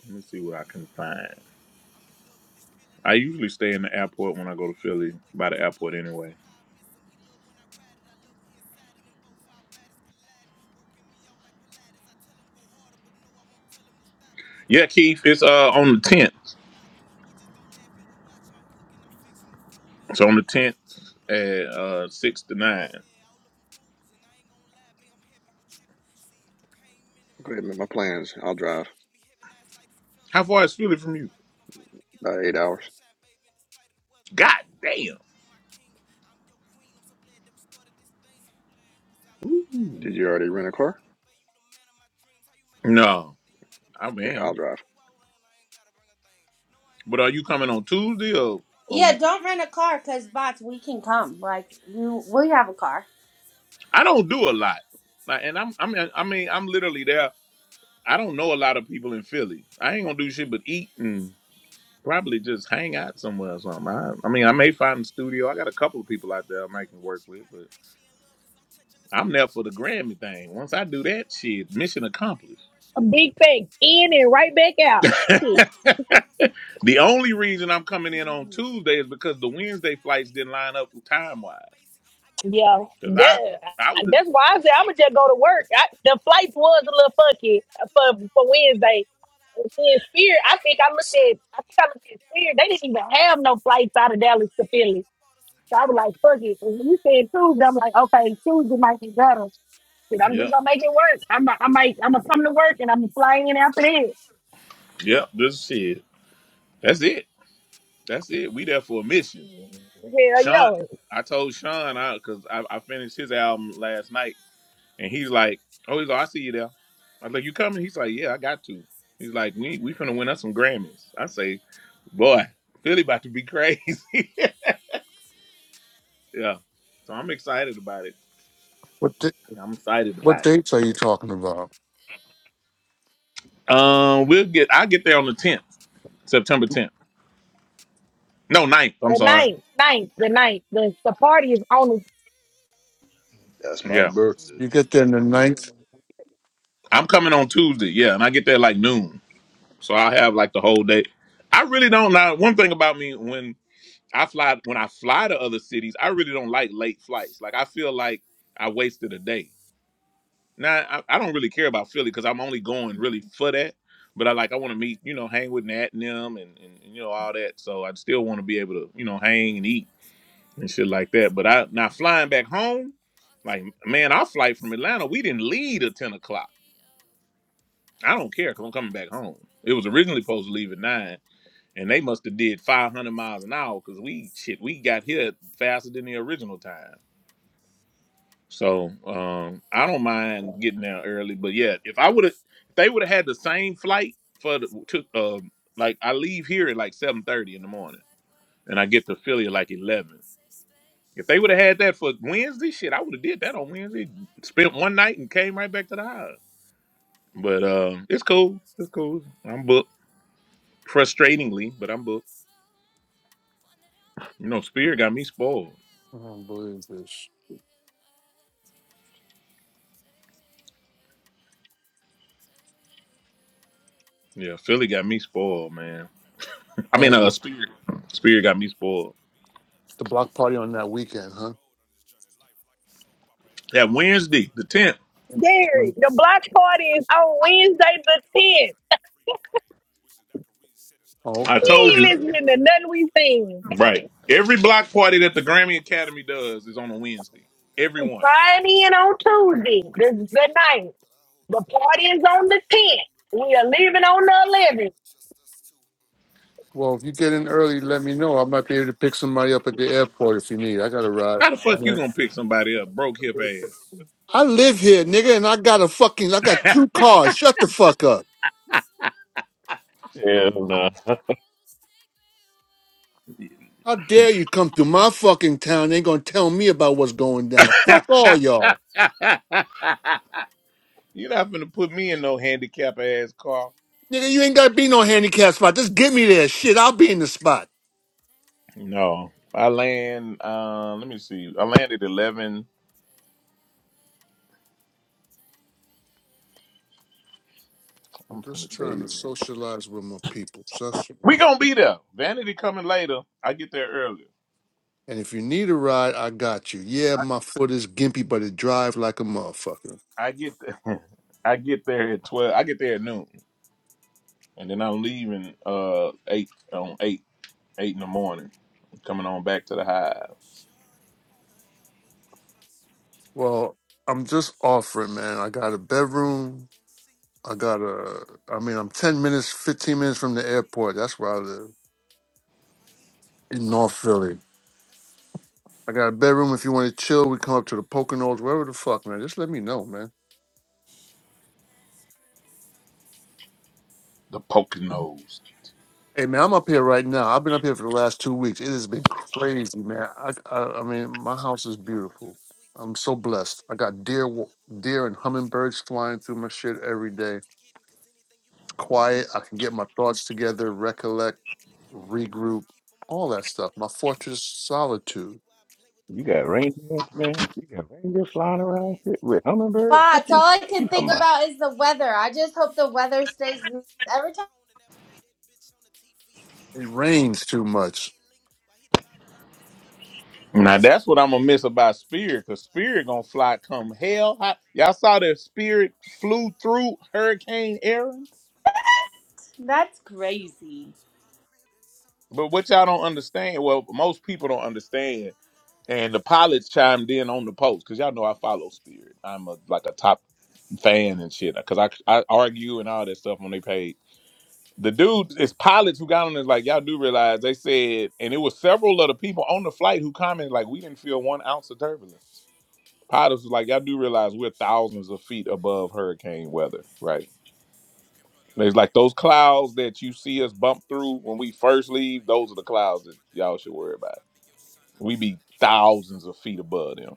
Speaker 2: Let me see what I can find.
Speaker 9: Ayy, I'm in love with this feeling.
Speaker 2: I
Speaker 9: I love
Speaker 2: usually
Speaker 9: when you
Speaker 2: stay in
Speaker 9: hug
Speaker 2: the
Speaker 9: me and kiss
Speaker 2: airport when I
Speaker 9: me.
Speaker 2: go to
Speaker 9: Ain't been
Speaker 2: Philly,
Speaker 9: away for
Speaker 2: by the
Speaker 9: too
Speaker 2: airport
Speaker 9: long, but
Speaker 2: anyway.
Speaker 9: somehow I miss him. He love when I ride it. I love when he inside it. And both our bodies colliding. Working me out like Pilates. I tell him go harder, but no, I won't tell him to stop it.
Speaker 2: Yeah,
Speaker 9: Stalking my
Speaker 2: Keith, it's
Speaker 9: pages,
Speaker 2: uh
Speaker 9: they lurking,
Speaker 2: on the
Speaker 9: but no, we
Speaker 2: tenth.
Speaker 9: won't block block him. We just gon' laugh and and we watch while I'm cooking, I'm fixing the food.
Speaker 2: It's on
Speaker 9: Boy,
Speaker 2: the
Speaker 9: you the
Speaker 2: tenth
Speaker 9: truth and you know what to
Speaker 2: at
Speaker 9: do.
Speaker 2: uh
Speaker 9: The
Speaker 2: six
Speaker 9: mother
Speaker 2: to
Speaker 9: niggas,
Speaker 2: nine.
Speaker 9: yeah, all of them fools. And I ain't going lie, babe, I'm happy with you. See, you came in and
Speaker 5: Go
Speaker 9: make
Speaker 5: ahead,
Speaker 9: my
Speaker 5: make my
Speaker 9: life better.
Speaker 5: plans. I'll drive
Speaker 9: She used to be heavy, now it's light as a feather.
Speaker 2: How
Speaker 9: Any
Speaker 2: far is Philly
Speaker 9: problem in
Speaker 2: from
Speaker 9: this
Speaker 2: you?
Speaker 9: life, we gon' fight them together.
Speaker 5: about
Speaker 9: You
Speaker 5: eight
Speaker 9: my
Speaker 5: hours.
Speaker 9: sunshine, baby, in despite of the weather.
Speaker 2: God
Speaker 9: Ayy.
Speaker 2: damn.
Speaker 9: You my king, I'm your queen. I'm so glad that we started this thing. Cause I won't lie,
Speaker 2: Ooh.
Speaker 5: Did you
Speaker 9: I
Speaker 5: already
Speaker 9: really
Speaker 5: rent a
Speaker 9: love
Speaker 5: car?
Speaker 9: you, babe. You the man of my dreams. How you make a bitch squirt,
Speaker 2: No,
Speaker 9: then you make a
Speaker 2: I
Speaker 9: bitch
Speaker 5: Okay,
Speaker 9: cream.
Speaker 5: I'll
Speaker 9: How
Speaker 2: am.
Speaker 9: we
Speaker 5: drive.
Speaker 9: go all in, I ain't gotta bring a thing. No, I ain't
Speaker 2: But are
Speaker 9: Mariah,
Speaker 2: you
Speaker 9: but you
Speaker 2: coming on
Speaker 9: making me
Speaker 2: Tuesday
Speaker 9: sing. Make
Speaker 2: or,
Speaker 9: me wanna wear
Speaker 12: Yeah,
Speaker 2: or
Speaker 9: that last
Speaker 12: don't rent a
Speaker 9: name in
Speaker 12: car
Speaker 9: that
Speaker 12: because
Speaker 9: ring.
Speaker 12: bots, we can come. Like you, we have a car.
Speaker 2: I don't do a lot. Like, and I'm I mean I mean I'm literally there. I don't know a lot of people in Philly. I ain't gonna do shit but eat and probably just hang out somewhere or something. I, I mean I may find a studio. I got a couple of
Speaker 9: I'm
Speaker 2: people
Speaker 9: fucking
Speaker 2: out
Speaker 9: you
Speaker 2: there I might
Speaker 9: good.
Speaker 2: can work
Speaker 9: She
Speaker 2: with,
Speaker 9: probably
Speaker 2: but.
Speaker 9: thinks she in love cause I'm touching the spot
Speaker 2: I'm
Speaker 9: that
Speaker 2: there
Speaker 9: she
Speaker 2: for the
Speaker 9: missing.
Speaker 2: Grammy
Speaker 9: We get
Speaker 2: thing.
Speaker 9: to
Speaker 2: Once I
Speaker 9: touch and
Speaker 2: do
Speaker 9: she know
Speaker 2: that
Speaker 9: I like
Speaker 2: shit,
Speaker 9: kissing.
Speaker 2: mission
Speaker 9: So it ain't no
Speaker 2: accomplished.
Speaker 9: rushing
Speaker 13: A big
Speaker 9: whenever we
Speaker 13: thing.
Speaker 9: finish.
Speaker 13: In and
Speaker 9: She know
Speaker 13: right
Speaker 9: I'm
Speaker 13: back
Speaker 9: pressure.
Speaker 13: out.
Speaker 9: I leave my
Speaker 13: Shit.
Speaker 9: gun on the dresser. I'm
Speaker 2: the
Speaker 9: killing that
Speaker 2: only
Speaker 9: pussy
Speaker 2: reason I'm
Speaker 9: wherever.
Speaker 2: coming
Speaker 9: She
Speaker 2: in on
Speaker 9: wanna hate
Speaker 2: Tuesday
Speaker 9: me.
Speaker 2: is
Speaker 9: Give
Speaker 2: because
Speaker 9: me
Speaker 2: the
Speaker 9: that pussy,
Speaker 2: Wednesday
Speaker 9: I
Speaker 2: flights
Speaker 9: face it.
Speaker 2: didn't
Speaker 9: I
Speaker 2: line
Speaker 9: promise
Speaker 2: up
Speaker 9: promise that I
Speaker 2: time
Speaker 9: ain't
Speaker 2: wise.
Speaker 9: no basic. I get her
Speaker 13: Yeah,
Speaker 9: right.
Speaker 2: Cause
Speaker 9: She
Speaker 2: I,
Speaker 9: know
Speaker 13: that,
Speaker 9: we
Speaker 2: I would
Speaker 9: fucking,
Speaker 2: have.
Speaker 9: we
Speaker 13: that's why
Speaker 9: fight.
Speaker 13: I said
Speaker 9: We
Speaker 13: I'm gonna
Speaker 9: straight by
Speaker 13: just go
Speaker 9: the
Speaker 13: to
Speaker 9: end of the
Speaker 13: work.
Speaker 9: night.
Speaker 13: I,
Speaker 9: We
Speaker 13: the
Speaker 9: going
Speaker 13: flights
Speaker 9: some
Speaker 13: was a
Speaker 9: rounds.
Speaker 13: little
Speaker 9: She know
Speaker 13: funky
Speaker 9: that I
Speaker 13: uh,
Speaker 9: put it
Speaker 13: for
Speaker 9: down.
Speaker 13: for
Speaker 9: She give me
Speaker 13: Wednesday.
Speaker 9: that water, I
Speaker 13: And
Speaker 9: drown.
Speaker 13: then
Speaker 9: Know
Speaker 13: Spirit,
Speaker 9: that
Speaker 13: I
Speaker 9: it's
Speaker 13: think I
Speaker 9: magic.
Speaker 13: looked
Speaker 9: That
Speaker 13: at,
Speaker 9: look
Speaker 13: I
Speaker 9: like
Speaker 13: think I looked at
Speaker 9: abracadabra.
Speaker 13: Spirit.
Speaker 9: I'm
Speaker 13: They didn't
Speaker 9: killing
Speaker 13: even
Speaker 9: that
Speaker 13: have
Speaker 9: pussy, I
Speaker 13: no
Speaker 9: stab
Speaker 13: flights
Speaker 9: it.
Speaker 13: out of
Speaker 9: Giving
Speaker 13: Dallas
Speaker 9: her
Speaker 13: to
Speaker 9: head
Speaker 13: Philly.
Speaker 9: like I bought her some
Speaker 13: So I was
Speaker 9: cabbage.
Speaker 13: like, fuck it. And when you said Tuesday, I'm like, okay,
Speaker 9: Uh,
Speaker 13: Tuesday might be
Speaker 9: uh.
Speaker 13: better. Shit, I'm just
Speaker 2: Yep,
Speaker 13: gonna make it work. I'm, I might, I'm gonna come to work and I'm flying in after that.
Speaker 2: yep. This shit. That's it. That's it. We there for a mission.
Speaker 13: Hell
Speaker 2: Sean,
Speaker 13: yo,
Speaker 2: I told Sean I because I, I finished his album last night And he's like, "Oh, he's like, I see you there." I was like, "You coming?" He's like, "Yeah, I got to." He's like, "We we finna win us some Grammys." I say, "Boy, Philly about to be crazy." yeah, so I'm excited about it.
Speaker 11: What di-
Speaker 2: I'm excited
Speaker 11: what
Speaker 2: about
Speaker 11: dates are you talking about?
Speaker 2: it. Um, we'll get. I'll get there on the 10th, September 10th. No, ninth. I'm
Speaker 13: the
Speaker 2: sorry.
Speaker 13: ninth, ninth, the ninth. The the party is on the
Speaker 1: That's my
Speaker 2: Yeah,
Speaker 1: birthday.
Speaker 11: You get there on the ninth.
Speaker 2: I'm coming on Tuesday. Yeah, and I get there like noon, so i have like the whole day. I really don't know. One thing about me when I fly when I fly to other cities. I really don't like late flights. Like I feel like I wasted a day. Now I, I don't really care about Philly
Speaker 9: Weekdays
Speaker 2: because
Speaker 9: been
Speaker 2: I'm only going really for that. But I like I want to meet you know hang with Nat and them and, and, and you know all that. So I still want to be able to you know hang and eat
Speaker 9: too long,
Speaker 2: and
Speaker 9: I
Speaker 2: shit like
Speaker 9: need
Speaker 2: that.
Speaker 9: to
Speaker 2: But I
Speaker 9: lay
Speaker 2: now flying back
Speaker 9: off.
Speaker 2: home,
Speaker 9: All these
Speaker 2: like
Speaker 9: other
Speaker 2: man,
Speaker 9: people
Speaker 2: our flight from
Speaker 9: wasting
Speaker 2: Atlanta we
Speaker 9: time,
Speaker 2: didn't
Speaker 9: they need
Speaker 2: leave at
Speaker 9: to
Speaker 2: ten o'clock.
Speaker 9: pay off. I
Speaker 2: I
Speaker 9: just
Speaker 2: don't
Speaker 9: need
Speaker 2: care
Speaker 9: some
Speaker 2: because I'm coming
Speaker 9: time
Speaker 2: back
Speaker 9: to
Speaker 2: home. It was originally
Speaker 9: relax and
Speaker 2: supposed to leave at nine
Speaker 9: rewind.
Speaker 2: and they must have did
Speaker 9: Elevate
Speaker 2: 500
Speaker 9: my
Speaker 2: miles an
Speaker 9: spirit
Speaker 2: hour
Speaker 9: and
Speaker 2: because we shit
Speaker 9: reset,
Speaker 2: we got
Speaker 9: make me
Speaker 2: here faster than
Speaker 9: refine.
Speaker 2: the original time so um
Speaker 9: Got
Speaker 2: i
Speaker 9: the
Speaker 2: don't
Speaker 9: weight
Speaker 2: mind getting there
Speaker 9: of the
Speaker 2: early but yeah
Speaker 9: world
Speaker 2: if
Speaker 9: on
Speaker 2: i
Speaker 9: your
Speaker 2: would have if they would have had the
Speaker 9: shoulders.
Speaker 2: same flight
Speaker 9: Take
Speaker 2: for the
Speaker 9: these
Speaker 2: to, um
Speaker 9: boulders.
Speaker 2: like i leave here at like
Speaker 9: Let 'em
Speaker 2: 7:30 in
Speaker 9: roll
Speaker 2: the
Speaker 9: off
Speaker 2: morning
Speaker 9: like
Speaker 2: and i get
Speaker 9: waves.
Speaker 2: to philly at
Speaker 9: Lay
Speaker 2: like
Speaker 9: your head
Speaker 2: 11
Speaker 9: in safe
Speaker 2: if
Speaker 9: space.
Speaker 2: they would have had that for
Speaker 9: In the
Speaker 2: wednesday
Speaker 9: right
Speaker 2: shit i would have did that
Speaker 9: place
Speaker 2: on
Speaker 9: at the
Speaker 2: wednesday
Speaker 9: right
Speaker 2: spent one
Speaker 9: time.
Speaker 2: night and
Speaker 9: We're
Speaker 2: came right back to the
Speaker 9: aligned.
Speaker 2: house
Speaker 9: I
Speaker 2: but um it's cool it's
Speaker 9: just wanna
Speaker 2: cool
Speaker 9: let
Speaker 2: i'm
Speaker 9: it
Speaker 2: booked
Speaker 9: all go. You can love
Speaker 2: frustratingly
Speaker 9: me
Speaker 2: but i'm booked
Speaker 9: one slow. One that I'll play
Speaker 2: you know
Speaker 9: back
Speaker 2: spirit got me
Speaker 9: roads. Take
Speaker 2: spoiled
Speaker 9: me
Speaker 11: Oh, I don't
Speaker 9: away
Speaker 11: believe
Speaker 9: from
Speaker 11: this.
Speaker 9: you, my dear. Take me away. Take me
Speaker 2: Yeah,
Speaker 9: away.
Speaker 2: Philly got me
Speaker 9: I
Speaker 2: spoiled,
Speaker 9: ain't Lenny
Speaker 2: man.
Speaker 9: Kravitz, but man, I
Speaker 2: I
Speaker 9: want
Speaker 2: mean,
Speaker 9: to
Speaker 2: uh,
Speaker 11: And
Speaker 9: fly
Speaker 2: Spirit,
Speaker 9: away.
Speaker 2: Spirit
Speaker 9: Click
Speaker 2: got
Speaker 9: my
Speaker 2: me
Speaker 9: heels and
Speaker 2: spoiled.
Speaker 9: put me in another
Speaker 11: the block
Speaker 9: space. But
Speaker 11: party on
Speaker 9: ain't a
Speaker 11: that
Speaker 9: yellow
Speaker 11: weekend,
Speaker 9: brick
Speaker 11: huh?
Speaker 9: road on this journey life like a soap opera as the
Speaker 2: That
Speaker 9: world keeps
Speaker 2: Wednesday, the
Speaker 9: turning.
Speaker 2: tenth,
Speaker 9: Folks giving
Speaker 11: Mm.
Speaker 13: scary.
Speaker 9: two
Speaker 13: The
Speaker 9: cents,
Speaker 13: block
Speaker 9: but I ain't
Speaker 13: party
Speaker 9: there for
Speaker 13: is
Speaker 9: change.
Speaker 13: on
Speaker 9: Not to
Speaker 13: Wednesday
Speaker 9: be
Speaker 13: the
Speaker 9: dog, at least
Speaker 13: tenth.
Speaker 9: I need free reign. Wishing I could reset and start
Speaker 11: Oh,
Speaker 9: it
Speaker 2: I
Speaker 9: all
Speaker 13: We
Speaker 11: okay.
Speaker 9: again.
Speaker 2: told
Speaker 13: ain't
Speaker 2: you,
Speaker 13: listening to
Speaker 9: Unfortunately,
Speaker 13: nothing
Speaker 9: it's
Speaker 13: we
Speaker 9: real life
Speaker 13: sing.
Speaker 9: and not
Speaker 2: right?
Speaker 9: a game.
Speaker 2: Every block party
Speaker 9: Feeling
Speaker 2: that the
Speaker 9: so
Speaker 2: Grammy
Speaker 9: new,
Speaker 2: Academy does is
Speaker 9: inspirational.
Speaker 2: on a
Speaker 9: So
Speaker 2: Wednesday.
Speaker 9: new, never
Speaker 13: We
Speaker 9: knew
Speaker 2: Everyone.
Speaker 9: this is the
Speaker 13: flying
Speaker 9: place
Speaker 13: in
Speaker 9: we go.
Speaker 13: on
Speaker 9: Never knew
Speaker 13: Tuesday.
Speaker 9: what
Speaker 13: This
Speaker 9: to
Speaker 13: is the
Speaker 9: expect,
Speaker 13: night.
Speaker 9: but I hold
Speaker 13: The
Speaker 9: tight.
Speaker 13: party
Speaker 9: Cause
Speaker 13: is
Speaker 9: I
Speaker 13: on the
Speaker 9: won't have any
Speaker 13: 10th. We
Speaker 9: regrets
Speaker 13: are
Speaker 9: here.
Speaker 13: leaving
Speaker 9: Time
Speaker 13: on
Speaker 9: spent
Speaker 13: the 11th.
Speaker 9: with just us two. Mm, I'm letting
Speaker 11: Well,
Speaker 9: go.
Speaker 11: if you get
Speaker 9: I
Speaker 11: in
Speaker 9: just
Speaker 11: early, let me
Speaker 9: trust you.
Speaker 11: know. I
Speaker 9: Your
Speaker 11: might be
Speaker 9: touch
Speaker 11: able to pick
Speaker 9: runs through
Speaker 11: somebody
Speaker 9: me.
Speaker 11: up at the airport if you
Speaker 9: Connecting
Speaker 11: need. I got
Speaker 9: like
Speaker 11: a ride.
Speaker 2: How the
Speaker 9: internet
Speaker 2: fuck you
Speaker 11: Okay.
Speaker 2: gonna
Speaker 9: options
Speaker 2: pick
Speaker 9: are when I
Speaker 2: somebody up
Speaker 9: think
Speaker 2: broke
Speaker 9: about
Speaker 2: hip
Speaker 9: us.
Speaker 2: ass?
Speaker 11: I live here,
Speaker 9: I just
Speaker 11: nigga, and I
Speaker 9: want
Speaker 11: got
Speaker 9: a
Speaker 11: a
Speaker 9: little
Speaker 11: fucking, I got
Speaker 9: love.
Speaker 11: two cars. Shut the
Speaker 9: You can
Speaker 11: fuck
Speaker 9: let
Speaker 11: up.
Speaker 9: me one so. One that I'll
Speaker 7: Hell
Speaker 9: look
Speaker 7: no.
Speaker 9: backwards. Take me away from
Speaker 11: How dare you come through
Speaker 9: you.
Speaker 11: my fucking town? and ain't gonna tell
Speaker 9: We
Speaker 11: me about what's going down. Fuck all y'all.
Speaker 2: You're not gonna put me in no handicap ass car.
Speaker 11: Nigga, you ain't gotta be no handicap spot. Just get me there. Shit, I'll be in the spot.
Speaker 2: No, I land. Uh, let me see. I landed eleven.
Speaker 11: I'm
Speaker 2: I'm finna
Speaker 11: just
Speaker 2: tell
Speaker 11: trying to
Speaker 2: you.
Speaker 11: socialize with my people. so That's
Speaker 2: We gonna be there. Vanity coming later. I get there early.
Speaker 11: and if you need a ride, I got you. Yeah, my foot is gimpy, but it drives like a
Speaker 9: fly
Speaker 11: motherfucker.
Speaker 2: I
Speaker 9: coach.
Speaker 2: get the, I get there at twelve. I get there at noon, and then I'm leaving uh eight on eight eight in the
Speaker 9: Listen.
Speaker 2: morning, coming on back to the hive.
Speaker 9: Shorty wanna help me with my sweet tooth.
Speaker 11: Well, I'm just
Speaker 9: Showed
Speaker 11: offering,
Speaker 9: up
Speaker 11: man.
Speaker 9: to
Speaker 11: I
Speaker 9: my
Speaker 11: got a
Speaker 9: crib and
Speaker 11: bedroom.
Speaker 9: something see
Speaker 11: I
Speaker 9: through.
Speaker 11: got a. I mean,
Speaker 9: Brought
Speaker 11: I'm ten minutes,
Speaker 9: girl
Speaker 11: fifteen minutes from
Speaker 9: along,
Speaker 11: the
Speaker 9: she
Speaker 11: airport.
Speaker 9: gon'
Speaker 11: That's
Speaker 9: eat
Speaker 11: where I
Speaker 9: too.
Speaker 11: live
Speaker 9: I'ma eat
Speaker 11: in
Speaker 9: too.
Speaker 11: North Philly.
Speaker 9: Got a sweet tooth.
Speaker 11: I got a bedroom. If you want to
Speaker 9: I
Speaker 11: chill, we
Speaker 9: just
Speaker 11: come up
Speaker 9: wanna
Speaker 11: to the
Speaker 9: help you
Speaker 11: Poconos, wherever
Speaker 9: with a
Speaker 11: the fuck, man.
Speaker 9: sweet
Speaker 11: Just let me
Speaker 9: tooth.
Speaker 11: know, man.
Speaker 9: Showed up at his crib with something see through.
Speaker 2: The
Speaker 9: My
Speaker 2: Poconos.
Speaker 9: girl alone, she gon'
Speaker 11: Hey, man,
Speaker 9: eat
Speaker 11: I'm up
Speaker 9: too.
Speaker 11: here
Speaker 9: She
Speaker 11: right now.
Speaker 9: gon'
Speaker 11: I've
Speaker 9: eat
Speaker 11: been up here for the last two weeks. It has
Speaker 9: too.
Speaker 11: been
Speaker 9: Got a
Speaker 11: crazy, man. I, I, I mean, my
Speaker 9: sweet
Speaker 11: house is
Speaker 9: tooth. Heard you got
Speaker 11: beautiful.
Speaker 9: a sweet
Speaker 11: I'm
Speaker 9: tooth,
Speaker 11: so
Speaker 9: baby, let me
Speaker 11: blessed.
Speaker 9: feel
Speaker 11: I
Speaker 9: it.
Speaker 11: got deer,
Speaker 9: I
Speaker 11: wa-
Speaker 9: love it when you
Speaker 11: deer
Speaker 9: give
Speaker 11: and
Speaker 9: me this
Speaker 11: hummingbirds
Speaker 9: feeling. It
Speaker 11: flying
Speaker 9: ain't no
Speaker 11: through my
Speaker 9: limits
Speaker 11: shit
Speaker 9: to how
Speaker 11: every day.
Speaker 9: nasty
Speaker 11: It's
Speaker 9: we getting, cause anything you want, baby, you know
Speaker 11: quiet. I
Speaker 9: that I'm
Speaker 11: can get
Speaker 9: with
Speaker 11: my
Speaker 9: it.
Speaker 11: thoughts together,
Speaker 9: Cream on that dick,
Speaker 11: recollect,
Speaker 9: then I'm licking it off.
Speaker 11: regroup,
Speaker 9: Keep on my
Speaker 11: all
Speaker 9: wreck,
Speaker 11: that
Speaker 9: he ain't
Speaker 11: stuff. My
Speaker 9: never on
Speaker 11: fortress
Speaker 9: sauce. Spit on that dick
Speaker 11: solitude.
Speaker 9: while I play with them
Speaker 7: You got
Speaker 9: balls.
Speaker 7: reindeer, man.
Speaker 9: Look,
Speaker 7: You got reindeer
Speaker 9: getting
Speaker 7: flying
Speaker 9: real
Speaker 7: around and
Speaker 9: nasty,
Speaker 7: shit with
Speaker 9: getting real
Speaker 7: hummingbirds. What
Speaker 12: Bots,
Speaker 9: freaky.
Speaker 7: you,
Speaker 12: all I
Speaker 9: His
Speaker 7: you
Speaker 12: can
Speaker 9: sweet
Speaker 7: talking
Speaker 12: think
Speaker 7: about?
Speaker 9: tooth
Speaker 12: about
Speaker 9: thinking
Speaker 12: is
Speaker 9: say
Speaker 12: the
Speaker 9: he need
Speaker 12: weather. I
Speaker 9: me.
Speaker 12: just hope the
Speaker 9: Let's
Speaker 12: weather
Speaker 9: make a
Speaker 12: stays
Speaker 9: movie, then
Speaker 12: nice
Speaker 9: we smoke us
Speaker 12: every
Speaker 9: a
Speaker 12: time.
Speaker 9: cone and I play that bitch on the TV. Got
Speaker 11: It
Speaker 9: my legs cocked
Speaker 11: rains too
Speaker 9: back to the
Speaker 11: much.
Speaker 9: ceiling while he devour this pussy, he feasting.
Speaker 2: Now
Speaker 9: It's
Speaker 2: that's what
Speaker 9: crazy,
Speaker 2: I'm gonna
Speaker 9: he
Speaker 2: miss
Speaker 9: the one
Speaker 2: about
Speaker 9: with the sweet
Speaker 2: Spirit,
Speaker 9: tooth,
Speaker 2: cause
Speaker 9: but I'm
Speaker 2: Spirit
Speaker 9: the
Speaker 2: gonna
Speaker 9: one he
Speaker 2: fly
Speaker 9: always
Speaker 2: come
Speaker 9: end up
Speaker 2: hell
Speaker 9: pleasing.
Speaker 2: hot. Y'all saw that Spirit flew
Speaker 9: Shorty
Speaker 2: through
Speaker 9: wanna help me
Speaker 2: Hurricane
Speaker 9: with my
Speaker 2: Aaron,
Speaker 9: sweet tooth.
Speaker 12: That's
Speaker 9: Showed up
Speaker 12: crazy.
Speaker 9: to my crib and
Speaker 2: but what
Speaker 9: some
Speaker 2: y'all don't understand, well, most people don't understand.
Speaker 9: girl alone.
Speaker 2: And the pilots chimed in on the post, cause y'all know I follow Spirit. I'm a, like a top fan and shit, cause I I argue
Speaker 9: I
Speaker 2: and all
Speaker 9: just
Speaker 2: that
Speaker 9: wanna
Speaker 2: stuff on their
Speaker 9: help
Speaker 2: page.
Speaker 9: him with his sweet
Speaker 2: The
Speaker 9: tooth.
Speaker 2: dude, it's pilots who got on is like, y'all do
Speaker 9: Showed up
Speaker 2: realize
Speaker 9: at
Speaker 2: they
Speaker 9: his crib with
Speaker 2: said, and it
Speaker 9: something
Speaker 2: was
Speaker 9: to
Speaker 2: several
Speaker 9: eat.
Speaker 2: of the people on the flight who
Speaker 9: Run
Speaker 2: commented, like,
Speaker 9: my
Speaker 2: we didn't
Speaker 9: girl
Speaker 2: feel one ounce of
Speaker 9: alone. That
Speaker 2: turbulence.
Speaker 9: she gon' be too.
Speaker 2: Pilots was like, y'all do realize we're
Speaker 9: She gon'
Speaker 2: thousands of
Speaker 9: eat too.
Speaker 2: feet above hurricane
Speaker 9: Better
Speaker 2: weather,
Speaker 9: sweet
Speaker 2: right?
Speaker 9: tooth.
Speaker 2: There's like those clouds that you see us bump through when we first leave, those are the clouds that y'all should worry about. We be thousands of feet above them.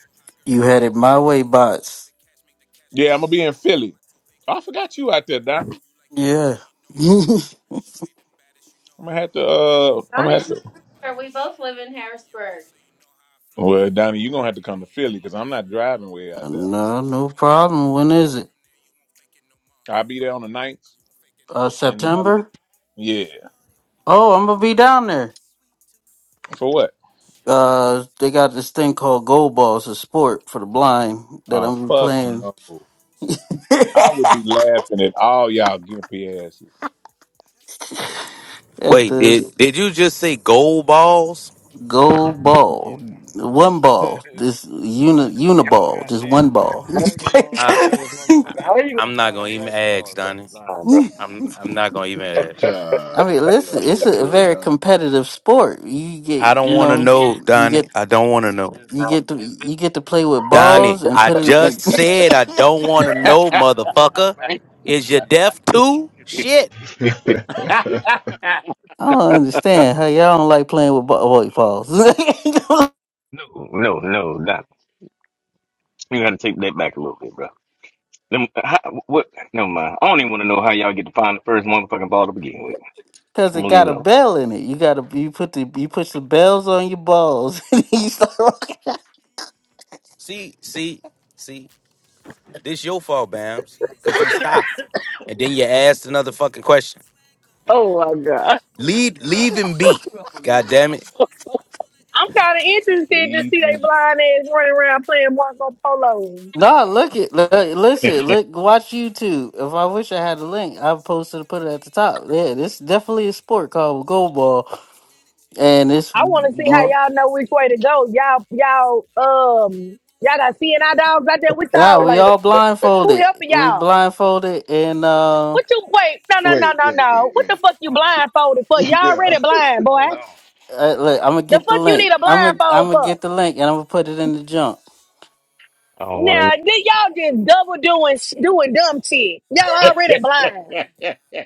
Speaker 9: So high, girl,
Speaker 14: You
Speaker 9: now
Speaker 14: had
Speaker 9: that's
Speaker 14: it
Speaker 9: how you
Speaker 14: my way,
Speaker 9: float. Make
Speaker 14: bots.
Speaker 9: the cash, make the cash go
Speaker 2: Yeah,
Speaker 9: to
Speaker 2: I'm gonna be
Speaker 9: work.
Speaker 2: in
Speaker 9: Got
Speaker 2: Philly.
Speaker 9: my tooth
Speaker 2: Oh,
Speaker 9: and
Speaker 2: I
Speaker 9: I love
Speaker 2: forgot
Speaker 9: how
Speaker 2: you
Speaker 9: I
Speaker 2: out there,
Speaker 9: hurt.
Speaker 2: Don.
Speaker 9: You like it
Speaker 14: Yeah.
Speaker 9: nasty, you know I'm a
Speaker 14: no,
Speaker 9: merc. Shorty the baddest, you know
Speaker 2: I'm
Speaker 9: how
Speaker 2: gonna
Speaker 9: I
Speaker 2: have to.
Speaker 9: work.
Speaker 2: Uh,
Speaker 9: This with
Speaker 2: I'm gonna
Speaker 9: a
Speaker 2: have
Speaker 12: Donnie's my
Speaker 2: to.
Speaker 9: hand go up
Speaker 12: neighbor.
Speaker 9: under the
Speaker 12: We both
Speaker 9: shirt.
Speaker 12: live in
Speaker 9: Grabbing your
Speaker 12: Harrisburg.
Speaker 9: waist so you know how I flirt.
Speaker 2: Well,
Speaker 9: You
Speaker 2: Donnie, you're
Speaker 9: been
Speaker 2: gonna
Speaker 9: my
Speaker 2: have to come to
Speaker 9: candy and
Speaker 2: Philly
Speaker 9: then
Speaker 2: because
Speaker 9: my
Speaker 2: I'm not
Speaker 9: dessert.
Speaker 2: driving
Speaker 9: I'm
Speaker 2: way
Speaker 9: in
Speaker 2: out
Speaker 9: your
Speaker 2: there.
Speaker 9: city, now show
Speaker 14: no
Speaker 9: me the
Speaker 14: problem.
Speaker 9: ropes.
Speaker 14: When
Speaker 9: Take
Speaker 14: is
Speaker 9: it
Speaker 14: it?
Speaker 9: from there, you won't fake it no more.
Speaker 2: I'll be there on the ninth,
Speaker 9: You won't fake it no
Speaker 14: Uh,
Speaker 9: more.
Speaker 2: and then I leave.
Speaker 14: September?
Speaker 2: Yeah,
Speaker 9: Shorty wanna help me with
Speaker 14: Oh, I'm
Speaker 9: my
Speaker 14: gonna be down there.
Speaker 9: sweet tooth.
Speaker 2: for what?
Speaker 9: Show her
Speaker 14: Uh,
Speaker 9: to
Speaker 14: they
Speaker 9: my
Speaker 14: got
Speaker 9: crib
Speaker 14: this
Speaker 9: and
Speaker 14: thing called Gold
Speaker 9: something see.
Speaker 14: Balls, a sport for the blind that
Speaker 9: Brought
Speaker 2: Oh
Speaker 14: I'm
Speaker 9: a
Speaker 14: gonna be
Speaker 2: fuck
Speaker 9: girl
Speaker 14: playing
Speaker 2: no!
Speaker 9: along, she gon' eat
Speaker 2: I would
Speaker 9: too.
Speaker 2: be laughing at
Speaker 9: I'm
Speaker 2: all y'all
Speaker 9: lead too.
Speaker 2: gimpy asses.
Speaker 9: Got a sweet tooth.
Speaker 14: at
Speaker 15: Wait,
Speaker 9: I
Speaker 15: did
Speaker 14: this
Speaker 15: did you just
Speaker 9: just
Speaker 15: say
Speaker 9: wanna help you
Speaker 15: gold
Speaker 9: with
Speaker 15: balls?
Speaker 9: a sweet tooth.
Speaker 14: gold
Speaker 7: Yeah.
Speaker 14: ball, one
Speaker 9: Show her
Speaker 14: ball,
Speaker 9: that
Speaker 14: this
Speaker 9: his crib
Speaker 14: uni
Speaker 9: is
Speaker 7: Y'all
Speaker 9: hard to see
Speaker 14: uniball,
Speaker 7: got
Speaker 14: just
Speaker 9: through.
Speaker 14: one
Speaker 7: damn
Speaker 14: ball.
Speaker 7: Dragon
Speaker 9: Brought
Speaker 7: Balls
Speaker 15: I
Speaker 9: my
Speaker 7: out of this motherfucker. How
Speaker 9: girl
Speaker 7: you
Speaker 9: alone,
Speaker 15: I'm
Speaker 7: gonna
Speaker 9: that
Speaker 15: not gonna
Speaker 7: find
Speaker 9: she
Speaker 15: even
Speaker 7: Dragon
Speaker 9: gon'
Speaker 15: ask,
Speaker 9: eat too.
Speaker 7: Balls on you
Speaker 15: Donnie.
Speaker 7: blind, bro?
Speaker 15: I'm I'm
Speaker 9: She
Speaker 15: not gonna
Speaker 9: gon' eat
Speaker 15: even
Speaker 9: too.
Speaker 15: ask.
Speaker 1: God.
Speaker 14: I mean,
Speaker 1: Yeah,
Speaker 9: Got
Speaker 14: listen,
Speaker 9: a
Speaker 14: it's
Speaker 1: what's
Speaker 14: a
Speaker 9: sweet too.
Speaker 1: good,
Speaker 14: very
Speaker 1: Donnie?
Speaker 14: competitive sport. You get,
Speaker 15: I don't
Speaker 14: you
Speaker 15: want to
Speaker 14: know,
Speaker 15: know,
Speaker 14: you
Speaker 15: Donnie.
Speaker 14: get
Speaker 15: I don't want to know,
Speaker 7: This
Speaker 14: You
Speaker 7: dog,
Speaker 14: get to
Speaker 7: this, this,
Speaker 14: you get to play with balls
Speaker 15: Donnie.
Speaker 14: and
Speaker 15: I
Speaker 14: put in.
Speaker 7: Donnie,
Speaker 15: just
Speaker 14: It,
Speaker 15: said I
Speaker 7: Donnie,
Speaker 15: don't want to know,
Speaker 7: come on,
Speaker 15: motherfucker.
Speaker 7: man.
Speaker 15: Is you deaf too? Shit.
Speaker 14: I don't understand how y'all don't like playing with ball, wait, balls
Speaker 7: no, no, no, Donnie. You gotta take that back a little bit, bro. Them, how, what? Never mind. I don't even want to know how y'all get to find the first motherfucking ball to begin with.
Speaker 14: because
Speaker 7: I'm
Speaker 14: it
Speaker 7: gonna leave it
Speaker 14: got a
Speaker 7: alone.
Speaker 14: bell in it. You gotta you put the you put the bells on your balls. and you start-
Speaker 15: See, see, see. This your fault,
Speaker 9: Black T
Speaker 15: Bams,
Speaker 9: jeans
Speaker 15: cause
Speaker 9: with
Speaker 15: he
Speaker 9: the chains
Speaker 15: stopped,
Speaker 9: on.
Speaker 15: and then you
Speaker 9: Snap
Speaker 15: asked
Speaker 9: back
Speaker 15: another
Speaker 9: to cap
Speaker 15: fucking
Speaker 9: it all
Speaker 15: question.
Speaker 9: swag on. But I
Speaker 7: Oh my god.
Speaker 9: don't only do
Speaker 15: Leave,
Speaker 9: this
Speaker 7: Bruh,
Speaker 15: leave
Speaker 9: just for
Speaker 15: him be.
Speaker 7: I'm
Speaker 9: me.
Speaker 7: gonna leave it
Speaker 15: God
Speaker 7: alone.
Speaker 15: damn
Speaker 9: I
Speaker 15: it.
Speaker 9: do this for the whole of
Speaker 13: I'm kind of
Speaker 9: NYC.
Speaker 13: interested to
Speaker 2: Leave
Speaker 9: Too
Speaker 13: see they
Speaker 2: and
Speaker 9: nice for
Speaker 13: blind
Speaker 9: the
Speaker 13: ass
Speaker 9: ghetto
Speaker 13: running
Speaker 9: where I
Speaker 13: around
Speaker 9: come
Speaker 13: playing
Speaker 9: from.
Speaker 13: Marco
Speaker 9: I'm from
Speaker 13: Polo.
Speaker 9: Crown
Speaker 14: no,
Speaker 9: Heights,
Speaker 14: look
Speaker 9: gotta
Speaker 14: it. Look,
Speaker 9: throw that E.
Speaker 14: listen, look, watch
Speaker 9: I start to
Speaker 14: YouTube.
Speaker 9: call my
Speaker 14: If I
Speaker 9: mother
Speaker 14: wish I had
Speaker 9: OG,
Speaker 14: a link,
Speaker 9: cause
Speaker 14: I
Speaker 9: when
Speaker 14: would
Speaker 9: she
Speaker 14: post it
Speaker 9: gave
Speaker 14: to
Speaker 9: birth
Speaker 14: put
Speaker 9: to
Speaker 14: it at the
Speaker 9: me, she
Speaker 14: top.
Speaker 9: was in
Speaker 14: Yeah,
Speaker 9: it
Speaker 14: this
Speaker 9: with the
Speaker 14: definitely a
Speaker 9: king.
Speaker 14: sport called
Speaker 9: Too
Speaker 14: goalball, and it's
Speaker 13: I want to see how
Speaker 14: well,
Speaker 13: y'all know which way to go. Y'all, y'all, um, y'all got C and I dogs out there with
Speaker 14: nah,
Speaker 13: y'all.
Speaker 14: we
Speaker 13: Like,
Speaker 14: all
Speaker 13: who
Speaker 14: blindfolded.
Speaker 13: helping
Speaker 14: We
Speaker 13: y'all?
Speaker 14: blindfolded, and uh.
Speaker 13: What you wait? No, no, no,
Speaker 1: wait, wait,
Speaker 13: no,
Speaker 1: wait,
Speaker 13: no. What
Speaker 1: wait.
Speaker 13: the fuck you
Speaker 7: Hold on.
Speaker 9: far to turn
Speaker 13: blindfolded for?
Speaker 9: back
Speaker 13: Y'all
Speaker 1: Yeah,
Speaker 13: already blind, boy.
Speaker 7: Hold on.
Speaker 14: Uh, look, I'm gonna
Speaker 13: The
Speaker 14: get the
Speaker 13: fuck you
Speaker 14: link.
Speaker 13: need a
Speaker 14: I'm gonna I'm
Speaker 13: blindfold
Speaker 14: gonna
Speaker 13: for?
Speaker 14: get the link, and I'm gonna put it in the junk.
Speaker 7: I don't want to
Speaker 13: Now,
Speaker 7: know
Speaker 13: then
Speaker 7: no more.
Speaker 13: y'all just double doing sh- doing dumb shit. Y'all already blind.
Speaker 2: leave.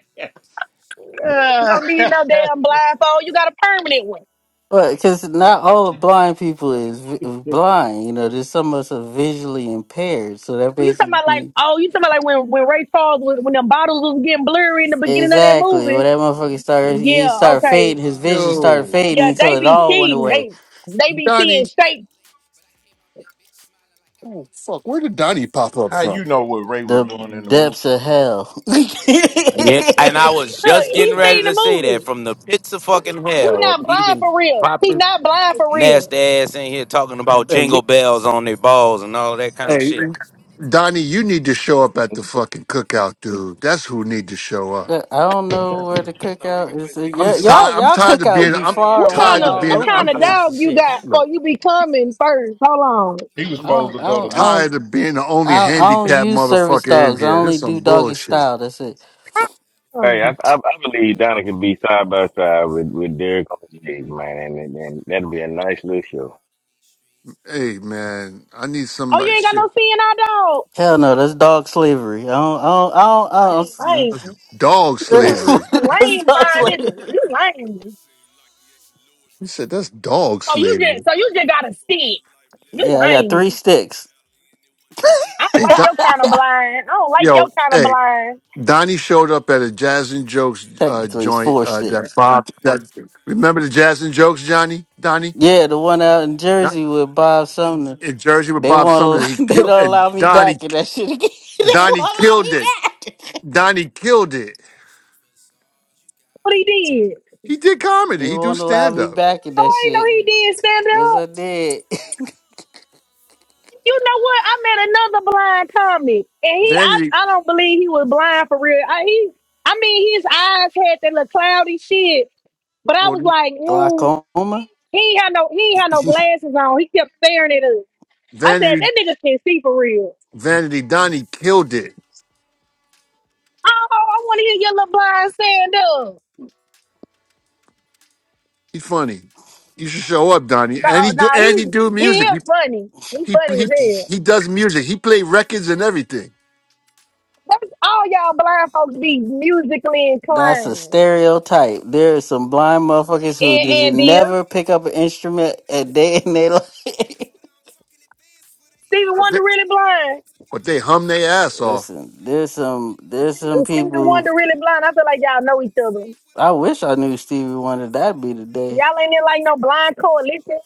Speaker 13: You don't need no damn blindfold. You got a permanent one.
Speaker 14: But because not all of blind people is vi- blind, you know, there's some of us are visually impaired. So that
Speaker 13: You talking about like,
Speaker 14: basically
Speaker 13: oh, you talking about like when, when Ray Charles was, when them bottles
Speaker 9: now.
Speaker 13: was getting blurry in the
Speaker 9: So
Speaker 13: beginning
Speaker 9: many
Speaker 13: of that
Speaker 14: exactly
Speaker 9: obstacles
Speaker 14: what
Speaker 13: movie.
Speaker 9: when
Speaker 14: that
Speaker 9: you dodging
Speaker 14: motherfucker
Speaker 9: these
Speaker 14: started.
Speaker 7: Yeah, when
Speaker 14: He
Speaker 13: Yeah,
Speaker 7: you're
Speaker 9: snakes.
Speaker 14: started
Speaker 7: legally
Speaker 13: okay.
Speaker 9: Don't
Speaker 14: fading.
Speaker 9: even
Speaker 14: His
Speaker 7: blind.
Speaker 9: talk to
Speaker 14: vision
Speaker 9: me if
Speaker 14: started
Speaker 9: you
Speaker 11: Yo,
Speaker 9: cannot
Speaker 14: fading
Speaker 13: Yeah,
Speaker 14: until
Speaker 13: they
Speaker 9: relate.
Speaker 14: it
Speaker 13: be
Speaker 14: all
Speaker 9: Yeah,
Speaker 14: went
Speaker 13: seeing,
Speaker 9: said
Speaker 14: away.
Speaker 13: they,
Speaker 9: I couldn't
Speaker 13: they
Speaker 9: swim, they
Speaker 13: be
Speaker 9: threw my
Speaker 11: Donnie.
Speaker 13: seeing
Speaker 9: ass in
Speaker 13: straight.
Speaker 9: the lake. But I came out that bitch smiling like I
Speaker 11: Oh
Speaker 9: wanted to
Speaker 11: fuck! Where
Speaker 9: bathe.
Speaker 11: did Donnie
Speaker 9: This is
Speaker 11: pop
Speaker 9: more
Speaker 11: up
Speaker 9: than
Speaker 2: How
Speaker 11: from?
Speaker 2: you
Speaker 9: behave.
Speaker 2: know what Ray
Speaker 9: Yeah,
Speaker 2: was
Speaker 14: The
Speaker 2: doing
Speaker 9: I'm
Speaker 2: in
Speaker 9: the
Speaker 2: the movie?
Speaker 14: depths of
Speaker 9: messiah of my life,
Speaker 14: hell.
Speaker 9: I'm a saint. Yeah,
Speaker 15: Yeah,
Speaker 9: I'm
Speaker 15: and
Speaker 9: holding
Speaker 15: I
Speaker 9: on, I'm
Speaker 15: was
Speaker 13: Look,
Speaker 9: staying
Speaker 15: just getting
Speaker 13: he
Speaker 9: strong, I'm
Speaker 15: ready
Speaker 13: seen the
Speaker 15: to
Speaker 9: the
Speaker 15: say that
Speaker 13: movie.
Speaker 9: major.
Speaker 15: from the pits
Speaker 9: Major
Speaker 15: of fucking
Speaker 9: persistence, yeah,
Speaker 13: We
Speaker 15: hell,
Speaker 9: major
Speaker 13: not blind
Speaker 9: commitment.
Speaker 15: even
Speaker 13: for real.
Speaker 9: Hated,
Speaker 13: He
Speaker 9: I'm
Speaker 15: popping
Speaker 13: not
Speaker 9: gifted, roll up
Speaker 13: blind for
Speaker 9: and get
Speaker 13: real.
Speaker 15: nasty
Speaker 9: lifted.
Speaker 15: ass in
Speaker 9: I'm
Speaker 15: here
Speaker 9: high,
Speaker 15: talking about
Speaker 9: all the
Speaker 15: jingle
Speaker 9: time, bitch,
Speaker 15: bells
Speaker 9: I'm so
Speaker 15: on their balls and
Speaker 9: fly.
Speaker 15: all
Speaker 9: And
Speaker 15: that
Speaker 9: I'ma
Speaker 15: kind of
Speaker 9: keep this
Speaker 15: shit.
Speaker 9: bitch spinning till I'm
Speaker 11: Donnie, you need to
Speaker 9: hypnotized.
Speaker 11: show
Speaker 9: I
Speaker 11: up
Speaker 9: knock
Speaker 11: at the
Speaker 9: me down,
Speaker 11: fucking
Speaker 9: I get back
Speaker 11: cookout,
Speaker 9: up about a
Speaker 11: dude. That's
Speaker 9: thousand
Speaker 11: who need to
Speaker 9: times. And
Speaker 11: show
Speaker 9: I ain't
Speaker 11: up.
Speaker 14: But I
Speaker 9: listening to
Speaker 14: don't
Speaker 9: the
Speaker 14: know
Speaker 9: niggas
Speaker 14: where the
Speaker 9: heard a
Speaker 7: So
Speaker 9: thousand
Speaker 7: we
Speaker 14: cookout
Speaker 7: can
Speaker 14: is.
Speaker 7: put
Speaker 9: lies.
Speaker 7: we can
Speaker 11: I'm
Speaker 7: we
Speaker 14: Yeah,
Speaker 7: can
Speaker 9: Yeah,
Speaker 7: put
Speaker 14: y'all
Speaker 11: tired. I'm
Speaker 14: y'all
Speaker 9: just hold
Speaker 11: tired of
Speaker 14: cookout
Speaker 7: put
Speaker 11: being.
Speaker 14: be
Speaker 9: on.
Speaker 11: I'm
Speaker 7: Donnie
Speaker 14: far
Speaker 7: and
Speaker 13: What
Speaker 14: away
Speaker 13: kind
Speaker 7: Derek
Speaker 11: tired of
Speaker 13: of,
Speaker 14: all
Speaker 13: what
Speaker 7: side
Speaker 11: being.
Speaker 14: over
Speaker 7: by
Speaker 14: the
Speaker 13: kind
Speaker 11: I'm.
Speaker 9: Yeah,
Speaker 13: of
Speaker 7: side,
Speaker 14: place and
Speaker 13: dog you
Speaker 7: bro.
Speaker 9: stay
Speaker 14: shit.
Speaker 13: got
Speaker 11: Look,
Speaker 13: for you
Speaker 9: strong.
Speaker 13: be coming
Speaker 9: Stay
Speaker 13: first?
Speaker 9: strong.
Speaker 13: Hold on.
Speaker 9: Yeah,
Speaker 2: He
Speaker 9: don't
Speaker 2: was
Speaker 14: I
Speaker 11: I'm
Speaker 2: supposed
Speaker 14: don't I
Speaker 2: to go
Speaker 9: fall.
Speaker 2: to
Speaker 14: don't I
Speaker 2: New.
Speaker 14: don't.
Speaker 11: tired of being the
Speaker 9: Fall.
Speaker 11: only
Speaker 14: I,
Speaker 9: This
Speaker 14: I
Speaker 9: is for
Speaker 14: don't
Speaker 9: the
Speaker 11: handicapped
Speaker 14: use
Speaker 9: real ones.
Speaker 14: service
Speaker 11: motherfucker
Speaker 9: This
Speaker 11: in
Speaker 14: dogs.
Speaker 9: is
Speaker 14: I
Speaker 11: here.
Speaker 9: for y'all,
Speaker 14: only
Speaker 11: This some
Speaker 14: do doggy
Speaker 11: bullshit.
Speaker 14: style.
Speaker 9: for me.
Speaker 14: That's it.
Speaker 9: Forever for
Speaker 7: Hey, I,
Speaker 13: Uh-uh.
Speaker 9: y'all,
Speaker 7: I I
Speaker 9: we
Speaker 7: believe
Speaker 9: gotta
Speaker 11: I-
Speaker 7: Donnie can
Speaker 9: achieve.
Speaker 7: be side by
Speaker 9: Just reach
Speaker 7: side
Speaker 9: for the
Speaker 7: with with
Speaker 9: songs, you
Speaker 7: Derek on the
Speaker 9: gotta
Speaker 7: stage,
Speaker 9: believe.
Speaker 7: man, and and,
Speaker 9: Just
Speaker 7: and
Speaker 9: know who
Speaker 7: that'll be
Speaker 9: you
Speaker 7: a
Speaker 9: are,
Speaker 7: nice
Speaker 9: when
Speaker 7: little show.
Speaker 9: out in these streets.
Speaker 11: Hey man, I need
Speaker 13: Oh, you
Speaker 11: somebody.
Speaker 13: ain't got no
Speaker 11: Shit,
Speaker 13: seeing eye dog?
Speaker 14: Hell no, that's dog
Speaker 9: Just hold
Speaker 14: slavery. I
Speaker 9: on,
Speaker 14: don't. I don't. I don't,
Speaker 13: Lame.
Speaker 11: that's
Speaker 9: bitch.
Speaker 11: dog
Speaker 13: You a,
Speaker 1: this
Speaker 13: you
Speaker 11: slavery.
Speaker 13: a
Speaker 14: that's
Speaker 13: lame
Speaker 14: dog
Speaker 13: blind nigga.
Speaker 14: slavery.
Speaker 13: You
Speaker 9: You
Speaker 13: lame.
Speaker 9: seem like the action Lewis
Speaker 11: He
Speaker 9: right
Speaker 11: said
Speaker 9: before
Speaker 11: that's
Speaker 9: the blessing.
Speaker 11: dog
Speaker 13: So you
Speaker 11: slavery.
Speaker 13: just so
Speaker 9: Don't
Speaker 13: you just
Speaker 9: ever
Speaker 13: gotta
Speaker 9: give up, it's
Speaker 13: see
Speaker 9: a life lesson.
Speaker 13: You
Speaker 14: Yeah, I
Speaker 9: So
Speaker 14: got three
Speaker 9: many
Speaker 13: lame.
Speaker 9: threw the
Speaker 14: sticks.
Speaker 9: towel in, it wasn't even a
Speaker 13: I don't
Speaker 11: Hey,
Speaker 9: title
Speaker 13: like
Speaker 11: Don,
Speaker 9: fight.
Speaker 13: your
Speaker 9: And
Speaker 13: kind of
Speaker 9: again,
Speaker 13: blind.
Speaker 9: life
Speaker 13: I
Speaker 9: hit
Speaker 13: don't
Speaker 9: you
Speaker 13: like
Speaker 9: like
Speaker 11: yo,
Speaker 13: your
Speaker 9: a
Speaker 13: kind of
Speaker 9: sperm
Speaker 11: hey,
Speaker 9: with
Speaker 13: blind.
Speaker 9: iron mic.
Speaker 11: Donnie showed up at a Jazz
Speaker 9: Yeah,
Speaker 11: and Jokes
Speaker 9: get
Speaker 11: uh,
Speaker 9: knocked
Speaker 14: Technically,
Speaker 9: down,
Speaker 14: it's
Speaker 11: joint.
Speaker 9: just
Speaker 14: four
Speaker 9: get
Speaker 11: Uh,
Speaker 9: up.
Speaker 11: that
Speaker 14: sticks.
Speaker 11: Bob.
Speaker 9: It ain't
Speaker 11: That
Speaker 9: over till you
Speaker 11: remember
Speaker 9: tap
Speaker 11: the
Speaker 9: out,
Speaker 11: Jazz
Speaker 9: ain't
Speaker 11: and
Speaker 9: no
Speaker 11: Jokes,
Speaker 9: quitters.
Speaker 11: Johnny?
Speaker 9: To
Speaker 11: Donnie.
Speaker 9: be
Speaker 14: Yeah,
Speaker 9: real,
Speaker 14: the
Speaker 9: it's
Speaker 14: one
Speaker 9: so
Speaker 14: out
Speaker 9: many
Speaker 14: in
Speaker 9: wish they
Speaker 14: Jersey
Speaker 9: were
Speaker 14: with
Speaker 9: with us.
Speaker 14: Bob
Speaker 9: But
Speaker 14: Sumner.
Speaker 9: everyone
Speaker 11: in
Speaker 9: not fit
Speaker 11: Jersey
Speaker 9: for
Speaker 11: with
Speaker 9: the
Speaker 14: They
Speaker 11: Bob
Speaker 14: won't.
Speaker 9: journey,
Speaker 11: Sumner.
Speaker 9: and
Speaker 11: He
Speaker 9: we
Speaker 14: allow- They
Speaker 9: the
Speaker 14: don't
Speaker 11: killed and
Speaker 14: allow me
Speaker 9: victors.
Speaker 11: Donnie
Speaker 14: back in that shit again. they won't
Speaker 11: Donnie
Speaker 14: allow
Speaker 11: killed
Speaker 14: me
Speaker 11: it.
Speaker 9: For y'all,
Speaker 14: back.
Speaker 9: we got
Speaker 11: Donnie
Speaker 9: it
Speaker 11: killed
Speaker 9: achieve.
Speaker 11: it.
Speaker 9: Just reach for the stars, you gotta
Speaker 13: What he
Speaker 9: believe.
Speaker 13: did?
Speaker 11: He
Speaker 9: Just know
Speaker 11: did
Speaker 9: who you
Speaker 11: comedy.
Speaker 14: they
Speaker 11: He
Speaker 9: are
Speaker 11: do
Speaker 14: won't
Speaker 9: when you
Speaker 14: allow
Speaker 11: stand
Speaker 14: me
Speaker 9: out
Speaker 11: up.
Speaker 9: in
Speaker 14: back in
Speaker 9: these
Speaker 13: Oh,
Speaker 14: that
Speaker 13: I ain't know
Speaker 9: streets.
Speaker 14: shit.
Speaker 13: he did stand
Speaker 14: Yes,
Speaker 13: up.
Speaker 14: I did.
Speaker 9: Okay.
Speaker 13: You know what? I met another blind comic, and he I,
Speaker 11: Vanity
Speaker 13: I don't believe he was blind for real. I he I mean his eyes had that little cloudy shit, but I was
Speaker 11: well
Speaker 13: like, ooh,
Speaker 14: Glaucoma.
Speaker 13: he ain't had no he ain't had no glasses on. He kept staring at us. I said
Speaker 11: Vanity
Speaker 13: that nigga can not see for real.
Speaker 11: Vanity Donnie killed it.
Speaker 13: Oh, I want to hear your little blind stand up.
Speaker 11: He funny. You should show up, Donnie. And
Speaker 13: No,
Speaker 11: he
Speaker 13: no,
Speaker 11: do and he
Speaker 13: he's
Speaker 11: do
Speaker 13: he
Speaker 11: music. He
Speaker 13: is funny. He
Speaker 11: he
Speaker 13: funny as
Speaker 11: he,
Speaker 13: hell.
Speaker 11: he does music. He play records and everything.
Speaker 13: That's all y'all blind folks be musically
Speaker 14: That's a
Speaker 13: inclined.
Speaker 14: stereotype. There are some blind motherfuckers who
Speaker 13: And
Speaker 14: did
Speaker 13: and this
Speaker 14: never pick up an instrument a day in their life.
Speaker 13: Stevie
Speaker 11: But they
Speaker 13: Wonder really blind.
Speaker 11: but they hum their ass off.
Speaker 14: Listen, there's some there's some
Speaker 13: Is Stevie
Speaker 14: people.
Speaker 13: Wonder really blind? I feel like y'all know each other.
Speaker 14: I wish I knew Stevie Wonder. That'd be the day.
Speaker 13: Y'all ain't in like no blind coalition.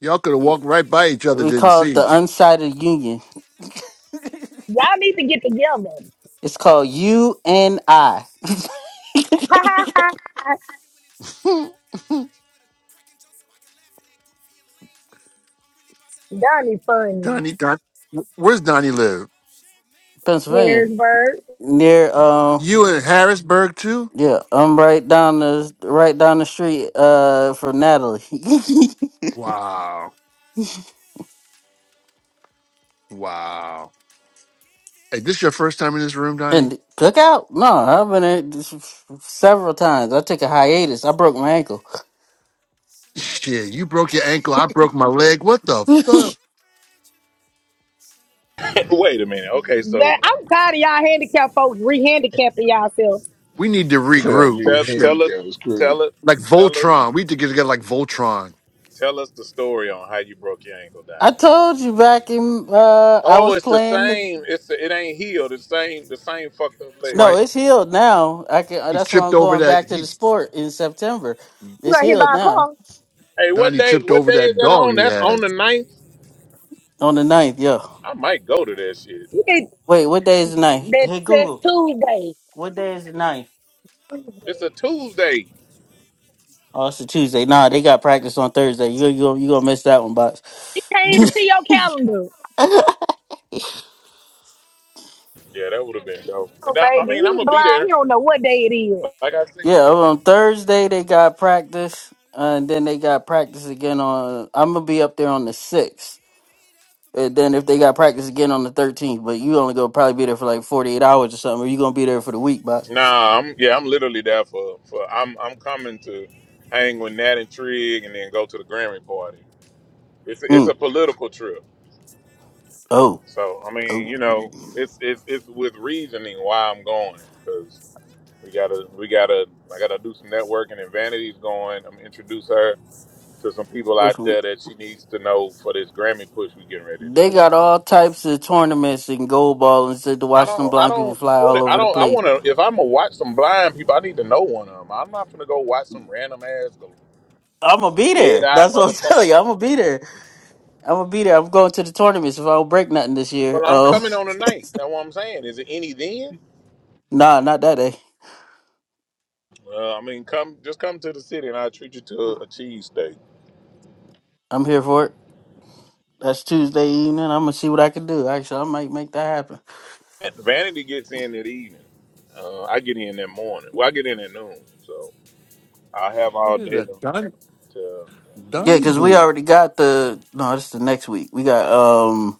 Speaker 11: Y'all could have walked right by each other,
Speaker 14: We
Speaker 11: didn't
Speaker 14: call it the
Speaker 11: see.
Speaker 14: unsighted
Speaker 9: Talk about We
Speaker 14: union.
Speaker 9: are now here at thoughts in exchange
Speaker 13: Y'all
Speaker 9: with
Speaker 13: need
Speaker 9: her.
Speaker 13: to get
Speaker 9: Got me out
Speaker 13: together.
Speaker 9: my comfort zone,
Speaker 14: It's
Speaker 9: really
Speaker 14: called U
Speaker 9: estranged with her. We
Speaker 14: N
Speaker 9: finish the
Speaker 14: I.
Speaker 9: sentences like I'm sharing a
Speaker 13: Ha ha
Speaker 9: brain with
Speaker 13: ha
Speaker 9: her.
Speaker 13: ha.
Speaker 9: Happy when in traffic, while
Speaker 11: it.
Speaker 9: stuck in a train with her. Cracking jokes so I can laugh in that goofy and lame with her. I'm really about that life, I
Speaker 13: Donnie
Speaker 9: ain't playing no
Speaker 13: funny.
Speaker 11: Donnie
Speaker 9: games with
Speaker 11: Don
Speaker 9: her. So I
Speaker 11: where's
Speaker 9: celebrate her
Speaker 11: Donnie
Speaker 9: daily.
Speaker 11: live?
Speaker 9: Always Champagne for my
Speaker 14: Pennsylvania.
Speaker 9: lady,
Speaker 13: Harrisburg.
Speaker 14: Near um
Speaker 11: You in Harrisburg too?
Speaker 14: yeah,
Speaker 9: give
Speaker 14: I'm
Speaker 9: it
Speaker 14: right
Speaker 9: up
Speaker 14: down
Speaker 9: to my
Speaker 14: the right
Speaker 9: girl.
Speaker 14: down the street uh from Natalie.
Speaker 9: Walking
Speaker 11: Wow.
Speaker 9: all eyes on you,
Speaker 11: Wow.
Speaker 9: give
Speaker 11: Hey,
Speaker 9: it
Speaker 11: this
Speaker 9: up
Speaker 11: your
Speaker 9: for
Speaker 11: first
Speaker 9: my
Speaker 11: time in this room,
Speaker 9: world.
Speaker 11: Donnie?
Speaker 14: And cookout? No, I've been at this f- f- several times. I took a
Speaker 9: Tonight I wanna
Speaker 14: hiatus. I broke my ankle.
Speaker 9: celebrate you. Celebrate,
Speaker 11: Shit, you broke your
Speaker 9: celebrate,
Speaker 11: ankle. I
Speaker 9: celebrate.
Speaker 11: broke my leg. What
Speaker 9: Tonight
Speaker 11: the
Speaker 9: I wanna
Speaker 14: I
Speaker 11: fuck?
Speaker 9: celebrate you. Celebrate,
Speaker 2: Wait a
Speaker 9: celebrate, celebrate.
Speaker 2: minute. Okay, so
Speaker 13: That I'm tired of
Speaker 9: Tonight
Speaker 13: y'all
Speaker 9: I wanna
Speaker 13: handicapped folks
Speaker 9: celebrate you.
Speaker 13: re-handicapping yourselves.
Speaker 11: We
Speaker 9: Celebrate,
Speaker 11: need to
Speaker 1: thing.
Speaker 9: celebrate,
Speaker 1: I
Speaker 11: regroup.
Speaker 9: celebrate.
Speaker 1: mean
Speaker 2: tell
Speaker 11: Shit.
Speaker 2: tell us
Speaker 1: handicap was
Speaker 9: Tonight
Speaker 2: tell
Speaker 1: crazy.
Speaker 9: I
Speaker 2: us
Speaker 9: wanna
Speaker 11: Like
Speaker 2: tell us
Speaker 11: Voltron. We
Speaker 9: celebrate
Speaker 11: need to
Speaker 9: you.
Speaker 11: get together like Voltron.
Speaker 9: Celebrate,
Speaker 2: tell us the
Speaker 9: celebrate,
Speaker 2: story on
Speaker 9: celebrate.
Speaker 2: how you broke your ankle, Donnie.
Speaker 14: told you back in uh I
Speaker 2: Oh,
Speaker 14: was
Speaker 2: it's the
Speaker 14: playing the
Speaker 2: same. It's the, it ain't healed. The same the same fucked up
Speaker 11: That's
Speaker 2: leg.
Speaker 14: No,
Speaker 11: why
Speaker 14: it's
Speaker 9: Let
Speaker 14: healed
Speaker 9: them see I'm on
Speaker 14: now.
Speaker 9: my
Speaker 14: I can uh,
Speaker 11: he
Speaker 14: that's why
Speaker 11: tripped
Speaker 14: I'm
Speaker 9: timeline.
Speaker 11: over
Speaker 14: going
Speaker 11: that.
Speaker 14: back to
Speaker 11: He
Speaker 14: the
Speaker 9: They really
Speaker 14: sport in
Speaker 9: rather spend my
Speaker 14: September.
Speaker 13: You
Speaker 14: It's
Speaker 13: got hit
Speaker 14: healed
Speaker 13: by a
Speaker 14: now.
Speaker 13: car.
Speaker 2: Hey, what
Speaker 11: Donnie
Speaker 2: day?
Speaker 9: time
Speaker 11: tripped
Speaker 2: What
Speaker 9: with
Speaker 11: over
Speaker 2: day
Speaker 9: me.
Speaker 2: is
Speaker 11: that
Speaker 2: that
Speaker 11: dog
Speaker 2: on?
Speaker 11: he
Speaker 2: That's
Speaker 11: had.
Speaker 2: on the ninth.
Speaker 9: You got me like a fiend, but
Speaker 14: On the
Speaker 9: it's all
Speaker 14: ninth, yeah.
Speaker 9: worth it.
Speaker 2: I
Speaker 9: I
Speaker 2: might
Speaker 9: would
Speaker 2: go to
Speaker 9: never
Speaker 2: that
Speaker 9: wanna
Speaker 2: shit.
Speaker 9: leave you on
Speaker 14: Wait, what day is the
Speaker 9: purpose.
Speaker 14: ninth?
Speaker 9: Like,
Speaker 13: that
Speaker 14: Hey
Speaker 9: no
Speaker 13: says
Speaker 14: Google,
Speaker 9: play, look.
Speaker 13: Tuesday.
Speaker 14: what
Speaker 9: You
Speaker 14: day
Speaker 9: the
Speaker 14: is the
Speaker 9: type I
Speaker 14: ninth?
Speaker 9: take home to mama.
Speaker 2: It's a
Speaker 9: And she like it
Speaker 2: Tuesday.
Speaker 9: cause you ain't with the
Speaker 14: Oh,
Speaker 9: drama.
Speaker 14: it's a
Speaker 9: She
Speaker 14: Tuesday. Nah,
Speaker 9: tell
Speaker 14: they
Speaker 9: me
Speaker 14: got
Speaker 9: that
Speaker 14: practice on
Speaker 9: you
Speaker 14: Thursday. You
Speaker 9: belong
Speaker 14: you you
Speaker 9: with
Speaker 14: gonna
Speaker 9: me.
Speaker 14: miss that one,
Speaker 9: Yeah.
Speaker 13: He
Speaker 14: box.
Speaker 9: Girl, I
Speaker 13: can't even see
Speaker 9: really love the
Speaker 13: your
Speaker 9: way that we can
Speaker 13: calendar.
Speaker 9: vibe. Girl, let me throw a party for
Speaker 2: Yeah, that
Speaker 9: you
Speaker 2: would have been dope.
Speaker 13: Oh,
Speaker 2: But
Speaker 9: just to
Speaker 2: I, I
Speaker 13: baby,
Speaker 2: mean, I'm
Speaker 13: he
Speaker 2: gonna be
Speaker 9: honor
Speaker 13: blind. He
Speaker 2: there.
Speaker 13: don't
Speaker 9: how
Speaker 13: know what
Speaker 9: much
Speaker 13: day it
Speaker 9: you
Speaker 13: is.
Speaker 9: mean
Speaker 2: Like I
Speaker 9: to
Speaker 2: said.
Speaker 9: me.
Speaker 14: Yeah, on
Speaker 9: I
Speaker 14: Thursday they
Speaker 9: hope she
Speaker 14: got
Speaker 9: champagne for
Speaker 14: practice,
Speaker 9: my lady.
Speaker 14: and then they got practice
Speaker 9: Yeah.
Speaker 14: again on. I'm gonna be up there on the sixth,
Speaker 9: Give it up for my
Speaker 14: and then if they
Speaker 9: girl.
Speaker 14: got practice again on the thirteenth, but you only gonna probably be there for like forty eight hours or something. Or
Speaker 9: Walking
Speaker 14: you gonna
Speaker 9: all
Speaker 14: be there for
Speaker 9: eyes
Speaker 14: the
Speaker 9: on
Speaker 14: week,
Speaker 9: you.
Speaker 14: boss?
Speaker 2: Nah, I'm yeah, I'm literally there for for I'm I'm coming to
Speaker 9: Give it
Speaker 2: hang with
Speaker 9: up
Speaker 2: Nat
Speaker 9: for
Speaker 2: and
Speaker 9: my
Speaker 2: Trig
Speaker 9: world.
Speaker 2: and then go to the Grammy party. It's it's a
Speaker 14: Mm.
Speaker 2: political trip.
Speaker 9: Tonight I wanna
Speaker 14: Oh,
Speaker 9: celebrate
Speaker 2: So I
Speaker 9: you.
Speaker 2: mean,
Speaker 14: oh.
Speaker 2: you know, it's it's
Speaker 9: Celebrate,
Speaker 2: it's with
Speaker 9: celebrate,
Speaker 2: reasoning
Speaker 9: celebrate.
Speaker 2: why I'm going
Speaker 9: Tonight I
Speaker 2: because
Speaker 9: wanna
Speaker 2: we
Speaker 9: celebrate
Speaker 2: gotta
Speaker 9: you.
Speaker 2: we gotta I gotta do some
Speaker 9: Celebrate,
Speaker 2: networking and
Speaker 9: celebrate,
Speaker 2: Vanity's
Speaker 9: celebrate.
Speaker 2: going. I'm introduce
Speaker 9: Tonight I
Speaker 2: her
Speaker 9: wanna
Speaker 2: to some
Speaker 9: celebrate
Speaker 2: people
Speaker 9: you.
Speaker 14: This
Speaker 2: out
Speaker 14: one.
Speaker 2: there that she needs to
Speaker 9: Celebrate,
Speaker 2: know for this
Speaker 9: celebrate,
Speaker 2: Grammy push
Speaker 9: celebrate.
Speaker 2: we getting ready to
Speaker 14: They
Speaker 2: do.
Speaker 14: got
Speaker 9: Tonight I
Speaker 14: all
Speaker 9: wanna
Speaker 14: types of
Speaker 9: celebrate
Speaker 14: tournaments
Speaker 9: you.
Speaker 14: and gold ball and shit to
Speaker 2: I
Speaker 14: watch
Speaker 9: Celebrate,
Speaker 14: them
Speaker 2: don't. I
Speaker 14: blind people
Speaker 2: don't
Speaker 9: celebrate,
Speaker 14: fly
Speaker 2: know
Speaker 14: all
Speaker 9: celebrate.
Speaker 2: that. I
Speaker 14: over the
Speaker 2: don't. I
Speaker 14: place.
Speaker 2: want to. If I'm gonna watch some blind people, I need to know one of them. I'm not gonna go watch some random ass
Speaker 14: I'm gonna be
Speaker 2: dead
Speaker 14: there.
Speaker 2: eye
Speaker 14: That's what I'm
Speaker 2: motherfucker.
Speaker 14: telling you. I'm gonna be there. I'm gonna be there. I'm going to the tournaments if I don't break nothing this year.
Speaker 2: Well, I'm
Speaker 14: Oh,
Speaker 2: coming on a night. That's what I'm saying. Is it any then?
Speaker 14: nah, not that day.
Speaker 2: Uh, I mean, come just come to the city and I'll treat you to a, a cheese steak.
Speaker 14: I'm here for it. That's Tuesday evening. I'm gonna see what I can do. Actually, I might make that happen.
Speaker 2: Vanity gets in at evening. Uh, I get in that morning. Well, I get in at noon, so I have
Speaker 11: Look
Speaker 2: all
Speaker 11: at
Speaker 2: day
Speaker 11: that.
Speaker 2: to.
Speaker 11: Don,
Speaker 2: to
Speaker 14: Yeah,
Speaker 11: Donnie
Speaker 14: cause we
Speaker 11: Boo.
Speaker 14: already got the no. This is the next week. We got um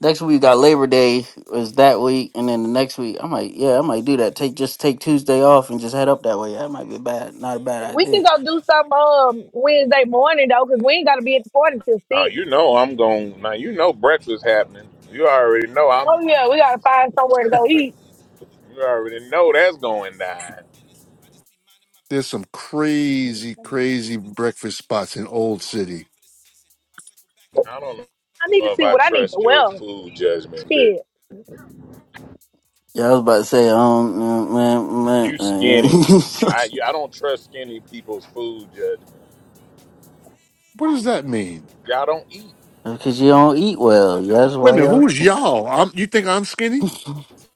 Speaker 14: next week we got Labor Day is that
Speaker 9: Look
Speaker 14: week,
Speaker 9: at
Speaker 14: and
Speaker 9: my
Speaker 14: then the next
Speaker 9: bag,
Speaker 14: week I
Speaker 9: girl.
Speaker 14: might yeah I might
Speaker 9: She
Speaker 14: do
Speaker 9: like
Speaker 14: that.
Speaker 9: the
Speaker 14: Take just
Speaker 9: swag,
Speaker 14: take
Speaker 9: I take the
Speaker 14: Tuesday off
Speaker 9: deposits
Speaker 14: and
Speaker 9: like
Speaker 14: just head
Speaker 9: where's
Speaker 14: up
Speaker 9: the
Speaker 14: that way. That
Speaker 9: cash?
Speaker 14: might be
Speaker 9: She making
Speaker 14: bad. Not a
Speaker 9: sounds, I
Speaker 14: bad
Speaker 13: We
Speaker 9: make
Speaker 13: can
Speaker 9: it
Speaker 14: idea.
Speaker 13: go do
Speaker 9: splash back
Speaker 13: some
Speaker 9: in my
Speaker 13: um
Speaker 9: bag. Why you
Speaker 13: Wednesday
Speaker 9: do
Speaker 13: morning
Speaker 9: that?
Speaker 13: though, because
Speaker 9: That
Speaker 13: we
Speaker 9: ain't
Speaker 13: ain't
Speaker 9: no
Speaker 13: gotta be at the
Speaker 9: pass.
Speaker 13: party
Speaker 9: Take you
Speaker 13: till
Speaker 9: to
Speaker 2: uh,
Speaker 13: six.
Speaker 2: you
Speaker 9: class,
Speaker 2: know,
Speaker 9: cause you
Speaker 2: I'm
Speaker 9: be thinking
Speaker 2: going
Speaker 9: you
Speaker 2: now. You
Speaker 9: bad.
Speaker 2: know,
Speaker 9: You be
Speaker 2: breakfast
Speaker 9: stuck in
Speaker 2: happening.
Speaker 9: the
Speaker 2: You
Speaker 9: past, you
Speaker 2: already
Speaker 9: be
Speaker 2: know.
Speaker 9: stuck
Speaker 13: Oh
Speaker 2: I'm.
Speaker 9: in your
Speaker 13: yeah, we
Speaker 9: feelings.
Speaker 13: gotta
Speaker 9: You
Speaker 13: find
Speaker 9: wanna
Speaker 13: somewhere to
Speaker 9: rise
Speaker 13: go
Speaker 9: to the
Speaker 13: eat.
Speaker 9: millions. I walk
Speaker 2: You
Speaker 9: around with no
Speaker 2: already know
Speaker 9: ceilings.
Speaker 2: that's
Speaker 9: I just be
Speaker 2: going
Speaker 9: solid
Speaker 2: down.
Speaker 9: on business. I just be minding my
Speaker 11: There's some
Speaker 9: business. I got the time if
Speaker 11: crazy,
Speaker 9: you need it.
Speaker 11: crazy
Speaker 9: If it's the
Speaker 11: breakfast
Speaker 9: drama, then
Speaker 11: spots
Speaker 9: keep
Speaker 11: in
Speaker 9: it. I
Speaker 11: Old
Speaker 9: can be
Speaker 11: City.
Speaker 9: gone for the season. I circle back if I
Speaker 2: I don't know.
Speaker 9: need it. Don't
Speaker 13: I
Speaker 9: think
Speaker 13: need
Speaker 9: I'm
Speaker 2: know
Speaker 13: to
Speaker 2: if
Speaker 13: see
Speaker 2: I
Speaker 13: what
Speaker 9: really
Speaker 13: I
Speaker 9: gonna
Speaker 13: need to
Speaker 2: trust
Speaker 9: need it.
Speaker 2: your
Speaker 13: wear.
Speaker 2: food judgment, Greg.
Speaker 13: Shit,
Speaker 14: Yeah, I was about to say um man man,
Speaker 2: You
Speaker 14: man.
Speaker 2: skinny. I you, I don't trust skinny people's food judgment.
Speaker 11: What does that mean?
Speaker 2: Y'all don't eat.
Speaker 14: cause you don't eat well. Yeah, that's
Speaker 11: Wait a
Speaker 14: why
Speaker 11: minute,
Speaker 14: else.
Speaker 11: who's y'all? I'm, you think I'm skinny?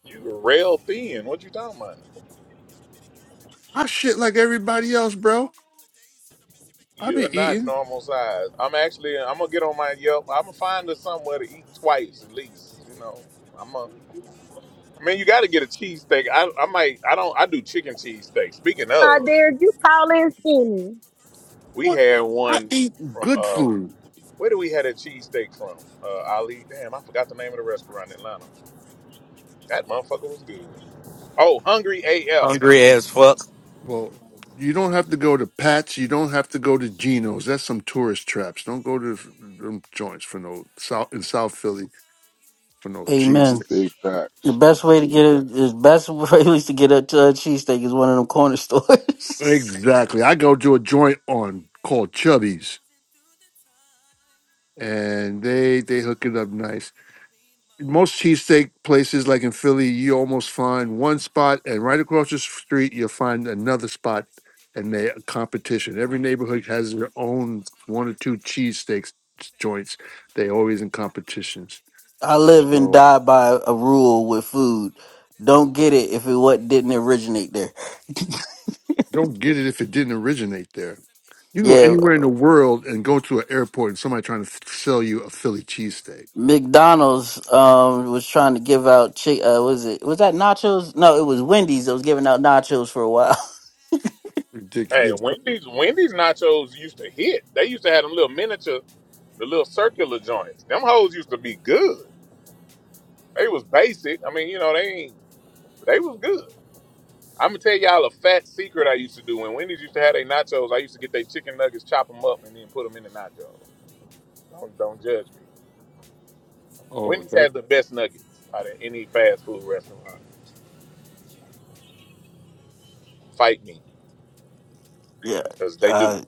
Speaker 2: You rail
Speaker 9: Hey there,
Speaker 2: thin. What
Speaker 9: baby,
Speaker 2: you
Speaker 9: what you
Speaker 2: talking
Speaker 9: trying
Speaker 2: about?
Speaker 9: to get into? Got a bitty girl, let me
Speaker 11: I
Speaker 9: holler at you.
Speaker 11: shit like
Speaker 9: I'm only here
Speaker 11: everybody
Speaker 9: in
Speaker 11: else,
Speaker 9: town for a
Speaker 11: bro.
Speaker 9: couple of days, and I'm busy making
Speaker 11: I
Speaker 2: You
Speaker 9: moves
Speaker 2: are
Speaker 11: be
Speaker 9: in a
Speaker 2: not
Speaker 11: eating.
Speaker 9: major way.
Speaker 2: normal size.
Speaker 9: Carve
Speaker 2: I'm
Speaker 9: out a couple
Speaker 2: actually
Speaker 9: more
Speaker 2: I'm gonna
Speaker 9: hours
Speaker 2: get
Speaker 9: for
Speaker 2: on
Speaker 9: us.
Speaker 2: my Yelp. I'm gonna
Speaker 9: Insist,
Speaker 2: find
Speaker 9: smelling
Speaker 2: us
Speaker 9: like
Speaker 2: somewhere to
Speaker 9: Egyptian
Speaker 2: eat
Speaker 9: musk.
Speaker 2: twice at
Speaker 9: Light a few
Speaker 2: least. You
Speaker 9: candles here
Speaker 2: know.
Speaker 9: next to the
Speaker 2: I'm
Speaker 9: bed, and
Speaker 2: a.
Speaker 9: I'ma make your eyes roll in
Speaker 2: I
Speaker 9: the
Speaker 2: mean,
Speaker 9: back
Speaker 2: you
Speaker 9: of the
Speaker 2: got to get a
Speaker 9: head. Top
Speaker 2: cheesesteak.
Speaker 9: down,
Speaker 2: I I
Speaker 9: swinging in the
Speaker 2: might I don't I do
Speaker 9: cabriolet.
Speaker 2: chicken
Speaker 9: Teach you how to
Speaker 2: cheesesteak.
Speaker 9: operate a
Speaker 2: Speaking
Speaker 9: stick
Speaker 13: uh,
Speaker 2: of,
Speaker 9: today.
Speaker 13: Derek, you
Speaker 9: Switch
Speaker 13: tall
Speaker 9: up the
Speaker 13: and
Speaker 9: gears, get mark
Speaker 13: skinny.
Speaker 9: in reverse. I can
Speaker 2: we
Speaker 9: lift
Speaker 11: What?
Speaker 9: it,
Speaker 2: had
Speaker 9: skirt till
Speaker 11: I
Speaker 2: one
Speaker 9: it make
Speaker 11: eat
Speaker 9: it hurt.
Speaker 2: from
Speaker 11: good
Speaker 2: uh
Speaker 9: Turn up
Speaker 11: food.
Speaker 9: the music,
Speaker 2: where
Speaker 9: can
Speaker 2: do
Speaker 9: you
Speaker 2: we
Speaker 9: do
Speaker 2: had a
Speaker 9: slow twerk?
Speaker 2: cheesesteak
Speaker 9: Put a
Speaker 2: from?
Speaker 9: towel down
Speaker 2: Uh,
Speaker 9: for you, make
Speaker 2: Ali.
Speaker 9: it
Speaker 2: Damn, I
Speaker 9: squirt.
Speaker 2: forgot the name
Speaker 9: Tap
Speaker 2: of the
Speaker 9: your
Speaker 2: restaurant in
Speaker 9: potential,
Speaker 2: Atlanta.
Speaker 9: break out the freak. Make your pussy
Speaker 2: That
Speaker 9: fart to the
Speaker 2: motherfucker was
Speaker 9: swing of
Speaker 2: good.
Speaker 9: the beat. She wanna
Speaker 2: Oh,
Speaker 9: be, she wanna
Speaker 2: hungry
Speaker 9: be cool.
Speaker 2: AF.
Speaker 15: Hungry as
Speaker 9: She
Speaker 15: fuck.
Speaker 11: Well, you don't have to go
Speaker 9: wanna
Speaker 11: to
Speaker 9: be
Speaker 11: Pat's. You don't have
Speaker 9: bad.
Speaker 11: to go to
Speaker 9: She
Speaker 11: Geno's.
Speaker 9: wanna
Speaker 11: That's some
Speaker 9: be
Speaker 11: tourist
Speaker 9: cool.
Speaker 11: traps.
Speaker 9: Hey,
Speaker 11: Don't
Speaker 9: hey,
Speaker 11: go to
Speaker 9: hey.
Speaker 11: them joints for
Speaker 9: What
Speaker 11: no South in
Speaker 9: time you
Speaker 11: South Philly
Speaker 9: want? What you
Speaker 11: for no cheese
Speaker 9: want?
Speaker 14: Amen.
Speaker 1: Big
Speaker 11: sticks.
Speaker 1: facts.
Speaker 14: The best way to get it
Speaker 9: What
Speaker 14: is
Speaker 9: you want?
Speaker 14: best way at least to get a, a cheesesteak is one of them corner
Speaker 9: I've been working all
Speaker 14: stores.
Speaker 9: the time.
Speaker 11: Exactly. I go to a joint on
Speaker 9: Lay back in
Speaker 11: called
Speaker 9: the truck,
Speaker 11: Chubby's,
Speaker 9: cruising through the time.
Speaker 11: and they they hook
Speaker 9: Shorty
Speaker 11: it up
Speaker 9: tryna
Speaker 11: nice.
Speaker 9: give me mine.
Speaker 11: most cheesesteak places like in
Speaker 9: Trying to be
Speaker 11: Philly,
Speaker 9: bad,
Speaker 11: you
Speaker 9: but I'm
Speaker 11: almost
Speaker 9: stuck in my
Speaker 11: find one
Speaker 9: phone.
Speaker 11: spot, and right
Speaker 9: I
Speaker 11: across the
Speaker 9: cannot play
Speaker 11: street,
Speaker 9: with
Speaker 11: you'll
Speaker 9: you, wasting
Speaker 11: find
Speaker 9: my time
Speaker 11: another
Speaker 9: playing two
Speaker 11: spot,
Speaker 9: face
Speaker 11: and
Speaker 9: ridiculous.
Speaker 11: they
Speaker 9: You
Speaker 11: a
Speaker 9: try to ridicule
Speaker 11: competition.
Speaker 9: me
Speaker 11: Every
Speaker 9: like I'm
Speaker 11: neighborhood
Speaker 9: stupid, but
Speaker 11: has
Speaker 9: I
Speaker 11: their
Speaker 9: see that you
Speaker 11: own
Speaker 9: behind your
Speaker 11: one or
Speaker 9: fake
Speaker 11: two
Speaker 9: identity. Uh,
Speaker 11: cheesesteak
Speaker 9: said I need
Speaker 11: joints.
Speaker 9: my
Speaker 11: They
Speaker 9: serenity,
Speaker 11: always in
Speaker 9: trying to keep up with your
Speaker 11: competitions.
Speaker 9: antics. It's
Speaker 14: I
Speaker 9: time, right?
Speaker 14: live
Speaker 9: I'm
Speaker 14: and
Speaker 9: in
Speaker 11: So
Speaker 9: the
Speaker 14: die
Speaker 9: studio
Speaker 14: by a
Speaker 9: getting my
Speaker 14: rule
Speaker 9: time
Speaker 14: with
Speaker 9: again. She called
Speaker 14: food.
Speaker 9: my phone for the
Speaker 14: Don't get
Speaker 9: 17th
Speaker 14: it
Speaker 9: time
Speaker 14: if
Speaker 9: and
Speaker 14: it
Speaker 9: they
Speaker 14: what
Speaker 9: down.
Speaker 14: didn't
Speaker 9: Two
Speaker 14: originate there.
Speaker 9: different faces, like I'm in a loop, but some
Speaker 11: don't
Speaker 9: two
Speaker 11: get
Speaker 9: girls
Speaker 11: it
Speaker 9: in
Speaker 11: if it
Speaker 9: one
Speaker 11: didn't
Speaker 9: body. We a
Speaker 11: originate there.
Speaker 9: threesome, and she
Speaker 11: You can
Speaker 9: trying
Speaker 11: go
Speaker 9: to
Speaker 14: yeah,
Speaker 9: trip.
Speaker 11: anywhere in the world and go to an airport and somebody trying to f- sell you a Philly cheesesteak.
Speaker 14: McDonald's um was trying to give out chick. uh was it was that nachos? No, it was Wendy's that was giving out nachos for a while.
Speaker 2: Hey,
Speaker 11: Ridiculous.
Speaker 2: Wendy's Wendy's nachos used to hit. They used to have them little miniature, the little circular joints. Them hoes used to be good. They was basic. I mean, you know, they ain't they was good. I'm gonna tell y'all a fat secret I used to do. When Wendy's used to have their nachos, I used to get their chicken nuggets, chop them up, and then put them in the nachos. Don't don't judge me.
Speaker 11: Oh,
Speaker 2: Wendy's
Speaker 11: that's.
Speaker 2: has the best nuggets out of any fast food restaurant. Fight me,
Speaker 14: yeah.
Speaker 2: cause they do.
Speaker 14: Uh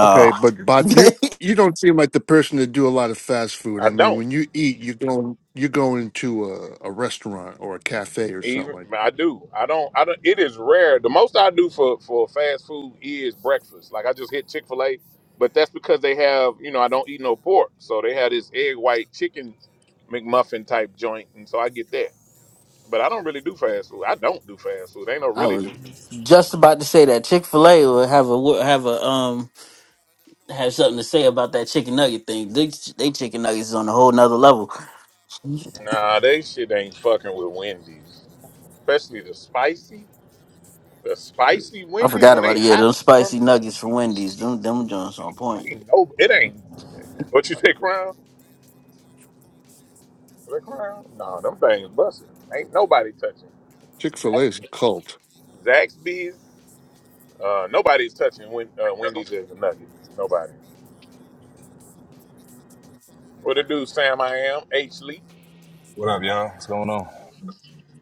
Speaker 11: Okay, but Bots, you you don't seem like the person to do a lot of fast food.
Speaker 2: I
Speaker 11: I
Speaker 2: don't.
Speaker 11: mean, when you eat, you're going you're going to a, a restaurant or a cafe or something
Speaker 2: Even
Speaker 11: like
Speaker 2: I
Speaker 11: that.
Speaker 2: do. I don't. I don't. It is rare. The most I do for for fast food is
Speaker 9: Shine
Speaker 2: breakfast. Like I
Speaker 9: right,
Speaker 2: just hit
Speaker 9: shine
Speaker 2: Chick fil
Speaker 9: right,
Speaker 2: A,
Speaker 9: shine.
Speaker 2: but
Speaker 9: Yeah,
Speaker 2: that's because they have you know I don't eat
Speaker 9: D
Speaker 2: no
Speaker 9: Lib.
Speaker 2: pork, so they have this egg white chicken
Speaker 9: Yep, let's
Speaker 2: McMuffin
Speaker 9: go.
Speaker 2: type joint, and so I
Speaker 9: Let's
Speaker 2: get
Speaker 9: go. Yeah.
Speaker 2: that.
Speaker 9: I
Speaker 2: But I don't really
Speaker 9: was
Speaker 2: do
Speaker 9: born in
Speaker 2: fast
Speaker 9: the
Speaker 2: food. I
Speaker 9: eye of a
Speaker 2: don't do
Speaker 9: quiet
Speaker 2: fast food. They
Speaker 9: storm.
Speaker 2: don't
Speaker 14: I
Speaker 2: really
Speaker 14: was
Speaker 2: do.
Speaker 9: I just remember
Speaker 14: just
Speaker 9: I
Speaker 14: about to
Speaker 9: couldn't
Speaker 14: say
Speaker 9: quiet
Speaker 14: that
Speaker 9: the
Speaker 14: Chick-fil-A
Speaker 9: horns.
Speaker 14: will have a will have
Speaker 9: Sour
Speaker 14: a
Speaker 9: sounded all
Speaker 14: um
Speaker 9: drowning out of the
Speaker 14: have
Speaker 9: norm.
Speaker 14: something to say
Speaker 9: I
Speaker 14: about
Speaker 9: did the
Speaker 14: that chicken
Speaker 9: stage like
Speaker 14: nugget thing.
Speaker 9: last
Speaker 14: They,
Speaker 9: time I
Speaker 14: they chicken
Speaker 9: performed.
Speaker 14: nuggets is on a
Speaker 9: Yeah.
Speaker 14: whole
Speaker 9: In the
Speaker 14: nother
Speaker 9: beginning,
Speaker 14: level.
Speaker 9: surviving on less than
Speaker 2: Nah,
Speaker 9: crumbs.
Speaker 2: they shit ain't
Speaker 9: This world
Speaker 2: fucking
Speaker 9: of
Speaker 2: with
Speaker 9: my pride let
Speaker 2: Wendy's,
Speaker 9: lessons come.
Speaker 2: especially
Speaker 9: Yeah.
Speaker 2: the
Speaker 9: I'm
Speaker 2: spicy,
Speaker 9: better from having experience
Speaker 2: the
Speaker 9: as a
Speaker 2: spicy
Speaker 9: guide.
Speaker 14: I
Speaker 2: Wendy's
Speaker 9: Caught
Speaker 14: forgot
Speaker 2: when
Speaker 9: the
Speaker 2: they
Speaker 14: about it. Yeah,
Speaker 9: vibe,
Speaker 2: hot
Speaker 14: those
Speaker 9: rode the
Speaker 2: from.
Speaker 14: spicy
Speaker 9: wave of
Speaker 14: nuggets
Speaker 9: one,
Speaker 14: from Wendy's. Them them joints on
Speaker 9: two,
Speaker 2: I
Speaker 14: point.
Speaker 9: check.
Speaker 2: ain't no. It ain't.
Speaker 9: Microphone check.
Speaker 2: What you say,
Speaker 9: Now I
Speaker 2: Crown?
Speaker 9: get in bed from the microphone checks.
Speaker 2: The
Speaker 9: Destiny
Speaker 2: crowd? Nah,
Speaker 9: manifest.
Speaker 2: them things
Speaker 9: Though I
Speaker 2: busted.
Speaker 9: took a
Speaker 2: Ain't
Speaker 9: detour.
Speaker 2: nobody touching.
Speaker 9: Got caught
Speaker 11: Chick
Speaker 9: up
Speaker 11: Fil A
Speaker 9: in
Speaker 2: Zax,
Speaker 11: is
Speaker 9: what
Speaker 11: a
Speaker 9: the Christian
Speaker 11: cult.
Speaker 9: Dior.
Speaker 2: Zaxby's.
Speaker 9: Some other form
Speaker 2: Uh,
Speaker 9: I ain't even
Speaker 2: nobody's
Speaker 9: thought
Speaker 2: touching
Speaker 9: of.
Speaker 2: Wen- uh, Wendy's as a
Speaker 9: Figured all the
Speaker 2: nugget.
Speaker 9: barricades
Speaker 2: Nobody.
Speaker 9: be a problem. Took something from your situation that had
Speaker 2: What
Speaker 9: me
Speaker 2: it do,
Speaker 9: caught up.
Speaker 2: Sam? I am H Lee.
Speaker 9: Multiply the three things to
Speaker 16: What up,
Speaker 9: get the
Speaker 16: y'all? What's
Speaker 9: product.
Speaker 16: going
Speaker 9: Let's go.
Speaker 16: on?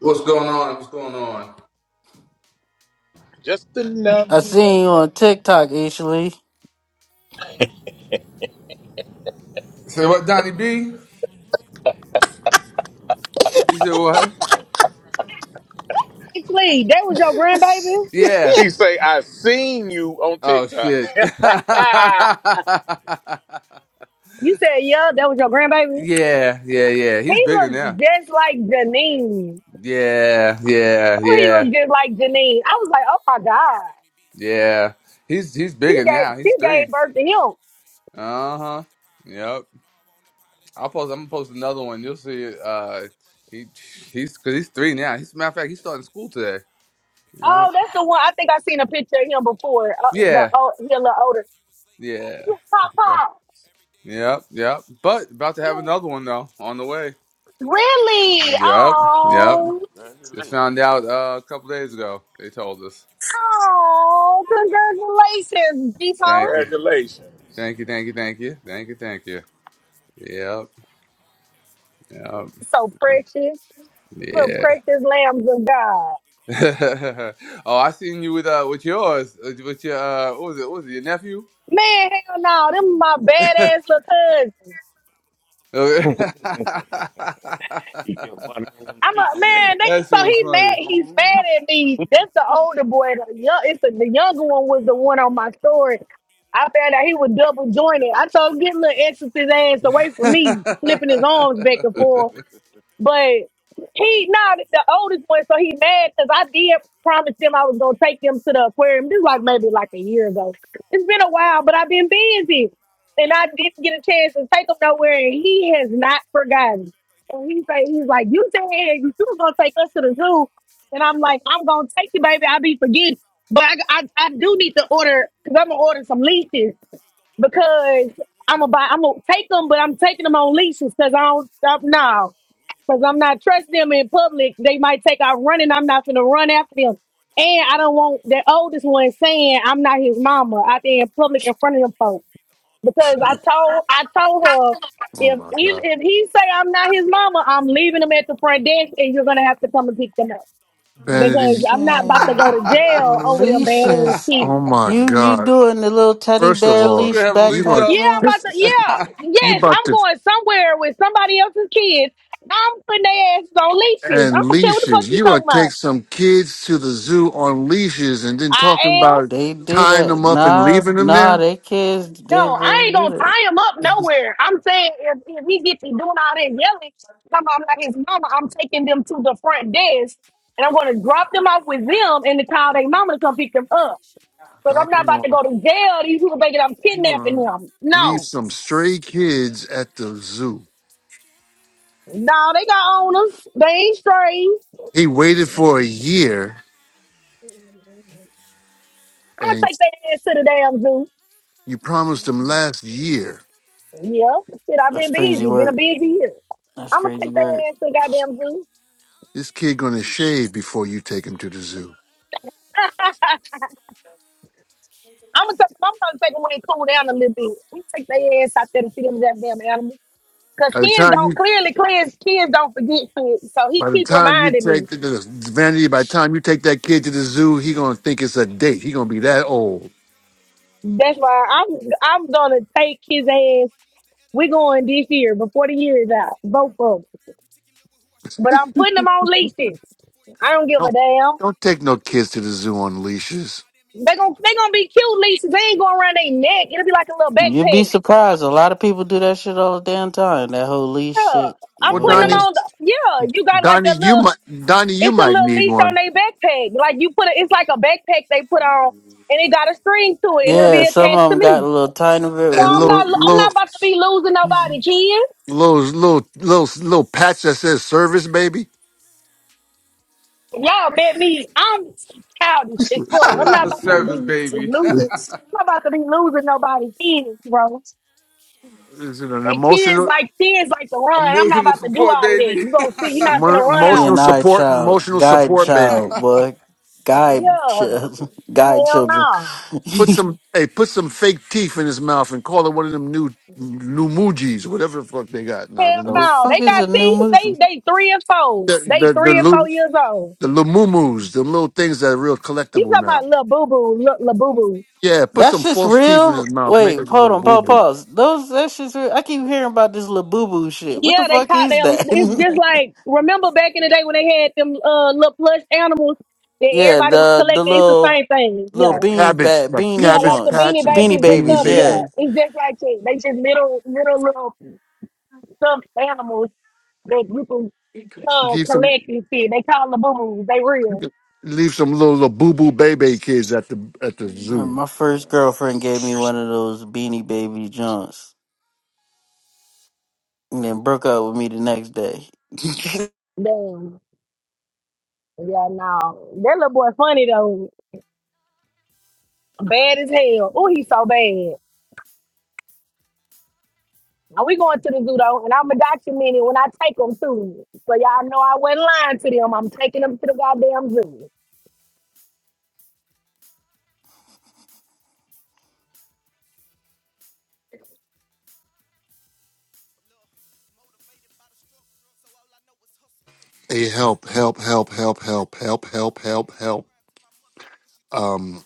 Speaker 17: What's going on? What's going on?
Speaker 2: Just enough.
Speaker 14: I seen you
Speaker 2: man.
Speaker 14: on TikTok, Ashley.
Speaker 17: Say what, Donnie
Speaker 9: Be your
Speaker 17: B?
Speaker 9: born is ill. Some
Speaker 17: You said what?
Speaker 7: Yeah,
Speaker 13: Actually, that was your grandbaby.
Speaker 17: Yeah.
Speaker 2: He say, "I seen you
Speaker 9: reason beat
Speaker 2: on
Speaker 9: the
Speaker 17: Oh
Speaker 9: heart and
Speaker 2: TikTok."
Speaker 17: shit.
Speaker 9: guilt.
Speaker 17: yeah,
Speaker 9: your days are numbered. So
Speaker 13: You
Speaker 9: when
Speaker 13: said
Speaker 9: you should do
Speaker 13: yeah,
Speaker 9: the
Speaker 13: that was
Speaker 9: most
Speaker 13: your
Speaker 9: when you can
Speaker 13: grandbaby.
Speaker 9: wonder.
Speaker 17: yeah,
Speaker 9: It's
Speaker 17: yeah.
Speaker 9: a blue
Speaker 17: He's
Speaker 13: He
Speaker 9: moon,
Speaker 17: bigger
Speaker 13: looks
Speaker 17: now.
Speaker 9: temperature
Speaker 13: just
Speaker 9: slow
Speaker 13: like
Speaker 9: and thunder. To
Speaker 13: Janine.
Speaker 9: survive a monster, feelings
Speaker 17: Yeah,
Speaker 9: gotta be
Speaker 17: yeah,
Speaker 9: the
Speaker 13: Oh, he
Speaker 9: beast of
Speaker 17: yeah,
Speaker 13: looked just
Speaker 9: hunger.
Speaker 13: like
Speaker 9: You do.
Speaker 13: Janine. I was like, oh my
Speaker 9: You just
Speaker 13: god,
Speaker 9: feed me beats and feed me
Speaker 17: yeah.
Speaker 9: lies.
Speaker 17: He's he's
Speaker 9: Out the
Speaker 13: she
Speaker 17: bigger
Speaker 9: way, the
Speaker 13: gave
Speaker 17: now.
Speaker 13: she
Speaker 17: He's
Speaker 9: tension high, I
Speaker 13: gave
Speaker 17: three.
Speaker 9: see
Speaker 13: birth to
Speaker 9: them
Speaker 13: him.
Speaker 9: demon eyes. Who
Speaker 17: Uh
Speaker 9: just
Speaker 17: huh.
Speaker 9: after pie?
Speaker 17: Yep.
Speaker 9: No, I won't
Speaker 17: I'll
Speaker 9: apologize
Speaker 17: post. I'm
Speaker 9: and
Speaker 17: gonna
Speaker 9: don't
Speaker 17: post
Speaker 9: ask me
Speaker 17: another
Speaker 9: why.
Speaker 17: one. You'll see.
Speaker 9: They
Speaker 17: it.
Speaker 9: was on the back
Speaker 17: Uh,
Speaker 9: step of the
Speaker 17: he
Speaker 9: door when we was
Speaker 17: he's
Speaker 9: passing
Speaker 17: because
Speaker 9: by.
Speaker 17: he's three now. He's matter of
Speaker 9: Moving
Speaker 17: fact, he's
Speaker 9: units
Speaker 17: starting
Speaker 9: in a
Speaker 17: school
Speaker 9: suit and
Speaker 17: today.
Speaker 9: tie. If you the
Speaker 17: Yep.
Speaker 13: Oh, that's the
Speaker 9: truest
Speaker 13: one.
Speaker 9: one,
Speaker 13: I
Speaker 9: then who
Speaker 13: think I
Speaker 9: am
Speaker 13: seen
Speaker 9: I?
Speaker 13: a picture of him
Speaker 9: clean the
Speaker 13: before.
Speaker 9: plate,
Speaker 13: Uh,
Speaker 9: that's just the
Speaker 13: the
Speaker 17: Yeah.
Speaker 13: oh, he a
Speaker 9: appetite.
Speaker 13: little older.
Speaker 9: If you was late, then don't be
Speaker 13: You pop
Speaker 9: asking that.
Speaker 17: Yeah.
Speaker 13: pop.
Speaker 9: Every day I pour
Speaker 17: Yep,
Speaker 9: some
Speaker 17: yep.
Speaker 9: passion out.
Speaker 17: But about to have
Speaker 9: Travel
Speaker 13: You
Speaker 9: the
Speaker 17: another
Speaker 9: world,
Speaker 17: one
Speaker 9: I'm
Speaker 17: though
Speaker 9: just
Speaker 17: on the
Speaker 9: cashing
Speaker 17: way.
Speaker 9: out. They try to match me,
Speaker 13: really?
Speaker 9: ain't no
Speaker 17: Yep,
Speaker 7: bro.
Speaker 9: match at
Speaker 7: Oh,
Speaker 9: all.
Speaker 17: yep.
Speaker 7: buddy,
Speaker 13: Oh,
Speaker 9: That's how I
Speaker 17: Just
Speaker 9: can
Speaker 17: found
Speaker 9: really
Speaker 17: out
Speaker 9: pass it
Speaker 17: uh, a
Speaker 9: off.
Speaker 17: couple
Speaker 9: You
Speaker 17: days
Speaker 9: check the
Speaker 17: ago.
Speaker 9: ball,
Speaker 17: They
Speaker 9: then we
Speaker 17: told
Speaker 9: can make
Speaker 17: us.
Speaker 9: it raw. You cross the
Speaker 13: oh!
Speaker 9: line, and then you make it raw
Speaker 13: Congratulations,
Speaker 17: Thank
Speaker 13: Defoe.
Speaker 17: you,
Speaker 2: Congratulations.
Speaker 9: guaranteed
Speaker 17: thank you,
Speaker 9: the
Speaker 17: thank you,
Speaker 9: days are
Speaker 17: thank you,
Speaker 9: numbered. So
Speaker 17: thank you,
Speaker 9: if
Speaker 17: thank
Speaker 9: bitch
Speaker 17: you.
Speaker 9: do the most what you can wonder.
Speaker 17: Yep,
Speaker 9: As a glow road,
Speaker 17: yep,
Speaker 9: it takes a
Speaker 13: So
Speaker 9: stomach thunder to
Speaker 13: precious,
Speaker 9: survive a
Speaker 13: little
Speaker 9: monster
Speaker 17: yeah.
Speaker 9: fit. It's
Speaker 13: precious
Speaker 9: gotta
Speaker 13: lambs
Speaker 9: be some
Speaker 13: of
Speaker 9: feet the
Speaker 13: God.
Speaker 9: hunger. Yo, when you born is
Speaker 17: oh, I seen
Speaker 9: guaranteed
Speaker 17: you
Speaker 9: the days
Speaker 17: with
Speaker 9: are
Speaker 17: uh with yours
Speaker 9: numbered.
Speaker 17: uh, with
Speaker 9: So
Speaker 17: your
Speaker 9: if
Speaker 17: uh
Speaker 9: bitch
Speaker 17: what was
Speaker 9: do
Speaker 17: it
Speaker 9: the
Speaker 17: what was it your
Speaker 9: most what you
Speaker 17: nephew?
Speaker 9: can wonder. As
Speaker 13: Man,
Speaker 9: a
Speaker 13: hell
Speaker 9: glow road, it
Speaker 13: no,
Speaker 9: takes a
Speaker 13: them my
Speaker 9: stomach thunder
Speaker 17: that
Speaker 13: badass little cousins.
Speaker 9: to survive a monster fit. It's gotta be some feet
Speaker 7: congratulations.
Speaker 9: the hunger. Like on an
Speaker 7: She just
Speaker 9: Xbox,
Speaker 7: one
Speaker 9: homie,
Speaker 7: random
Speaker 9: yeah, don't
Speaker 13: I'm a
Speaker 7: sheet
Speaker 9: dish
Speaker 7: on
Speaker 9: with
Speaker 7: the
Speaker 9: the
Speaker 13: man.
Speaker 7: head.
Speaker 9: guy.
Speaker 13: They, so
Speaker 17: shit
Speaker 7: Well,
Speaker 17: was
Speaker 7: I
Speaker 13: he
Speaker 9: Haters
Speaker 7: said,
Speaker 13: mad.
Speaker 9: come out
Speaker 13: He's
Speaker 9: like
Speaker 7: ooh.
Speaker 13: mad
Speaker 9: roaches.
Speaker 13: at
Speaker 9: I
Speaker 13: me.
Speaker 9: turn waiting
Speaker 13: That's
Speaker 9: to
Speaker 13: the
Speaker 9: start
Speaker 13: older boy.
Speaker 9: spraying.
Speaker 13: The young,
Speaker 9: Don't
Speaker 13: it's
Speaker 9: end
Speaker 13: the,
Speaker 9: up
Speaker 13: the younger one was the one
Speaker 9: getting
Speaker 13: on my
Speaker 9: buried
Speaker 13: story.
Speaker 9: trying to build
Speaker 13: I
Speaker 9: a night.
Speaker 13: found
Speaker 9: Don't
Speaker 13: out he
Speaker 9: let your life be the deposit
Speaker 13: was
Speaker 9: for paying
Speaker 13: double
Speaker 9: the price
Speaker 13: jointed.
Speaker 9: of
Speaker 13: I
Speaker 9: fame. I've
Speaker 13: told him
Speaker 9: seen
Speaker 13: get a
Speaker 9: too many
Speaker 13: little
Speaker 9: crash
Speaker 13: exorcist ass
Speaker 9: out
Speaker 13: away from
Speaker 9: driving in
Speaker 13: me,
Speaker 9: the wrong
Speaker 13: flipping
Speaker 9: light
Speaker 13: his
Speaker 9: because
Speaker 13: arms
Speaker 9: they
Speaker 13: back and
Speaker 9: cracking
Speaker 17: funny.
Speaker 9: under
Speaker 13: forth.
Speaker 9: pressure like pebbles in
Speaker 13: But
Speaker 9: window bites. I
Speaker 13: he
Speaker 9: will leave you
Speaker 13: not the
Speaker 9: out the lip
Speaker 13: oldest one, so
Speaker 9: and I
Speaker 13: he
Speaker 9: ain't talking
Speaker 13: mad because
Speaker 9: hyper
Speaker 13: I
Speaker 9: sprites.
Speaker 13: did
Speaker 9: Better
Speaker 13: promise him
Speaker 9: watching
Speaker 13: I
Speaker 9: you
Speaker 13: was
Speaker 9: connect
Speaker 13: gonna take
Speaker 9: with the
Speaker 13: him to
Speaker 9: sun
Speaker 13: the
Speaker 9: that was
Speaker 13: aquarium. This was
Speaker 9: leaving
Speaker 13: like
Speaker 9: drank.
Speaker 13: maybe like a
Speaker 9: Pride
Speaker 13: year
Speaker 9: come before
Speaker 13: ago.
Speaker 9: the fall. You
Speaker 13: It's been a while,
Speaker 9: can
Speaker 13: but I've
Speaker 9: got it
Speaker 13: been
Speaker 9: all, not
Speaker 13: busy,
Speaker 9: a matter of
Speaker 13: and
Speaker 9: if
Speaker 13: I
Speaker 9: or when.
Speaker 13: didn't
Speaker 9: If
Speaker 13: get a
Speaker 9: the
Speaker 13: chance to
Speaker 9: time
Speaker 13: take
Speaker 9: never
Speaker 13: him
Speaker 9: stop.
Speaker 13: nowhere. And
Speaker 9: Never
Speaker 13: he
Speaker 9: not
Speaker 13: has not
Speaker 9: is real
Speaker 13: forgotten.
Speaker 9: time and the payback a
Speaker 13: And
Speaker 9: hidden
Speaker 13: he
Speaker 9: pause.
Speaker 13: say he's
Speaker 9: Stay
Speaker 13: like,
Speaker 9: your
Speaker 13: you
Speaker 9: book
Speaker 13: said
Speaker 9: and take the
Speaker 13: you
Speaker 9: losses,
Speaker 13: was
Speaker 9: no
Speaker 13: gonna take
Speaker 9: future
Speaker 13: us to
Speaker 9: in
Speaker 13: the
Speaker 9: being
Speaker 13: zoo,
Speaker 9: false.
Speaker 13: and
Speaker 9: Couldn't
Speaker 13: I'm
Speaker 9: be
Speaker 13: like,
Speaker 9: like
Speaker 13: I'm
Speaker 9: this
Speaker 13: gonna take you, baby.
Speaker 9: though.
Speaker 13: I
Speaker 9: I stand solid,
Speaker 13: be
Speaker 9: I can't get
Speaker 13: forgetting,
Speaker 9: south
Speaker 13: but I,
Speaker 9: calls.
Speaker 13: I
Speaker 9: I'm
Speaker 13: I
Speaker 9: not
Speaker 13: do need
Speaker 9: referring
Speaker 13: to
Speaker 9: to
Speaker 13: order
Speaker 9: standing, will
Speaker 13: because I'm
Speaker 9: not
Speaker 13: gonna
Speaker 9: get
Speaker 13: order
Speaker 9: out
Speaker 13: some
Speaker 9: now.
Speaker 13: leashes
Speaker 9: Cause it's the global
Speaker 13: because.
Speaker 9: position and when
Speaker 13: I'm
Speaker 9: you
Speaker 13: gonna buy.
Speaker 9: flout
Speaker 13: I'm gonna
Speaker 9: all.
Speaker 13: take them,
Speaker 9: And
Speaker 13: but
Speaker 9: if
Speaker 13: I'm
Speaker 9: you
Speaker 13: taking
Speaker 9: need
Speaker 13: them
Speaker 9: a
Speaker 13: on
Speaker 9: reason,
Speaker 13: leashes
Speaker 9: crowd
Speaker 13: because
Speaker 9: back
Speaker 13: I
Speaker 9: in the
Speaker 13: don't.
Speaker 9: straw,
Speaker 13: I,
Speaker 9: y'all.
Speaker 13: No,
Speaker 9: When you're
Speaker 13: Cause
Speaker 9: born,
Speaker 13: I'm
Speaker 9: it's
Speaker 13: not trusting
Speaker 9: guaranteed your
Speaker 13: them in
Speaker 9: days
Speaker 13: public. They
Speaker 9: are
Speaker 13: might
Speaker 9: not
Speaker 13: take
Speaker 9: over. So
Speaker 13: out
Speaker 9: you can
Speaker 13: running. I'm not gonna run
Speaker 9: wonder.
Speaker 13: after
Speaker 9: It's harder
Speaker 13: them.
Speaker 9: to
Speaker 13: And I don't want the oldest one saying I'm not his mama
Speaker 9: survive.
Speaker 13: out there in
Speaker 9: Most of it
Speaker 13: public
Speaker 9: has
Speaker 13: in front of
Speaker 9: gotta
Speaker 13: them
Speaker 9: be some
Speaker 13: folks.
Speaker 9: feed the hunger,
Speaker 13: Because I
Speaker 9: yeah.
Speaker 13: told I told her
Speaker 11: Oh
Speaker 13: if
Speaker 11: my
Speaker 13: he,
Speaker 11: god,
Speaker 13: if he say
Speaker 9: So
Speaker 13: I'm not his mama, I'm leaving him at the front desk, and you're gonna have to come and pick them up because
Speaker 11: Vanity.
Speaker 13: I'm not
Speaker 17: you
Speaker 13: about to
Speaker 14: Shit.
Speaker 13: go to jail over them bad ass
Speaker 9: I
Speaker 14: Leashes.
Speaker 13: kids.
Speaker 11: Oh my
Speaker 14: You you
Speaker 11: god.
Speaker 14: doing the little teddy
Speaker 11: First of
Speaker 14: bear
Speaker 11: all,
Speaker 17: gonna
Speaker 14: leash
Speaker 17: have them
Speaker 11: you
Speaker 17: leashed
Speaker 11: gonna
Speaker 14: backpack
Speaker 17: up?
Speaker 13: Yeah, I'm about to.
Speaker 14: jumps?
Speaker 13: Yeah,
Speaker 11: you
Speaker 13: yes,
Speaker 11: about
Speaker 13: I'm
Speaker 11: to
Speaker 13: going somewhere with somebody else's kids. I'm putting their asses on leashes. I
Speaker 11: and
Speaker 13: don't care what the fuck
Speaker 11: leashes.
Speaker 13: you
Speaker 11: You gonna
Speaker 13: talking about.
Speaker 11: take some kids to the zoo on leashes and then talking
Speaker 13: I am.
Speaker 11: about
Speaker 14: They do
Speaker 11: tying
Speaker 14: that.
Speaker 11: them up and
Speaker 14: Nah,
Speaker 11: leaving them
Speaker 14: nah,
Speaker 11: there.
Speaker 14: they kids they
Speaker 13: No,
Speaker 14: they
Speaker 13: I ain't gonna
Speaker 14: do
Speaker 13: tie him up
Speaker 14: that.
Speaker 13: nowhere. I'm saying if, if he gets to doing all that yelling, talking about like his mama, I'm taking them to the front desk and
Speaker 9: had
Speaker 13: I'm gonna
Speaker 9: to
Speaker 13: drop them off with
Speaker 9: lay off
Speaker 13: them and to call
Speaker 9: from
Speaker 13: their mama to come
Speaker 9: my
Speaker 13: pick them up.
Speaker 9: conversation, boy. I
Speaker 13: But I'm
Speaker 11: Drop
Speaker 13: not
Speaker 9: had
Speaker 11: 'em
Speaker 13: about
Speaker 9: you
Speaker 11: off.
Speaker 13: to go
Speaker 9: way
Speaker 13: to
Speaker 9: off
Speaker 13: jail. These people thinking I'm
Speaker 9: from
Speaker 11: You
Speaker 9: the
Speaker 13: kidnapping
Speaker 11: gonna
Speaker 9: looks
Speaker 13: them.
Speaker 9: I put
Speaker 11: leave
Speaker 9: you
Speaker 13: No.
Speaker 9: with
Speaker 11: some
Speaker 9: the rest.
Speaker 11: stray
Speaker 9: I
Speaker 11: kids
Speaker 9: played
Speaker 11: at
Speaker 9: hard.
Speaker 11: the zoo.
Speaker 9: Getting there, I see.
Speaker 13: No, they got
Speaker 9: You
Speaker 13: owners. They
Speaker 9: may be
Speaker 13: ain't
Speaker 9: the one
Speaker 13: strays.
Speaker 9: for
Speaker 11: He
Speaker 9: me.
Speaker 11: waited
Speaker 13: I'm
Speaker 9: Still
Speaker 11: for a
Speaker 9: gotta see.
Speaker 11: year,
Speaker 9: Having
Speaker 13: gonna
Speaker 9: withdrawals. Me, I love
Speaker 11: and
Speaker 9: just
Speaker 13: take
Speaker 9: like I
Speaker 13: their ass to
Speaker 9: should.
Speaker 13: the
Speaker 9: know
Speaker 13: damn
Speaker 9: I
Speaker 13: zoo.
Speaker 9: love
Speaker 11: you
Speaker 9: her.
Speaker 11: promised him
Speaker 9: If
Speaker 11: last
Speaker 9: you
Speaker 11: year.
Speaker 9: give your best to me,
Speaker 13: Yeah,
Speaker 9: I'm
Speaker 13: shit, I've
Speaker 9: pressing
Speaker 14: That's
Speaker 13: been busy.
Speaker 14: crazy
Speaker 9: this
Speaker 13: Been a
Speaker 14: work.
Speaker 13: busy
Speaker 9: time.
Speaker 13: year.
Speaker 9: But then
Speaker 14: That's
Speaker 13: I'm gonna
Speaker 14: crazy
Speaker 13: take
Speaker 9: there's
Speaker 13: their
Speaker 9: no
Speaker 14: work.
Speaker 13: ass to the goddamn
Speaker 9: guarantee. I'll
Speaker 11: This
Speaker 9: give
Speaker 11: kid
Speaker 9: you my
Speaker 11: gonna
Speaker 9: heart
Speaker 11: shave
Speaker 9: and
Speaker 11: before you
Speaker 9: we'll
Speaker 11: take him to the zoo.
Speaker 9: see. Can
Speaker 13: zoo.
Speaker 9: we start? Can we
Speaker 13: I'm gonna take. I'm
Speaker 9: start?
Speaker 13: gonna take them when they
Speaker 9: Can
Speaker 13: cool
Speaker 9: we
Speaker 13: down a little bit. We
Speaker 9: start?
Speaker 13: take
Speaker 9: Can
Speaker 13: their
Speaker 9: we
Speaker 13: ass out there and feed them that damn animal. Cause
Speaker 11: By the
Speaker 13: kids
Speaker 11: time
Speaker 13: don't
Speaker 11: you,
Speaker 13: clearly
Speaker 9: start?
Speaker 13: kids kids don't forget
Speaker 9: Can we
Speaker 13: shit. So he
Speaker 11: by
Speaker 9: start?
Speaker 11: the
Speaker 13: keep
Speaker 11: time you
Speaker 13: reminding
Speaker 11: take
Speaker 13: me.
Speaker 11: the,
Speaker 9: Can we
Speaker 11: the
Speaker 9: start?
Speaker 11: vanity,
Speaker 9: Can
Speaker 11: by the time you take that
Speaker 9: we start?
Speaker 11: kid to the
Speaker 9: Can we
Speaker 11: zoo,
Speaker 9: start?
Speaker 11: he gonna think it's a date. He gonna be
Speaker 9: Feeling
Speaker 11: that
Speaker 9: the way I'm
Speaker 11: old.
Speaker 9: feeling, girl, I know you be my
Speaker 13: That's
Speaker 9: vibration. I'm
Speaker 13: why
Speaker 9: on the
Speaker 13: I'm
Speaker 9: frequency
Speaker 13: I'm
Speaker 9: only you
Speaker 13: gonna
Speaker 9: align
Speaker 13: take
Speaker 9: with.
Speaker 13: his
Speaker 9: Appealing to all
Speaker 13: ass.
Speaker 9: my needs, the edit I
Speaker 13: We're
Speaker 9: need to
Speaker 13: going
Speaker 9: breathe.
Speaker 13: this
Speaker 9: One of
Speaker 13: year
Speaker 9: the few that
Speaker 13: before
Speaker 9: I
Speaker 13: the
Speaker 9: break
Speaker 13: year is
Speaker 9: bread and
Speaker 13: out,
Speaker 9: sitting
Speaker 13: both
Speaker 9: down with.
Speaker 13: of them.
Speaker 9: I'm very particular with who I share my
Speaker 13: But I'm
Speaker 9: energy.
Speaker 13: putting them
Speaker 9: Even though I
Speaker 13: on leashes.
Speaker 9: recognize you before you
Speaker 13: I don't
Speaker 9: desire
Speaker 13: give
Speaker 9: me.
Speaker 13: a
Speaker 11: Don't,
Speaker 9: I
Speaker 13: damn.
Speaker 9: already know
Speaker 11: don't
Speaker 9: you
Speaker 11: take no
Speaker 9: overwhelmed with
Speaker 11: kids
Speaker 9: these
Speaker 11: to the
Speaker 9: niggas is
Speaker 11: zoo
Speaker 9: slaves.
Speaker 11: on
Speaker 9: Should probably
Speaker 11: leashes.
Speaker 9: fire them and you
Speaker 13: They
Speaker 9: should come
Speaker 13: gon'
Speaker 9: and
Speaker 13: they
Speaker 9: hide
Speaker 13: gonna
Speaker 9: me.
Speaker 13: be
Speaker 9: I
Speaker 13: cute
Speaker 9: know you
Speaker 13: leashes. They ain't
Speaker 9: recognize
Speaker 13: going
Speaker 9: what
Speaker 13: around
Speaker 9: I'm
Speaker 13: their
Speaker 9: really worth,
Speaker 13: neck. It'll
Speaker 9: cause
Speaker 13: be
Speaker 9: you
Speaker 13: like a
Speaker 9: talking
Speaker 13: little
Speaker 9: to me
Speaker 14: You'd
Speaker 9: different
Speaker 14: be
Speaker 9: than
Speaker 13: backpack.
Speaker 9: how you did it
Speaker 14: surprised. A
Speaker 9: first.
Speaker 14: lot of
Speaker 9: Papa
Speaker 14: people
Speaker 9: helped
Speaker 14: do
Speaker 9: me off
Speaker 14: that
Speaker 9: of
Speaker 14: shit
Speaker 9: the
Speaker 14: all
Speaker 9: mountain
Speaker 14: the
Speaker 9: when I
Speaker 14: damn
Speaker 9: first
Speaker 14: time.
Speaker 9: birthed,
Speaker 14: That
Speaker 9: and I'ma
Speaker 14: whole
Speaker 9: be the
Speaker 14: leash
Speaker 9: king of
Speaker 13: Yeah,
Speaker 14: shit.
Speaker 9: the jungle
Speaker 13: I'm
Speaker 11: Well,
Speaker 9: till I'm
Speaker 13: putting
Speaker 9: in
Speaker 13: them
Speaker 9: the
Speaker 11: Donnie,
Speaker 14: What?
Speaker 13: on.
Speaker 9: dirt,
Speaker 13: The,
Speaker 9: yeah. And I
Speaker 13: yeah,
Speaker 9: don't
Speaker 13: you
Speaker 9: take a
Speaker 13: got
Speaker 9: offense
Speaker 13: like
Speaker 9: to
Speaker 11: Donnie,
Speaker 9: your
Speaker 13: a
Speaker 11: you
Speaker 13: little.
Speaker 11: might,
Speaker 9: shenanigans, cause
Speaker 11: Donnie,
Speaker 9: I
Speaker 11: you
Speaker 9: know
Speaker 13: It's
Speaker 9: if
Speaker 13: a
Speaker 9: I
Speaker 11: might
Speaker 9: shoot
Speaker 13: little
Speaker 9: my
Speaker 11: need
Speaker 13: leash
Speaker 9: shot that
Speaker 13: on
Speaker 11: one.
Speaker 9: I'ma
Speaker 13: their
Speaker 9: land again.
Speaker 13: backpack.
Speaker 9: So
Speaker 13: Like
Speaker 9: now
Speaker 13: you
Speaker 9: that
Speaker 13: put
Speaker 9: you
Speaker 13: it, it's like
Speaker 9: understand
Speaker 13: a
Speaker 9: where we
Speaker 13: backpack
Speaker 9: really
Speaker 13: they
Speaker 9: at,
Speaker 13: put on,
Speaker 9: Michael
Speaker 13: and it
Speaker 9: 5000 watts
Speaker 13: got a
Speaker 9: of
Speaker 13: string to it, and
Speaker 9: permission.
Speaker 13: it'll
Speaker 14: Yeah,
Speaker 13: be
Speaker 14: some
Speaker 13: attached
Speaker 14: of
Speaker 13: to
Speaker 14: them got a
Speaker 13: me.
Speaker 14: little
Speaker 13: So
Speaker 11: And
Speaker 13: I'm
Speaker 14: tiny
Speaker 9: can't
Speaker 13: not, I'm
Speaker 9: stop.
Speaker 11: little,
Speaker 13: not
Speaker 14: bit.
Speaker 13: about to be losing nobody, kids.
Speaker 11: little little little
Speaker 9: can't
Speaker 11: little patch
Speaker 9: stop,
Speaker 11: that says service baby.
Speaker 9: can't stop, can't
Speaker 13: Y'all bet
Speaker 9: stop,
Speaker 13: me, I'm
Speaker 9: can't stop, can't stop, can't stop, can't
Speaker 13: childish as
Speaker 9: stop, can't stop,
Speaker 13: fuck. I'm not
Speaker 1: Service,
Speaker 13: about to
Speaker 17: Service
Speaker 1: baby.
Speaker 13: be losing. I'm
Speaker 17: baby.
Speaker 13: not about to be losing nobody, kids, bro.
Speaker 11: Is it an
Speaker 13: And kids
Speaker 11: emotional
Speaker 13: like kids like to run. I'm not
Speaker 17: Emotional
Speaker 13: about to do
Speaker 17: support
Speaker 13: all of that.
Speaker 17: baby.
Speaker 13: You
Speaker 17: Boss,
Speaker 13: gonna see? You're not gonna
Speaker 11: mer-
Speaker 13: run
Speaker 14: C
Speaker 11: emotional
Speaker 14: and
Speaker 13: out.
Speaker 14: I
Speaker 11: support
Speaker 14: child,
Speaker 11: emotional
Speaker 14: guide
Speaker 11: support baby?
Speaker 14: child, boy, guide, ch-
Speaker 13: Yeah,
Speaker 9: can't
Speaker 14: guide
Speaker 13: hell
Speaker 9: stop,
Speaker 14: children.
Speaker 13: no.
Speaker 11: Put
Speaker 14: the
Speaker 11: some hey,
Speaker 9: can't stop.
Speaker 11: put some fake teeth in
Speaker 9: Are
Speaker 11: his mouth and call
Speaker 9: you
Speaker 11: it one of
Speaker 9: ready to
Speaker 11: them
Speaker 9: run it
Speaker 11: new
Speaker 9: back? you know I'm
Speaker 11: new
Speaker 9: with it. If you
Speaker 11: Mujis,
Speaker 9: show me you
Speaker 11: whatever the
Speaker 9: really
Speaker 11: fuck
Speaker 9: want
Speaker 11: they
Speaker 9: it, then
Speaker 11: got
Speaker 9: I'll be
Speaker 11: now. The
Speaker 13: Hell
Speaker 9: committed.
Speaker 11: new
Speaker 13: no,
Speaker 14: fuck
Speaker 9: when
Speaker 13: they
Speaker 9: I
Speaker 14: is a
Speaker 13: got
Speaker 9: stand
Speaker 14: new
Speaker 9: on
Speaker 13: teeth. They
Speaker 9: something,
Speaker 14: movie?
Speaker 9: ain't no
Speaker 13: they three
Speaker 9: bullshit.
Speaker 13: and
Speaker 9: Girl, let me
Speaker 13: four.
Speaker 11: the
Speaker 9: ten
Speaker 13: They
Speaker 11: the
Speaker 9: times
Speaker 11: the,
Speaker 13: three
Speaker 9: down
Speaker 13: and
Speaker 9: and push
Speaker 13: four
Speaker 11: Lu-
Speaker 9: it to
Speaker 13: years
Speaker 9: the limit.
Speaker 13: old.
Speaker 11: the
Speaker 9: Are you ready to run it
Speaker 11: Lumumus,
Speaker 9: back?
Speaker 11: the little
Speaker 9: you know I'm
Speaker 11: things that
Speaker 9: with
Speaker 11: are
Speaker 9: it.
Speaker 11: real
Speaker 9: If you show me
Speaker 13: You
Speaker 9: you
Speaker 11: collectible
Speaker 13: talking
Speaker 9: really
Speaker 13: about
Speaker 11: now.
Speaker 9: want it,
Speaker 13: little
Speaker 9: then
Speaker 13: boo
Speaker 9: I'll be
Speaker 13: boo,
Speaker 9: committed.
Speaker 13: little boo
Speaker 9: when I
Speaker 13: boo?
Speaker 9: stand on
Speaker 11: Yeah,
Speaker 9: something,
Speaker 11: put
Speaker 14: That
Speaker 9: ain't
Speaker 11: some
Speaker 9: no
Speaker 14: shit's
Speaker 11: false
Speaker 9: bullshit.
Speaker 11: teeth in
Speaker 9: Girl,
Speaker 11: his
Speaker 14: real.
Speaker 9: i be
Speaker 11: mouth,
Speaker 9: ten
Speaker 11: make it a
Speaker 14: Wait,
Speaker 9: times
Speaker 11: little
Speaker 14: hold
Speaker 9: down and
Speaker 14: on,
Speaker 9: push
Speaker 11: boo
Speaker 14: pause,
Speaker 9: it to
Speaker 11: boo.
Speaker 9: the
Speaker 14: pause.
Speaker 9: limit.
Speaker 14: Those that shit's real. I keep hearing about this little boo boo shit. What the
Speaker 13: Yeah, they
Speaker 14: fuck
Speaker 13: caught
Speaker 14: is
Speaker 13: them.
Speaker 14: that?
Speaker 13: It's just like remember back in the day when they had them uh little plush animals that
Speaker 14: yeah,
Speaker 13: everybody was
Speaker 14: the the
Speaker 13: collecting. It's the
Speaker 14: little
Speaker 13: same thing.
Speaker 14: little
Speaker 11: A
Speaker 13: Yeah,
Speaker 14: bean
Speaker 11: cabbage,
Speaker 14: bat
Speaker 11: like
Speaker 14: beanie
Speaker 13: yeah,
Speaker 11: cabbage
Speaker 13: like the
Speaker 14: joints,
Speaker 11: patch
Speaker 13: beanie
Speaker 14: the
Speaker 9: Yeah.
Speaker 11: and
Speaker 14: beanie
Speaker 13: babies and
Speaker 11: beanie
Speaker 14: babies.
Speaker 13: stuff.
Speaker 14: Yeah,
Speaker 13: Yeah,
Speaker 11: babies.
Speaker 13: it's just like that. They just little little little stuffed animals that you can uh,
Speaker 11: Give some
Speaker 13: collect and see. They call them boo boos. They real.
Speaker 11: Leave some little, little boo boo baby kids at the at the
Speaker 14: my,
Speaker 11: zoo.
Speaker 14: my first girlfriend gave me one of those beanie baby joints. and then broke up with me the next day.
Speaker 13: Damn. Yeah, no, that little boy funny though. Bad as hell. Oh, he's so bad. Now we going to the zoo though, and I'm going to document it when I take them through. So y'all know I wasn't lying to them. I'm taking them to the goddamn zoo.
Speaker 9: Look, motivated by the struggle. So all I know is hustle. Face card
Speaker 11: Hey,
Speaker 9: good, I
Speaker 11: help,
Speaker 9: need it,
Speaker 11: help,
Speaker 9: then they
Speaker 11: help,
Speaker 9: give it
Speaker 11: help,
Speaker 9: on the
Speaker 11: help,
Speaker 9: muscle.
Speaker 11: help,
Speaker 9: I
Speaker 11: help,
Speaker 9: dedicate
Speaker 11: help,
Speaker 9: this
Speaker 11: help. Um,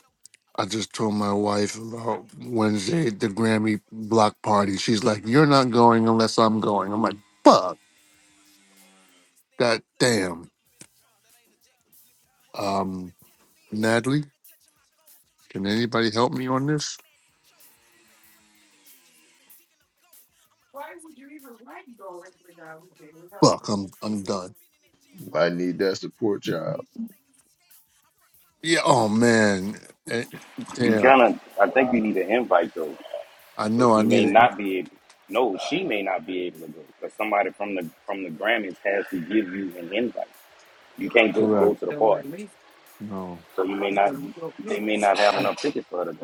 Speaker 11: I just told my wife about Wednesday the Grammy block party. She's like, "You're
Speaker 9: one
Speaker 11: not
Speaker 9: football
Speaker 11: going
Speaker 9: to this.
Speaker 11: unless I'm going."
Speaker 9: what.
Speaker 11: I'm like, "Fuck
Speaker 9: cause he stay in the
Speaker 11: that
Speaker 9: clutch. I
Speaker 11: damn."
Speaker 9: flip him in the trunk, that ain't a jack, but you can do up. You
Speaker 11: Um,
Speaker 9: been tapped in,
Speaker 11: Natalie,
Speaker 9: I've been touching my goals. Should you
Speaker 11: can
Speaker 9: choose when
Speaker 11: anybody
Speaker 9: you
Speaker 11: help
Speaker 9: a
Speaker 11: me
Speaker 9: choice,
Speaker 11: on
Speaker 9: I'm
Speaker 11: this?
Speaker 9: automatically chosen. We've been draped in the trenches, we've been digging up gold. I'm a top tier bitch, I can't be fucking these hoes. I got my mind
Speaker 11: Fuck,
Speaker 9: right,
Speaker 11: I'm
Speaker 9: I ain't
Speaker 11: I'm
Speaker 9: tight,
Speaker 11: done.
Speaker 9: been in that jam. And I
Speaker 1: Might need
Speaker 9: send
Speaker 1: that
Speaker 9: money to my
Speaker 1: support
Speaker 9: mommy
Speaker 1: job.
Speaker 9: and she think it's a scam. I front pounds to
Speaker 11: Yeah.
Speaker 9: my
Speaker 11: Oh
Speaker 9: niggas, they was
Speaker 11: man.
Speaker 9: pitching on
Speaker 11: Eh,
Speaker 9: grams. Niggas
Speaker 15: You
Speaker 9: hate
Speaker 11: Damn.
Speaker 15: kind of,
Speaker 9: trying to
Speaker 15: I
Speaker 9: take and I
Speaker 15: think you
Speaker 9: just
Speaker 15: need
Speaker 9: pray
Speaker 15: an
Speaker 9: it don't
Speaker 15: invite
Speaker 9: jam.
Speaker 15: though,
Speaker 9: Uh,
Speaker 11: I
Speaker 15: so
Speaker 11: know. I
Speaker 15: she may
Speaker 11: need it.
Speaker 15: not be. ab- No, she may not be able to go because somebody from the from the Grammys has to give you an invite. You can't just go
Speaker 11: Correct.
Speaker 15: to the party,
Speaker 11: No.
Speaker 15: so you may not. They may not have
Speaker 11: Oh,
Speaker 15: enough tickets for her to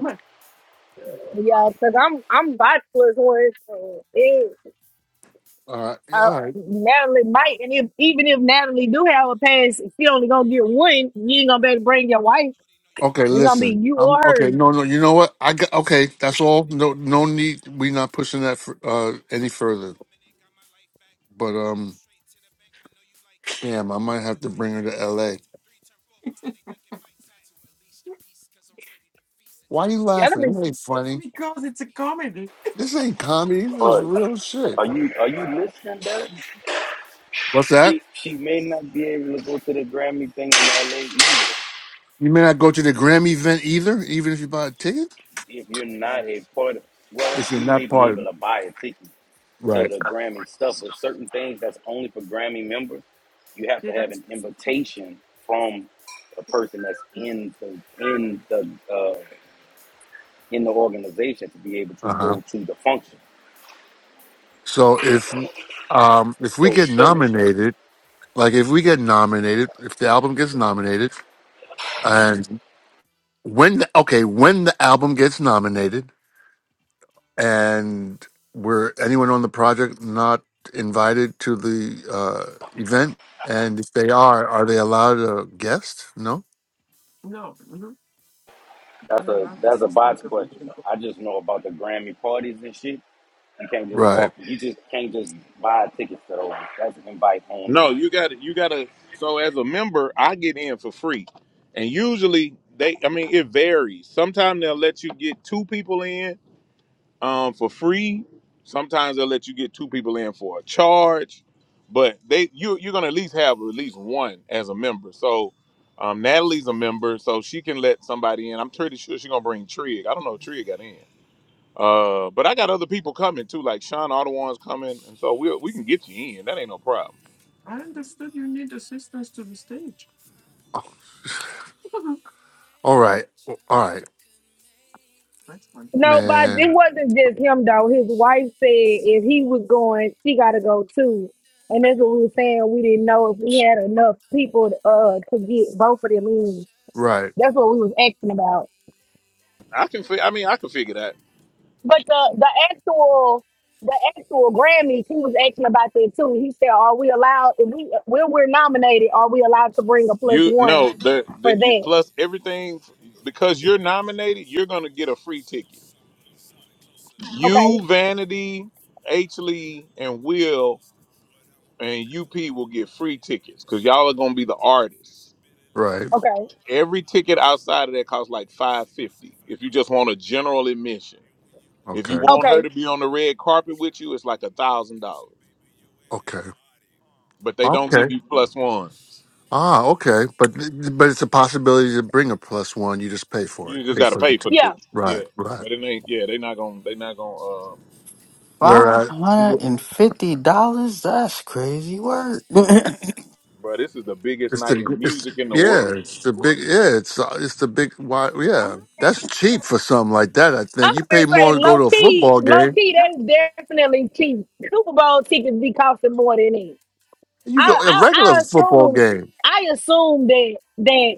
Speaker 13: Yeah, cause I'm I'm bachelor's one. so it-
Speaker 11: all right, Yeah,
Speaker 13: Uh,
Speaker 11: all right.
Speaker 13: Natalie might, and if even if
Speaker 9: Why would I
Speaker 13: Natalie do
Speaker 9: evacuate
Speaker 13: have
Speaker 9: on
Speaker 13: a
Speaker 9: you?
Speaker 13: pass, she only
Speaker 9: It
Speaker 13: gonna
Speaker 9: ain't
Speaker 13: get
Speaker 9: nothing to
Speaker 13: one.
Speaker 9: me,
Speaker 13: You
Speaker 9: that's
Speaker 13: ain't
Speaker 9: a
Speaker 13: gonna be able to
Speaker 9: fact.
Speaker 13: bring your
Speaker 9: Good
Speaker 13: wife.
Speaker 9: Lord, they know you got
Speaker 11: Okay,
Speaker 9: my
Speaker 13: It's gonna
Speaker 9: back.
Speaker 13: be
Speaker 11: listen.
Speaker 13: you
Speaker 9: I
Speaker 11: I'm
Speaker 13: or
Speaker 9: mean, we
Speaker 11: okay.
Speaker 9: trying to
Speaker 11: No, no.
Speaker 9: make a
Speaker 11: You know
Speaker 9: stack
Speaker 11: what?
Speaker 9: to get
Speaker 11: I
Speaker 9: us
Speaker 11: got
Speaker 9: on the
Speaker 11: okay.
Speaker 9: map.
Speaker 11: That's all.
Speaker 9: And if we
Speaker 11: No,
Speaker 9: gotta
Speaker 11: no
Speaker 9: run it
Speaker 11: need.
Speaker 9: back, I'm
Speaker 11: we not
Speaker 9: talking right
Speaker 11: pushing that
Speaker 9: back.
Speaker 11: for, uh
Speaker 9: I was
Speaker 11: any
Speaker 9: stuck for
Speaker 11: further.
Speaker 9: a minute, got my life back.
Speaker 11: But
Speaker 9: We go
Speaker 11: um,
Speaker 9: straight to the bank, I know you like that.
Speaker 11: damn, I
Speaker 9: I
Speaker 11: might
Speaker 9: know
Speaker 11: have
Speaker 9: you
Speaker 11: to
Speaker 9: like
Speaker 11: bring her
Speaker 9: that.
Speaker 11: to
Speaker 9: The
Speaker 11: L.A.
Speaker 9: two, three, turn four, five. They thinking Mike Time to unleash the beast, cause I'm ready to feast and tear
Speaker 11: Why you
Speaker 9: shit
Speaker 11: laughing?
Speaker 9: apart.
Speaker 13: her.
Speaker 11: It ain't
Speaker 9: Slice the pizza
Speaker 11: funny.
Speaker 9: and you get a piece. Nothing to
Speaker 11: This
Speaker 9: play
Speaker 11: ain't
Speaker 9: with. Like
Speaker 11: comedy. This
Speaker 9: forces,
Speaker 11: is
Speaker 15: go. But
Speaker 9: sockets,
Speaker 11: real
Speaker 9: capiche.
Speaker 11: shit.
Speaker 15: are
Speaker 9: Hope
Speaker 15: you
Speaker 9: you
Speaker 15: are you
Speaker 9: understand me
Speaker 15: listening,
Speaker 9: clearly. It's
Speaker 15: Derek?
Speaker 9: no marvelous speech. Now watch
Speaker 11: What's
Speaker 9: as I
Speaker 11: that?
Speaker 15: She
Speaker 9: reach for the
Speaker 15: she may
Speaker 9: stars. It's a
Speaker 15: not be
Speaker 9: bit of a
Speaker 15: able to
Speaker 9: leap.
Speaker 15: go to the Grammy thing
Speaker 9: Unbelievable. I'm
Speaker 15: in LA
Speaker 9: so
Speaker 15: either
Speaker 9: strong-minded, not weak.
Speaker 11: You may not
Speaker 9: Goals
Speaker 11: go to the
Speaker 9: getting
Speaker 11: Grammy
Speaker 9: executed,
Speaker 11: event
Speaker 9: just like
Speaker 11: either,
Speaker 9: Ronnie
Speaker 11: even
Speaker 9: the
Speaker 11: if you buy a
Speaker 9: I'm
Speaker 11: ticket.
Speaker 9: going to the
Speaker 15: if
Speaker 9: top,
Speaker 15: you're
Speaker 9: just
Speaker 15: not
Speaker 9: like
Speaker 15: a
Speaker 9: she
Speaker 15: part
Speaker 9: running
Speaker 15: of.
Speaker 9: the deep.
Speaker 15: Well,
Speaker 11: If you're
Speaker 15: you may
Speaker 11: not
Speaker 15: be
Speaker 11: part
Speaker 15: able
Speaker 11: of
Speaker 15: to buy a ticket to
Speaker 11: right.
Speaker 15: the Grammy stuff, but certain things that's only for Grammy members, you have to have an invitation from a person that's in the in the uh, in the organization to be able to
Speaker 11: Uh huh.
Speaker 15: go to the function.
Speaker 11: So if um if we
Speaker 15: So
Speaker 11: get
Speaker 15: certain
Speaker 11: nominated, like if we get nominated, if the album gets nominated. And when the, okay, when the album gets nominated and were anyone on the project not invited to the uh, event, and if they are, are they allowed a guest? No,
Speaker 15: That's a that's a bots question. I just know about the Grammy parties and shit. You can't just
Speaker 11: right?
Speaker 15: walk. You just can't just buy tickets to those. That's invite only.
Speaker 2: No, you got to You got to. So as a member, I get in for free, and usually they. I mean, it varies. Sometimes they'll let you get two people in. um, for free. Sometimes they'll let you get two people in for a charge, but they you you're gonna at least have at least one as a member. So um, Natalie's a member, so she can let somebody in. I'm pretty sure she's gonna bring Trig. I don't know if Trig got in. Uh, but I got other people coming too, like Sean Audubon's coming, and
Speaker 9: She
Speaker 2: so we we
Speaker 9: makes
Speaker 2: can
Speaker 9: me
Speaker 2: get you in. That ain't no
Speaker 9: feel
Speaker 2: problem.
Speaker 9: like I walked out of heaven. Only an angel
Speaker 11: All right, all right,
Speaker 9: could make me
Speaker 13: No,
Speaker 9: leave.
Speaker 13: but it
Speaker 11: man.
Speaker 13: wasn't just him though. His
Speaker 9: We're
Speaker 13: wife said
Speaker 9: shining so
Speaker 13: if he was going,
Speaker 9: bright
Speaker 13: she got to go too.
Speaker 9: under
Speaker 13: And that's
Speaker 9: the
Speaker 13: what we were saying. We didn't know
Speaker 9: moonlight,
Speaker 13: if we had enough people uh
Speaker 9: underneath
Speaker 13: to
Speaker 9: the
Speaker 13: get both of them
Speaker 9: stars,
Speaker 13: in.
Speaker 9: just
Speaker 11: Right,
Speaker 13: That's
Speaker 9: you
Speaker 13: what we was asking
Speaker 9: and
Speaker 13: about.
Speaker 9: me.
Speaker 2: I can fi- I mean I can figure that.
Speaker 13: But the the actual the actual
Speaker 9: We feel
Speaker 13: Grammys, he was
Speaker 9: like
Speaker 13: asking about that too. He said, "Are we allowed? If we when we're nominated, are we allowed to bring a plus
Speaker 2: You
Speaker 13: one
Speaker 2: no the
Speaker 9: I
Speaker 13: for
Speaker 2: the you,
Speaker 9: like the way
Speaker 13: that?"
Speaker 2: plus
Speaker 9: your heels
Speaker 2: everything
Speaker 9: move, got me
Speaker 2: because you're
Speaker 9: hypnotized by the
Speaker 2: nominated,
Speaker 9: motion.
Speaker 2: you're gonna
Speaker 9: I
Speaker 2: get a
Speaker 9: wanna
Speaker 2: free
Speaker 9: take
Speaker 2: ticket.
Speaker 9: you somewhere exotic, close to the ocean.
Speaker 13: Okay,
Speaker 2: You,
Speaker 9: Clear your
Speaker 2: Vanity,
Speaker 9: calendar for about
Speaker 2: H
Speaker 9: a month,
Speaker 2: Lee,
Speaker 9: we about
Speaker 2: and
Speaker 9: to be
Speaker 2: Will
Speaker 9: coasting. What I'm about
Speaker 2: and
Speaker 9: to do
Speaker 2: UP
Speaker 9: to
Speaker 2: will
Speaker 9: your
Speaker 2: get
Speaker 9: body,
Speaker 2: free
Speaker 9: you made
Speaker 2: tickets
Speaker 9: me
Speaker 2: because
Speaker 9: soaking.
Speaker 2: y'all are
Speaker 9: I'm
Speaker 2: gonna be the
Speaker 9: gonna take your
Speaker 2: artists.
Speaker 9: flexibility,
Speaker 11: right.
Speaker 9: stretch you
Speaker 13: okay,
Speaker 9: out like
Speaker 2: Every ticket
Speaker 9: Pilates.
Speaker 2: outside of that
Speaker 9: Don't
Speaker 2: costs like
Speaker 9: worry, your
Speaker 2: five
Speaker 9: secret's safe,
Speaker 2: fifty
Speaker 9: I
Speaker 2: if
Speaker 9: know
Speaker 2: you
Speaker 9: you
Speaker 2: just want a
Speaker 9: get naughty.
Speaker 2: general admission.
Speaker 9: And when you in
Speaker 2: If
Speaker 9: my
Speaker 2: you
Speaker 11: Okay,
Speaker 2: want
Speaker 9: presence,
Speaker 2: her
Speaker 9: my
Speaker 13: okay.
Speaker 2: to be
Speaker 9: mind
Speaker 2: on the
Speaker 9: get it
Speaker 2: red
Speaker 9: right. I'm
Speaker 2: carpet with
Speaker 9: trying
Speaker 2: you, it's
Speaker 9: to be
Speaker 2: like a
Speaker 9: your
Speaker 2: thousand
Speaker 9: medication,
Speaker 2: dollars.
Speaker 9: baby, your
Speaker 11: okay,
Speaker 9: antibiotic.
Speaker 2: But they don't give
Speaker 11: okay.
Speaker 2: you plus
Speaker 9: She
Speaker 2: ones.
Speaker 9: makes
Speaker 11: Ah,
Speaker 9: me
Speaker 11: okay. But
Speaker 9: feel
Speaker 11: but it's a
Speaker 9: like.
Speaker 11: possibility to bring a plus
Speaker 9: Walked
Speaker 11: one.
Speaker 9: out
Speaker 11: You just
Speaker 9: of
Speaker 11: pay for
Speaker 2: You just
Speaker 11: it.
Speaker 9: hell,
Speaker 2: gotta pay for the
Speaker 13: Yeah,
Speaker 2: ticket. Yeah.
Speaker 11: Right, right.
Speaker 2: But it ain't
Speaker 9: only
Speaker 2: yeah, they
Speaker 9: in
Speaker 2: not gonna they not
Speaker 9: nature
Speaker 2: gonna uh
Speaker 9: could
Speaker 14: Five
Speaker 11: Whereas.
Speaker 9: make
Speaker 14: hundred and
Speaker 9: me
Speaker 14: fifty dollars? That's crazy work.
Speaker 9: shining
Speaker 14: I
Speaker 9: so
Speaker 2: bro, this is the
Speaker 9: bright
Speaker 2: biggest
Speaker 11: It's
Speaker 2: night
Speaker 11: the
Speaker 2: in
Speaker 11: it's
Speaker 2: music in the
Speaker 9: under
Speaker 2: world.
Speaker 11: yeah,
Speaker 9: the
Speaker 11: it's the big yeah, it's
Speaker 9: moonlight,
Speaker 11: it's the big why yeah.
Speaker 9: underneath
Speaker 11: That's
Speaker 9: the
Speaker 11: cheap for something like that.
Speaker 9: stars,
Speaker 11: I
Speaker 13: I'm
Speaker 11: think you
Speaker 9: just
Speaker 13: gonna
Speaker 11: pay more
Speaker 13: say
Speaker 11: to
Speaker 9: you,
Speaker 11: go
Speaker 13: low
Speaker 11: to a
Speaker 13: key,
Speaker 11: football
Speaker 13: low
Speaker 11: game.
Speaker 13: key. They definitely cheap. Super Bowl tickets be costing more than that.
Speaker 11: You go
Speaker 13: I,
Speaker 11: a
Speaker 13: I,
Speaker 11: regular
Speaker 13: I
Speaker 11: football
Speaker 13: assume,
Speaker 11: game.
Speaker 13: I assume that that,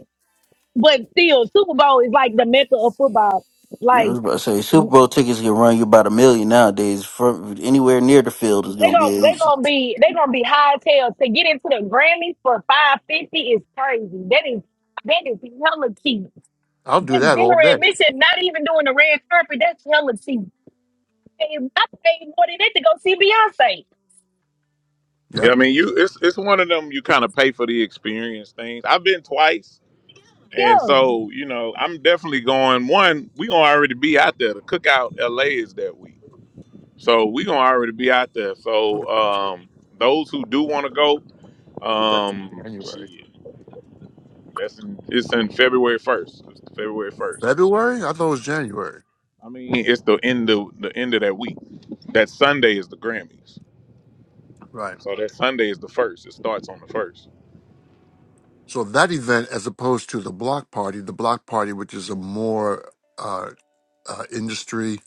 Speaker 13: but still, Super Bowl is like the mecca of
Speaker 9: just
Speaker 13: football.
Speaker 9: you and
Speaker 13: Like
Speaker 14: was about to say
Speaker 13: they
Speaker 14: Super Bowl tickets can run you about a million nowadays. From anywhere near the field is gonna
Speaker 13: gonna they
Speaker 14: be.
Speaker 13: gonna be they gonna be high tails to get into the Grammys for five fifty is crazy. That is that is hella cheap.
Speaker 11: I'll do
Speaker 13: That
Speaker 11: that all
Speaker 13: dinner
Speaker 11: day.
Speaker 13: admission, not even doing the red carpet. That's hella cheap. I paid more than that to go see Beyonce.
Speaker 2: Yeah,
Speaker 11: Yep.
Speaker 2: I mean you it's it's one of them you kinda pay for the experience things. I've been twice And
Speaker 13: Yeah.
Speaker 2: so, you know, I'm definitely going. One, we gonna already be out there. The cookout LA is that week, so we gonna already be out there. So, um, those who do want to go, um, shit, that's in, it's in February first. It's February first.
Speaker 11: February? I thought it was January.
Speaker 2: I mean, it's the end of the end of that week. That Sunday is the Grammys.
Speaker 11: Right.
Speaker 2: So that Sunday is the first. It starts on the first.
Speaker 11: So that event, as opposed to the block party, the block party, which is a more uh, uh, industry,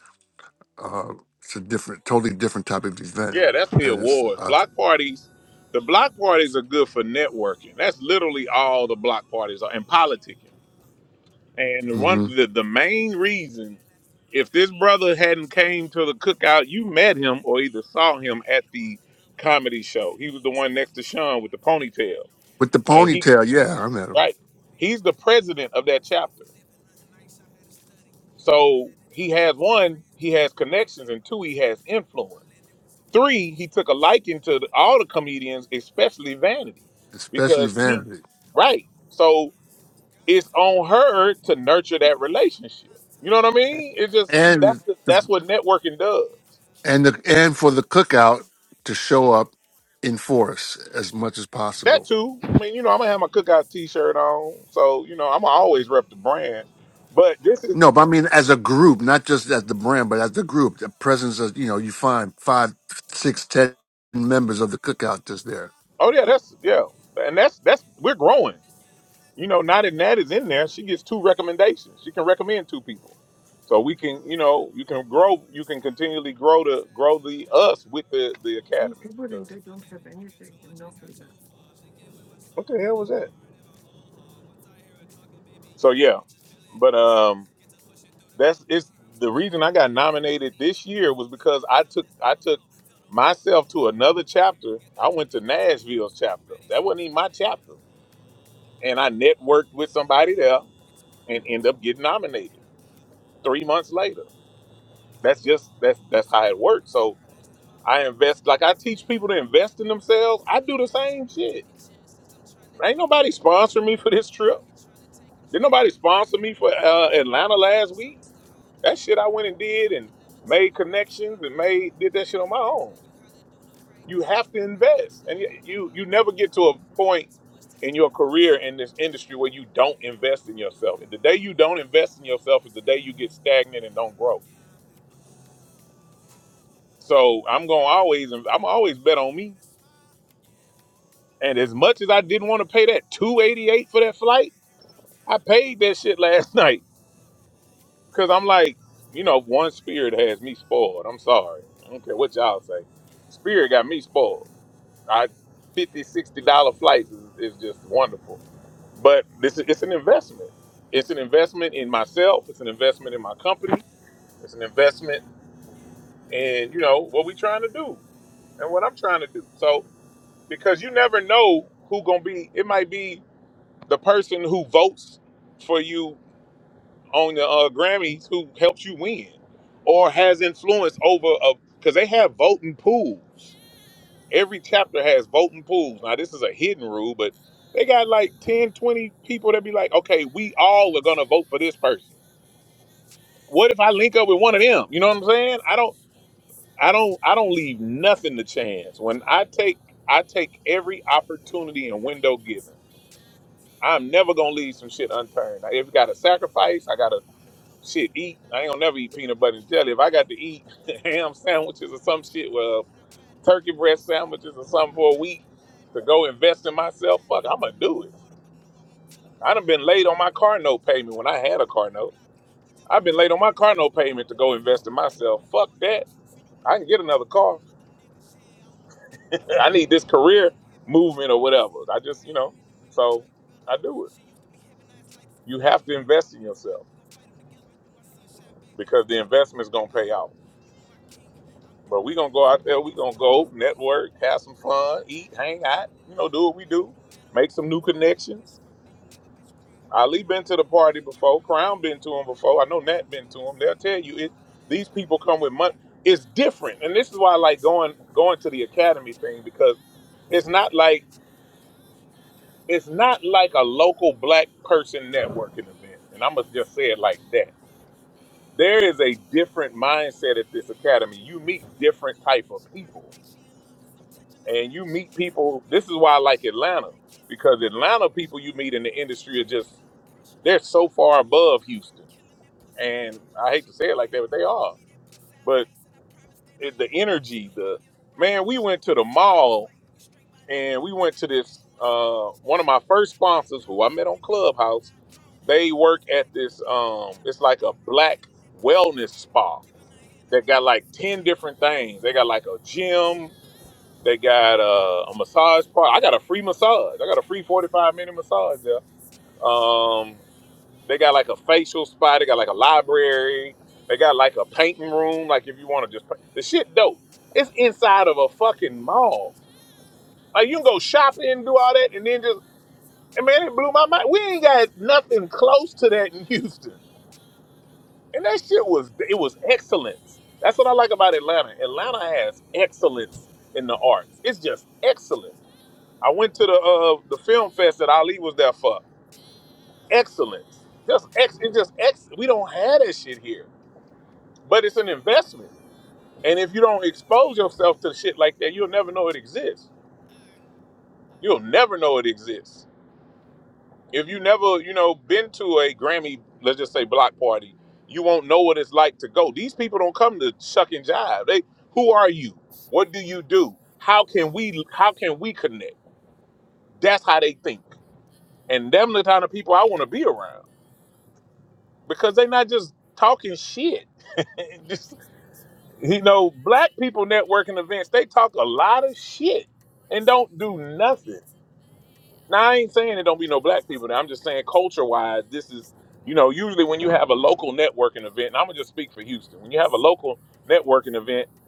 Speaker 11: uh, it's a different, totally different type of event,
Speaker 2: Yeah, that's the
Speaker 11: and it's
Speaker 2: awards.
Speaker 11: uh,
Speaker 2: Block parties, the block parties are good for networking. That's literally all the block parties are, and politicking.
Speaker 9: me. I'm
Speaker 2: And
Speaker 9: just a
Speaker 2: one,
Speaker 11: mhm.
Speaker 9: young
Speaker 2: the, the
Speaker 9: refugee,
Speaker 2: main
Speaker 9: sitting up in
Speaker 2: reason,
Speaker 9: class. Do you
Speaker 2: if this
Speaker 9: remember me?
Speaker 2: brother
Speaker 9: Dark
Speaker 2: hadn't
Speaker 9: skinned
Speaker 2: came
Speaker 9: kid
Speaker 2: to
Speaker 9: with
Speaker 2: the
Speaker 9: yellow
Speaker 2: cookout,
Speaker 9: teeth, ain't
Speaker 2: you
Speaker 9: too much
Speaker 2: met
Speaker 9: food
Speaker 2: him or either
Speaker 9: to eat.
Speaker 2: saw him at
Speaker 9: Know I
Speaker 2: the
Speaker 9: look good, but life is
Speaker 2: comedy show. He was the
Speaker 9: bittersweet.
Speaker 2: one
Speaker 9: If you'd
Speaker 2: next to
Speaker 9: have seen the
Speaker 2: Sean with the
Speaker 9: life I lived, then you
Speaker 2: ponytail,
Speaker 9: know it
Speaker 11: with
Speaker 9: ain't
Speaker 11: the
Speaker 2: and
Speaker 9: cheap.
Speaker 11: ponytail.
Speaker 2: he,
Speaker 9: And all the
Speaker 11: Yeah, I met
Speaker 9: people
Speaker 11: him,
Speaker 9: that
Speaker 2: right,
Speaker 9: support me got
Speaker 2: he's
Speaker 9: my
Speaker 2: the
Speaker 9: love for life.
Speaker 2: president of that
Speaker 9: This life
Speaker 2: chapter.
Speaker 9: we live in, nothing nice. I had to study. Papa
Speaker 2: So
Speaker 9: had to tell
Speaker 2: he
Speaker 9: me,
Speaker 2: has
Speaker 9: watch my
Speaker 2: one,
Speaker 9: friends
Speaker 2: he
Speaker 9: too.
Speaker 2: has
Speaker 9: Cause when
Speaker 2: connections,
Speaker 9: they
Speaker 2: and
Speaker 9: brought
Speaker 2: two,
Speaker 9: me
Speaker 2: he
Speaker 9: to
Speaker 2: has
Speaker 9: America,
Speaker 2: influence.
Speaker 9: I landed with some bloody.
Speaker 2: Three, he took a liking to the,
Speaker 9: I'ma
Speaker 2: all
Speaker 9: keep
Speaker 2: the
Speaker 9: grinding,
Speaker 2: comedians,
Speaker 9: keep
Speaker 2: especially
Speaker 9: working.
Speaker 2: Vanity,
Speaker 11: especially
Speaker 2: because
Speaker 9: Trust
Speaker 2: he,
Speaker 11: Van.
Speaker 2: right.
Speaker 9: don't hurt.
Speaker 2: So it's on her to nurture that relationship. You know what I mean? It's just that's
Speaker 11: and
Speaker 2: the, that's what networking does.
Speaker 11: and the and for the cookout to show up in force as much as
Speaker 2: That
Speaker 11: possible.
Speaker 2: too. I mean, you know, I'm gonna have my cookout T-shirt on, so you know, I'm gonna always rep the brand. But this is,
Speaker 11: No, but I mean as a group, not just as the brand, but as the group, the presence of you know you find five, six, ten members of the cookout just there.
Speaker 2: oh yeah, that's yeah, and that's that's we're growing. You know, now that Nat is in there, she gets two recommendations. She can recommend two people. So we can, you know, you can grow, you can continually grow
Speaker 9: New
Speaker 2: the grow
Speaker 9: tattoos
Speaker 2: the
Speaker 9: just to
Speaker 2: us with
Speaker 9: cover up
Speaker 2: the
Speaker 9: my
Speaker 2: the
Speaker 9: old
Speaker 2: academy.
Speaker 9: scars. Drinking to
Speaker 2: Because
Speaker 9: forgive and drinking too much and got too far. Thinking with my
Speaker 2: what
Speaker 9: soul,
Speaker 2: the
Speaker 9: but
Speaker 2: hell was that?
Speaker 9: ignoring in my old heart. Once I hear her talking, baby,
Speaker 2: So
Speaker 9: yeah,
Speaker 2: yeah,
Speaker 9: it just feeling in
Speaker 2: but
Speaker 9: my soul.
Speaker 2: um,
Speaker 9: Get to pushing through the
Speaker 2: that's
Speaker 9: glow.
Speaker 2: it's
Speaker 9: Hear him
Speaker 2: the
Speaker 9: talking
Speaker 2: reason
Speaker 9: in
Speaker 2: I
Speaker 9: my
Speaker 2: got
Speaker 9: head, hear my
Speaker 2: nominated
Speaker 9: knees
Speaker 2: this
Speaker 9: hit the
Speaker 2: year was
Speaker 9: flow.
Speaker 2: because
Speaker 9: Never
Speaker 2: I
Speaker 9: felt
Speaker 2: took
Speaker 9: this high
Speaker 2: I took
Speaker 9: before. Feel the wind all through
Speaker 2: myself
Speaker 9: a
Speaker 2: to
Speaker 9: fro.
Speaker 2: another
Speaker 9: Once I hear him
Speaker 2: chapter.
Speaker 9: get to
Speaker 2: I went
Speaker 9: talking,
Speaker 2: to
Speaker 9: get to one,
Speaker 2: Nashville's
Speaker 9: two,
Speaker 2: chapter.
Speaker 9: ready,
Speaker 2: That
Speaker 9: set,
Speaker 2: wasn't even
Speaker 9: go.
Speaker 2: my
Speaker 9: Get
Speaker 2: chapter, and I networked with somebody there
Speaker 9: to
Speaker 2: and
Speaker 9: working, get
Speaker 2: end
Speaker 9: to
Speaker 2: up getting
Speaker 9: working in a,
Speaker 2: nominated
Speaker 9: in a, in
Speaker 2: three months later.
Speaker 9: a whole new
Speaker 2: that's just that's
Speaker 9: Get
Speaker 2: that's
Speaker 9: to
Speaker 2: how
Speaker 9: work
Speaker 2: it
Speaker 9: get
Speaker 2: works.
Speaker 9: to
Speaker 2: So
Speaker 9: grind. Most of my
Speaker 2: I
Speaker 9: memories
Speaker 2: invest
Speaker 9: are
Speaker 2: like
Speaker 9: never
Speaker 2: I teach
Speaker 9: fade.
Speaker 2: people to
Speaker 9: I thank
Speaker 2: invest in
Speaker 9: God for them
Speaker 2: themselves. I
Speaker 9: funny
Speaker 2: do the
Speaker 9: days.
Speaker 2: same shit.
Speaker 9: Taking chances, I'm trying to
Speaker 2: Ain't
Speaker 9: get
Speaker 2: nobody
Speaker 9: everything.
Speaker 2: sponsor me for this
Speaker 9: They
Speaker 2: trip.
Speaker 9: out here trying to take, I'm
Speaker 2: Did
Speaker 9: trying to
Speaker 2: nobody sponsor
Speaker 9: motivate.
Speaker 2: me for
Speaker 9: Don't want a little
Speaker 2: uh, Atlanta last
Speaker 9: piece, I
Speaker 2: week?
Speaker 9: want the whole
Speaker 2: That
Speaker 9: thing.
Speaker 2: shit I went and did
Speaker 9: I
Speaker 2: and
Speaker 9: can never tell
Speaker 2: made
Speaker 9: you how to fly
Speaker 2: connections
Speaker 9: a
Speaker 2: and
Speaker 9: plane,
Speaker 2: made did that shit
Speaker 9: but
Speaker 2: on my
Speaker 9: I can
Speaker 2: own.
Speaker 9: tell you how to do the right
Speaker 2: You
Speaker 9: things.
Speaker 2: have to
Speaker 9: I got
Speaker 2: invest, and
Speaker 9: plenty
Speaker 2: y-
Speaker 9: on my
Speaker 2: you you
Speaker 9: mind too.
Speaker 2: never get to a
Speaker 9: I got
Speaker 2: point
Speaker 9: too much to
Speaker 2: in
Speaker 9: do
Speaker 2: your
Speaker 9: for it's
Speaker 2: career in
Speaker 9: all
Speaker 2: this
Speaker 9: through.
Speaker 2: industry where you don't invest in yourself. the day you don't invest in yourself is the day you get stagnant and don't grow. So I'm gonna always I'm always bet on me. And as much as I didn't want to pay that 288 for that flight, I paid that shit last night. Cause I'm like, you know, one spirit has me spoiled. I'm sorry. I don't care what y'all say. Spirit got me spoiled. I fifty sixty dollar flights is, is just wonderful. But this is it's an investment. It's an investment in myself, it's an investment in my company, it's an investment in, you know, what we trying to do and what I'm trying to do. So because you never know who gonna be. It might be. the person who votes for you on the uh, Grammys who helps you win or has influence over a because they have voting
Speaker 9: Yeah.
Speaker 2: pools. Every chapter has voting pools. Now this is a hidden rule, but
Speaker 9: Give it
Speaker 2: they got like 10, 20 people that be like, okay, we all are gonna vote for this person. What if I link up with one of them? You know what I'm saying? I don't I don't I don't leave nothing to chance. When I take I take every opportunity and window given.
Speaker 9: to me, I'm in
Speaker 2: I'm never gonna leave some shit unturned. If I gotta
Speaker 9: it.
Speaker 2: sacrifice, I gotta
Speaker 9: I'm in love with this
Speaker 2: Shit, eat.
Speaker 9: feeling I
Speaker 2: I ain't gonna
Speaker 9: love when
Speaker 2: never
Speaker 9: you
Speaker 2: eat
Speaker 9: hug
Speaker 2: peanut
Speaker 9: me and
Speaker 2: butter and
Speaker 9: kiss
Speaker 2: jelly.
Speaker 9: me.
Speaker 2: If I got to
Speaker 9: Ain't been
Speaker 2: eat
Speaker 9: away for too
Speaker 2: ham
Speaker 9: long, but
Speaker 2: sandwiches
Speaker 9: somehow
Speaker 2: or
Speaker 9: I
Speaker 2: some
Speaker 9: miss him.
Speaker 2: shit,
Speaker 9: He love
Speaker 2: well,
Speaker 9: when I ride it, I love
Speaker 2: turkey
Speaker 9: when he
Speaker 2: breast
Speaker 9: inside it,
Speaker 2: sandwiches
Speaker 9: and
Speaker 2: or
Speaker 9: both
Speaker 2: something
Speaker 9: our
Speaker 2: for a week
Speaker 9: bodies
Speaker 2: to
Speaker 9: colliding.
Speaker 2: go
Speaker 9: Working me
Speaker 2: invest in
Speaker 9: out like
Speaker 2: myself, fuck,
Speaker 9: Pilates, I
Speaker 2: I'm gonna
Speaker 9: tell him
Speaker 2: do
Speaker 9: go
Speaker 2: it.
Speaker 9: harder, but no, I won't tell him to
Speaker 2: I done
Speaker 9: stop
Speaker 2: been
Speaker 9: it.
Speaker 2: late on my
Speaker 9: Stalking
Speaker 2: car
Speaker 9: our
Speaker 2: note
Speaker 9: pages, they
Speaker 2: payment when I
Speaker 9: lurking, but
Speaker 2: had a
Speaker 9: no, we
Speaker 2: car
Speaker 9: won't
Speaker 2: note.
Speaker 9: block them. We just gon'
Speaker 2: I've
Speaker 9: laugh
Speaker 2: been late on
Speaker 9: and cook it.
Speaker 2: my car note payment to go invest in myself. Fuck that. I can get another car.
Speaker 9: Mother niggas, yeah, all of them fools, and
Speaker 2: I
Speaker 9: I ain't
Speaker 2: need this
Speaker 9: gon' lie, but
Speaker 2: career
Speaker 9: I'm happy I'm
Speaker 2: movement or
Speaker 9: tripping.
Speaker 2: whatever.
Speaker 9: See, you
Speaker 2: I just, you
Speaker 9: came
Speaker 2: know,
Speaker 9: in and made my
Speaker 2: so
Speaker 9: life better.
Speaker 2: I do it.
Speaker 9: can be hypnotized light as a
Speaker 2: You
Speaker 9: feather.
Speaker 2: have to
Speaker 9: Any
Speaker 2: invest
Speaker 9: problem
Speaker 2: in
Speaker 9: in this life,
Speaker 2: yourself
Speaker 9: we gon' fight them together. You my sunshine, baby, in
Speaker 2: because the
Speaker 9: despite of the
Speaker 2: investment's
Speaker 9: weather.
Speaker 2: gonna
Speaker 9: Ay,
Speaker 2: pay off.
Speaker 9: you my king, I'm your
Speaker 2: But we
Speaker 9: queen.
Speaker 2: gonna
Speaker 9: I'm
Speaker 2: go
Speaker 9: so
Speaker 2: out there.
Speaker 9: glad that
Speaker 2: We
Speaker 9: we
Speaker 2: gonna
Speaker 9: started this
Speaker 2: go
Speaker 9: thing.
Speaker 2: network, have some
Speaker 9: Cause I
Speaker 2: fun,
Speaker 9: won't lie,
Speaker 2: eat, hang
Speaker 9: I
Speaker 2: out.
Speaker 9: really
Speaker 2: You know,
Speaker 9: love
Speaker 2: do
Speaker 9: you,
Speaker 2: what we
Speaker 9: baby. You
Speaker 2: do,
Speaker 9: the man of my
Speaker 2: make some
Speaker 9: dreams.
Speaker 2: new
Speaker 9: How you make a bitch
Speaker 2: connections.
Speaker 9: squirt, then you make a bitch cream. How we go
Speaker 2: Ali been to
Speaker 9: out
Speaker 2: the
Speaker 9: and
Speaker 2: party
Speaker 9: I ain't gotta
Speaker 2: before.
Speaker 9: bring a
Speaker 2: Crown
Speaker 9: thing.
Speaker 2: been to
Speaker 9: No,
Speaker 2: him
Speaker 9: I ain't
Speaker 2: before. I know
Speaker 9: around, but you
Speaker 2: Nat been to
Speaker 9: making me
Speaker 2: him. They'll
Speaker 9: sing. Make
Speaker 2: tell
Speaker 9: me
Speaker 2: you it.
Speaker 9: wanna wear that last
Speaker 2: These
Speaker 9: name
Speaker 2: people
Speaker 9: in
Speaker 2: come
Speaker 9: that
Speaker 2: with money.
Speaker 9: ring. I
Speaker 2: It's
Speaker 9: want to
Speaker 2: different, and this is why I like
Speaker 9: adjust you,
Speaker 2: going
Speaker 9: wrap my
Speaker 2: going to the
Speaker 9: legs around
Speaker 2: academy
Speaker 9: you.
Speaker 2: thing because
Speaker 9: Bounce
Speaker 2: it's
Speaker 9: it
Speaker 2: not
Speaker 9: to the
Speaker 2: like it's not like a local black person networking event. And I must just say it like that. There is a different mindset at this academy. You
Speaker 9: I'm
Speaker 2: meet
Speaker 9: fucking you
Speaker 2: different
Speaker 9: good.
Speaker 2: type of
Speaker 9: She probably
Speaker 2: people
Speaker 9: thinks she in love because I'm touching the
Speaker 2: and
Speaker 9: spot
Speaker 2: you
Speaker 9: that she
Speaker 2: meet
Speaker 9: missing.
Speaker 2: people.
Speaker 9: We
Speaker 2: This is
Speaker 9: get to
Speaker 2: why I
Speaker 9: touching,
Speaker 2: like
Speaker 9: she know I
Speaker 2: Atlanta
Speaker 9: like kissing, so
Speaker 2: because
Speaker 9: it ain't no
Speaker 2: Atlanta people
Speaker 9: rushing
Speaker 2: you meet in
Speaker 9: whenever
Speaker 2: the
Speaker 9: we finish.
Speaker 2: industry are
Speaker 9: She
Speaker 2: just
Speaker 9: know I'm pressure.
Speaker 2: they're
Speaker 9: I
Speaker 2: so
Speaker 9: leave my
Speaker 2: far
Speaker 9: gun on the
Speaker 2: above
Speaker 9: dresser. I'm
Speaker 2: Houston,
Speaker 9: killing that pussy way
Speaker 2: and
Speaker 9: up.
Speaker 2: I hate
Speaker 9: She
Speaker 2: to say it
Speaker 9: wanna
Speaker 2: like that,
Speaker 9: hate me.
Speaker 2: but they
Speaker 9: Give
Speaker 2: are.
Speaker 9: me that pussy, I
Speaker 2: But
Speaker 9: face it. I promise that I
Speaker 2: it,
Speaker 9: ain't
Speaker 2: the
Speaker 9: no basic.
Speaker 2: energy,
Speaker 9: I
Speaker 2: the
Speaker 9: get her right.
Speaker 2: man, we
Speaker 9: She
Speaker 2: went
Speaker 9: know
Speaker 2: to
Speaker 9: we
Speaker 2: the
Speaker 9: fucking, we
Speaker 2: mall
Speaker 9: fight. We straight by the end
Speaker 2: and
Speaker 9: of
Speaker 2: we
Speaker 9: the
Speaker 2: went to
Speaker 9: night. We
Speaker 2: this
Speaker 9: going some
Speaker 2: uh,
Speaker 9: rounds.
Speaker 2: one of
Speaker 9: She
Speaker 2: my
Speaker 9: know that
Speaker 2: first
Speaker 9: I put it
Speaker 2: sponsors who
Speaker 9: down.
Speaker 2: I
Speaker 9: She
Speaker 2: met on
Speaker 9: give me that water
Speaker 2: Clubhouse.
Speaker 9: I drown.
Speaker 2: They
Speaker 9: Know that
Speaker 2: work
Speaker 9: it's
Speaker 2: at
Speaker 9: magic.
Speaker 2: this
Speaker 9: That look like
Speaker 2: um, it's like a
Speaker 9: abracadabra. I'm
Speaker 2: black
Speaker 9: killing that pussy. I
Speaker 2: wellness
Speaker 9: stab it.
Speaker 2: spa
Speaker 9: Giving her head like
Speaker 2: that
Speaker 9: I
Speaker 2: got
Speaker 9: bought her
Speaker 2: like
Speaker 9: some
Speaker 2: ten
Speaker 9: cabbage.
Speaker 2: different things.
Speaker 9: Uh,
Speaker 2: They got like a
Speaker 9: uh,
Speaker 2: gym.
Speaker 9: uh,
Speaker 2: They
Speaker 9: uh.
Speaker 2: got uh, a massage part. I got a free massage. I got a free 45 minute
Speaker 9: Give me
Speaker 2: massage there.
Speaker 9: something special.
Speaker 2: Um, they got like a facial spot. They got like a library. They got like a
Speaker 9: Yeah.
Speaker 2: painting room. Like if you want to just paint. The shit dope. It's inside
Speaker 9: I
Speaker 2: of
Speaker 9: want
Speaker 2: a fucking mall. Like you can
Speaker 9: to
Speaker 2: go
Speaker 9: attract
Speaker 2: shopping and do all
Speaker 9: you,
Speaker 2: that and
Speaker 9: wrap
Speaker 2: then just,
Speaker 9: my legs
Speaker 2: and man, it
Speaker 9: around
Speaker 2: blew my
Speaker 9: you,
Speaker 2: mind. We
Speaker 9: bounce
Speaker 2: ain't got
Speaker 9: until I
Speaker 2: nothing
Speaker 9: drown
Speaker 2: close to that in
Speaker 9: without you.
Speaker 2: Houston.
Speaker 9: When you're all on
Speaker 2: And that shit
Speaker 9: me, you
Speaker 2: was,
Speaker 9: don't
Speaker 2: it
Speaker 9: treat
Speaker 2: was
Speaker 9: me like
Speaker 2: excellence.
Speaker 9: a
Speaker 2: That's what I like about Atlanta.
Speaker 9: stranger.
Speaker 2: Atlanta has excellence in the arts. It's just excellent. I went
Speaker 9: Yeah,
Speaker 2: to the uh the film fest
Speaker 9: yeah,
Speaker 2: that Ali was there for. Excellence. Just ex it's just ex we don't have that shit here. But it's an investment. And if you don't expose yourself to shit like that, you'll never know it exists. You'll never know it exists. If you never, you know, been to a Grammy, let's just say block party, you won't know what it's like to go. These people don't come to shuck and jive. They who are you? What do you do? How can we how can we connect? That's how they think. And them the kind of people I want to be around. because they are not just
Speaker 9: yeah.
Speaker 2: talking shit. just
Speaker 9: Weekdays been too long,
Speaker 2: you
Speaker 9: I
Speaker 2: know,
Speaker 9: need
Speaker 2: black
Speaker 9: to
Speaker 2: people
Speaker 9: lay
Speaker 2: networking events,
Speaker 9: oh.
Speaker 2: they talk a
Speaker 9: All
Speaker 2: lot of
Speaker 9: these other
Speaker 2: shit
Speaker 9: people
Speaker 2: and
Speaker 9: wasting
Speaker 2: don't do
Speaker 9: time, they
Speaker 2: nothing.
Speaker 9: need to pay
Speaker 2: Now
Speaker 9: oh.
Speaker 2: I ain't saying there don't be no
Speaker 9: I
Speaker 2: black
Speaker 9: just need
Speaker 2: people
Speaker 9: some
Speaker 2: there. I'm just saying
Speaker 9: time to
Speaker 2: culture wise,
Speaker 9: relax and
Speaker 2: this is you
Speaker 9: rewind.
Speaker 2: know, usually when you have a local networking event, and I'm
Speaker 9: Elevate my
Speaker 2: gonna just speak for
Speaker 9: spirit
Speaker 2: Houston,
Speaker 9: and
Speaker 2: when you have a
Speaker 9: reset,
Speaker 2: local
Speaker 9: make me
Speaker 2: networking event,
Speaker 9: refine.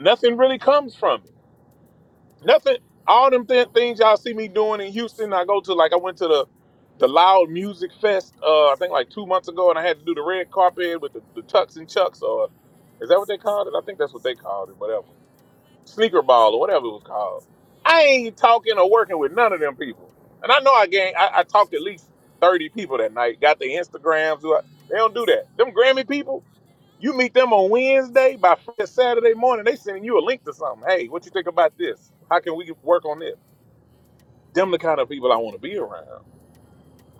Speaker 2: nothing really comes from it.
Speaker 9: Got
Speaker 2: Nothing.
Speaker 9: the
Speaker 2: All them
Speaker 9: weight of
Speaker 2: th- things y'all
Speaker 9: the
Speaker 2: see me
Speaker 9: world on
Speaker 2: doing in
Speaker 9: your
Speaker 2: Houston, I go to like I went to the
Speaker 9: shoulders.
Speaker 2: the
Speaker 9: Take
Speaker 2: Loud
Speaker 9: these
Speaker 2: Music Fest.
Speaker 9: boulders,
Speaker 2: Uh, I think like two months ago, and I had to do
Speaker 9: let
Speaker 2: the
Speaker 9: 'em
Speaker 2: red
Speaker 9: roll off
Speaker 2: carpet with
Speaker 9: like
Speaker 2: the, the tux and
Speaker 9: waves.
Speaker 2: chucks, or
Speaker 9: Lay at
Speaker 2: is
Speaker 9: in
Speaker 2: that what they
Speaker 9: safe
Speaker 2: called it? I think that's what
Speaker 9: space.
Speaker 2: they called it. Whatever,
Speaker 9: You're in the right
Speaker 2: sneaker
Speaker 9: place
Speaker 2: ball or
Speaker 9: at the
Speaker 2: whatever it was
Speaker 9: right time.
Speaker 2: called. I
Speaker 9: We're
Speaker 2: ain't talking or
Speaker 9: aligned.
Speaker 2: working with none of them people, and I know I gang. I, I
Speaker 9: I
Speaker 2: talked to at
Speaker 9: just
Speaker 2: least
Speaker 9: wanna let it
Speaker 2: thirty
Speaker 9: all
Speaker 2: people that
Speaker 9: go.
Speaker 2: night. Got the
Speaker 9: You can
Speaker 2: Instagrams. who
Speaker 9: love
Speaker 2: I-
Speaker 9: me
Speaker 2: They don't
Speaker 9: one
Speaker 2: do that. Them
Speaker 9: slow.
Speaker 2: Grammy people.
Speaker 9: One that I'll
Speaker 2: You
Speaker 9: play
Speaker 2: meet them on
Speaker 9: backwards.
Speaker 2: Wednesday by
Speaker 9: Take
Speaker 2: Friday,
Speaker 9: me
Speaker 2: Saturday
Speaker 9: away
Speaker 2: morning. They
Speaker 9: from
Speaker 2: sending you a link
Speaker 9: you.
Speaker 2: to something. Hey, what you
Speaker 9: Oh
Speaker 2: think about this? How can we work on
Speaker 9: dear.
Speaker 2: this?
Speaker 9: Take
Speaker 2: Them the kind of people I want to be around.
Speaker 9: me away. Take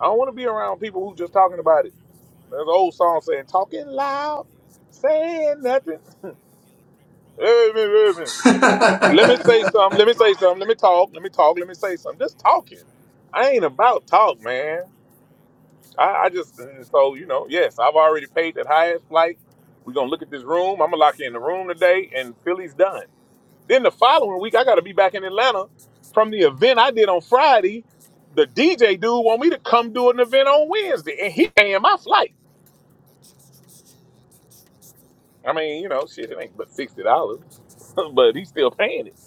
Speaker 2: I don't want
Speaker 9: away.
Speaker 2: to be around people who just talking
Speaker 9: I ain't Lenny
Speaker 2: about it.
Speaker 9: Kravitz, but man,
Speaker 2: There's an
Speaker 9: I
Speaker 2: old
Speaker 9: wanna
Speaker 2: song
Speaker 9: fly
Speaker 2: saying
Speaker 9: away.
Speaker 2: talking
Speaker 9: Click my
Speaker 2: loud,
Speaker 9: heels and put me in another
Speaker 2: saying nothing.
Speaker 9: space. But ain't a yellow brick road on
Speaker 2: Hey,
Speaker 9: this
Speaker 2: man,
Speaker 9: journey.
Speaker 2: hey, man.
Speaker 9: Life like a soap opera
Speaker 2: Let me
Speaker 9: as the
Speaker 2: say
Speaker 9: world
Speaker 2: something. Let
Speaker 9: keeps
Speaker 2: me say
Speaker 9: turning.
Speaker 2: something. Let me talk. Let me
Speaker 9: Folks giving
Speaker 2: talk. Let me
Speaker 9: two
Speaker 2: say
Speaker 9: cents,
Speaker 2: something.
Speaker 9: but I
Speaker 2: Just
Speaker 9: ain't there for
Speaker 2: talking.
Speaker 9: change. Not
Speaker 2: I
Speaker 9: to
Speaker 2: ain't
Speaker 9: be
Speaker 2: about
Speaker 9: down,
Speaker 2: talk,
Speaker 9: please, I need
Speaker 2: man.
Speaker 9: free reign. Wish that I
Speaker 2: I,
Speaker 9: could
Speaker 2: I just
Speaker 9: reset and
Speaker 2: uh,
Speaker 9: start
Speaker 2: so
Speaker 9: it
Speaker 2: you
Speaker 9: out
Speaker 2: know.
Speaker 9: again.
Speaker 2: Yes, I've
Speaker 9: I'm
Speaker 2: already paid
Speaker 9: Unfortunately,
Speaker 2: that
Speaker 9: it's
Speaker 2: highest
Speaker 9: real
Speaker 2: flight.
Speaker 9: life and not a
Speaker 2: We're gonna
Speaker 9: game.
Speaker 2: look at this room. I'm gonna
Speaker 9: Feeling
Speaker 2: lock
Speaker 9: so
Speaker 2: you in the
Speaker 9: new and
Speaker 2: room today, and
Speaker 9: inspirational.
Speaker 2: Philly's done.
Speaker 9: So new, never
Speaker 2: Then
Speaker 9: knew
Speaker 2: the
Speaker 9: this is the
Speaker 2: following week,
Speaker 9: place
Speaker 2: I
Speaker 9: we
Speaker 2: got to
Speaker 9: go.
Speaker 2: be back in
Speaker 9: Never knew
Speaker 2: Atlanta
Speaker 9: what to
Speaker 2: from
Speaker 9: expect,
Speaker 2: the event
Speaker 9: but
Speaker 2: I
Speaker 9: I
Speaker 2: did on
Speaker 9: hold tight,
Speaker 2: Friday.
Speaker 9: cause I won't
Speaker 2: The
Speaker 9: have any
Speaker 2: DJ dude
Speaker 9: regrets.
Speaker 2: want me to
Speaker 9: Yeah.
Speaker 2: come do
Speaker 9: Time
Speaker 2: an event
Speaker 9: spent
Speaker 2: on
Speaker 9: with just
Speaker 2: Wednesday, and
Speaker 9: us
Speaker 2: he
Speaker 9: two.
Speaker 2: paying my flight.
Speaker 9: I'm letting go, I just trust you. Your touch runs through me.
Speaker 2: I mean, you know, shit, it
Speaker 9: Connecting
Speaker 2: ain't but
Speaker 9: like
Speaker 2: sixty
Speaker 9: internet
Speaker 2: dollars,
Speaker 9: options are stopping.
Speaker 2: but he's
Speaker 9: I
Speaker 2: still
Speaker 9: think about
Speaker 2: paying it.
Speaker 9: us.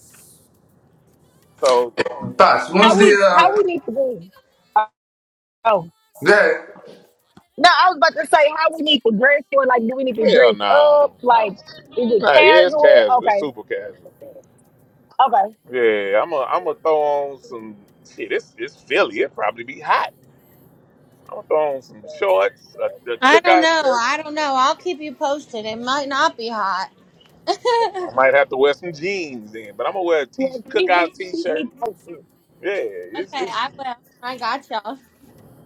Speaker 9: I just
Speaker 2: So
Speaker 9: wanna let it all
Speaker 13: How
Speaker 17: when's
Speaker 13: we
Speaker 9: go.
Speaker 17: the
Speaker 13: how
Speaker 17: uh
Speaker 13: we need to
Speaker 9: You
Speaker 13: be?
Speaker 9: can let me
Speaker 13: Oh
Speaker 9: one slow.
Speaker 17: that
Speaker 9: One that
Speaker 13: no,
Speaker 9: I'll
Speaker 13: I was
Speaker 9: play
Speaker 13: about to
Speaker 9: back
Speaker 13: say how
Speaker 9: roads.
Speaker 13: we need
Speaker 9: Take
Speaker 13: to dress
Speaker 9: me
Speaker 13: for. Like,
Speaker 9: away
Speaker 13: do we need to
Speaker 2: hell
Speaker 13: dress
Speaker 9: from
Speaker 13: up?
Speaker 2: no, i
Speaker 9: you.
Speaker 13: Like, is it
Speaker 2: nah, yeah, it's
Speaker 9: Shorty wanna help me with my sweet
Speaker 13: casual?
Speaker 2: casual, it's
Speaker 13: Okay,
Speaker 2: super casual.
Speaker 13: okay.
Speaker 2: Yeah, I'm going I'm gonna throw on some shit. It's it's Philly, it probably be hot. I'm gonna throw on some shorts, a, a
Speaker 12: I don't
Speaker 2: cookout
Speaker 12: know.
Speaker 2: shirt.
Speaker 12: I don't know. I'll keep you posted. It might not be hot. okay,
Speaker 2: I might have to wear some jeans then, but I'm gonna wear a t-
Speaker 13: Well, keep me
Speaker 2: cookout
Speaker 13: keep
Speaker 2: t-shirt.
Speaker 13: me posted.
Speaker 2: Yeah, it's it's
Speaker 12: I will. I got y'all.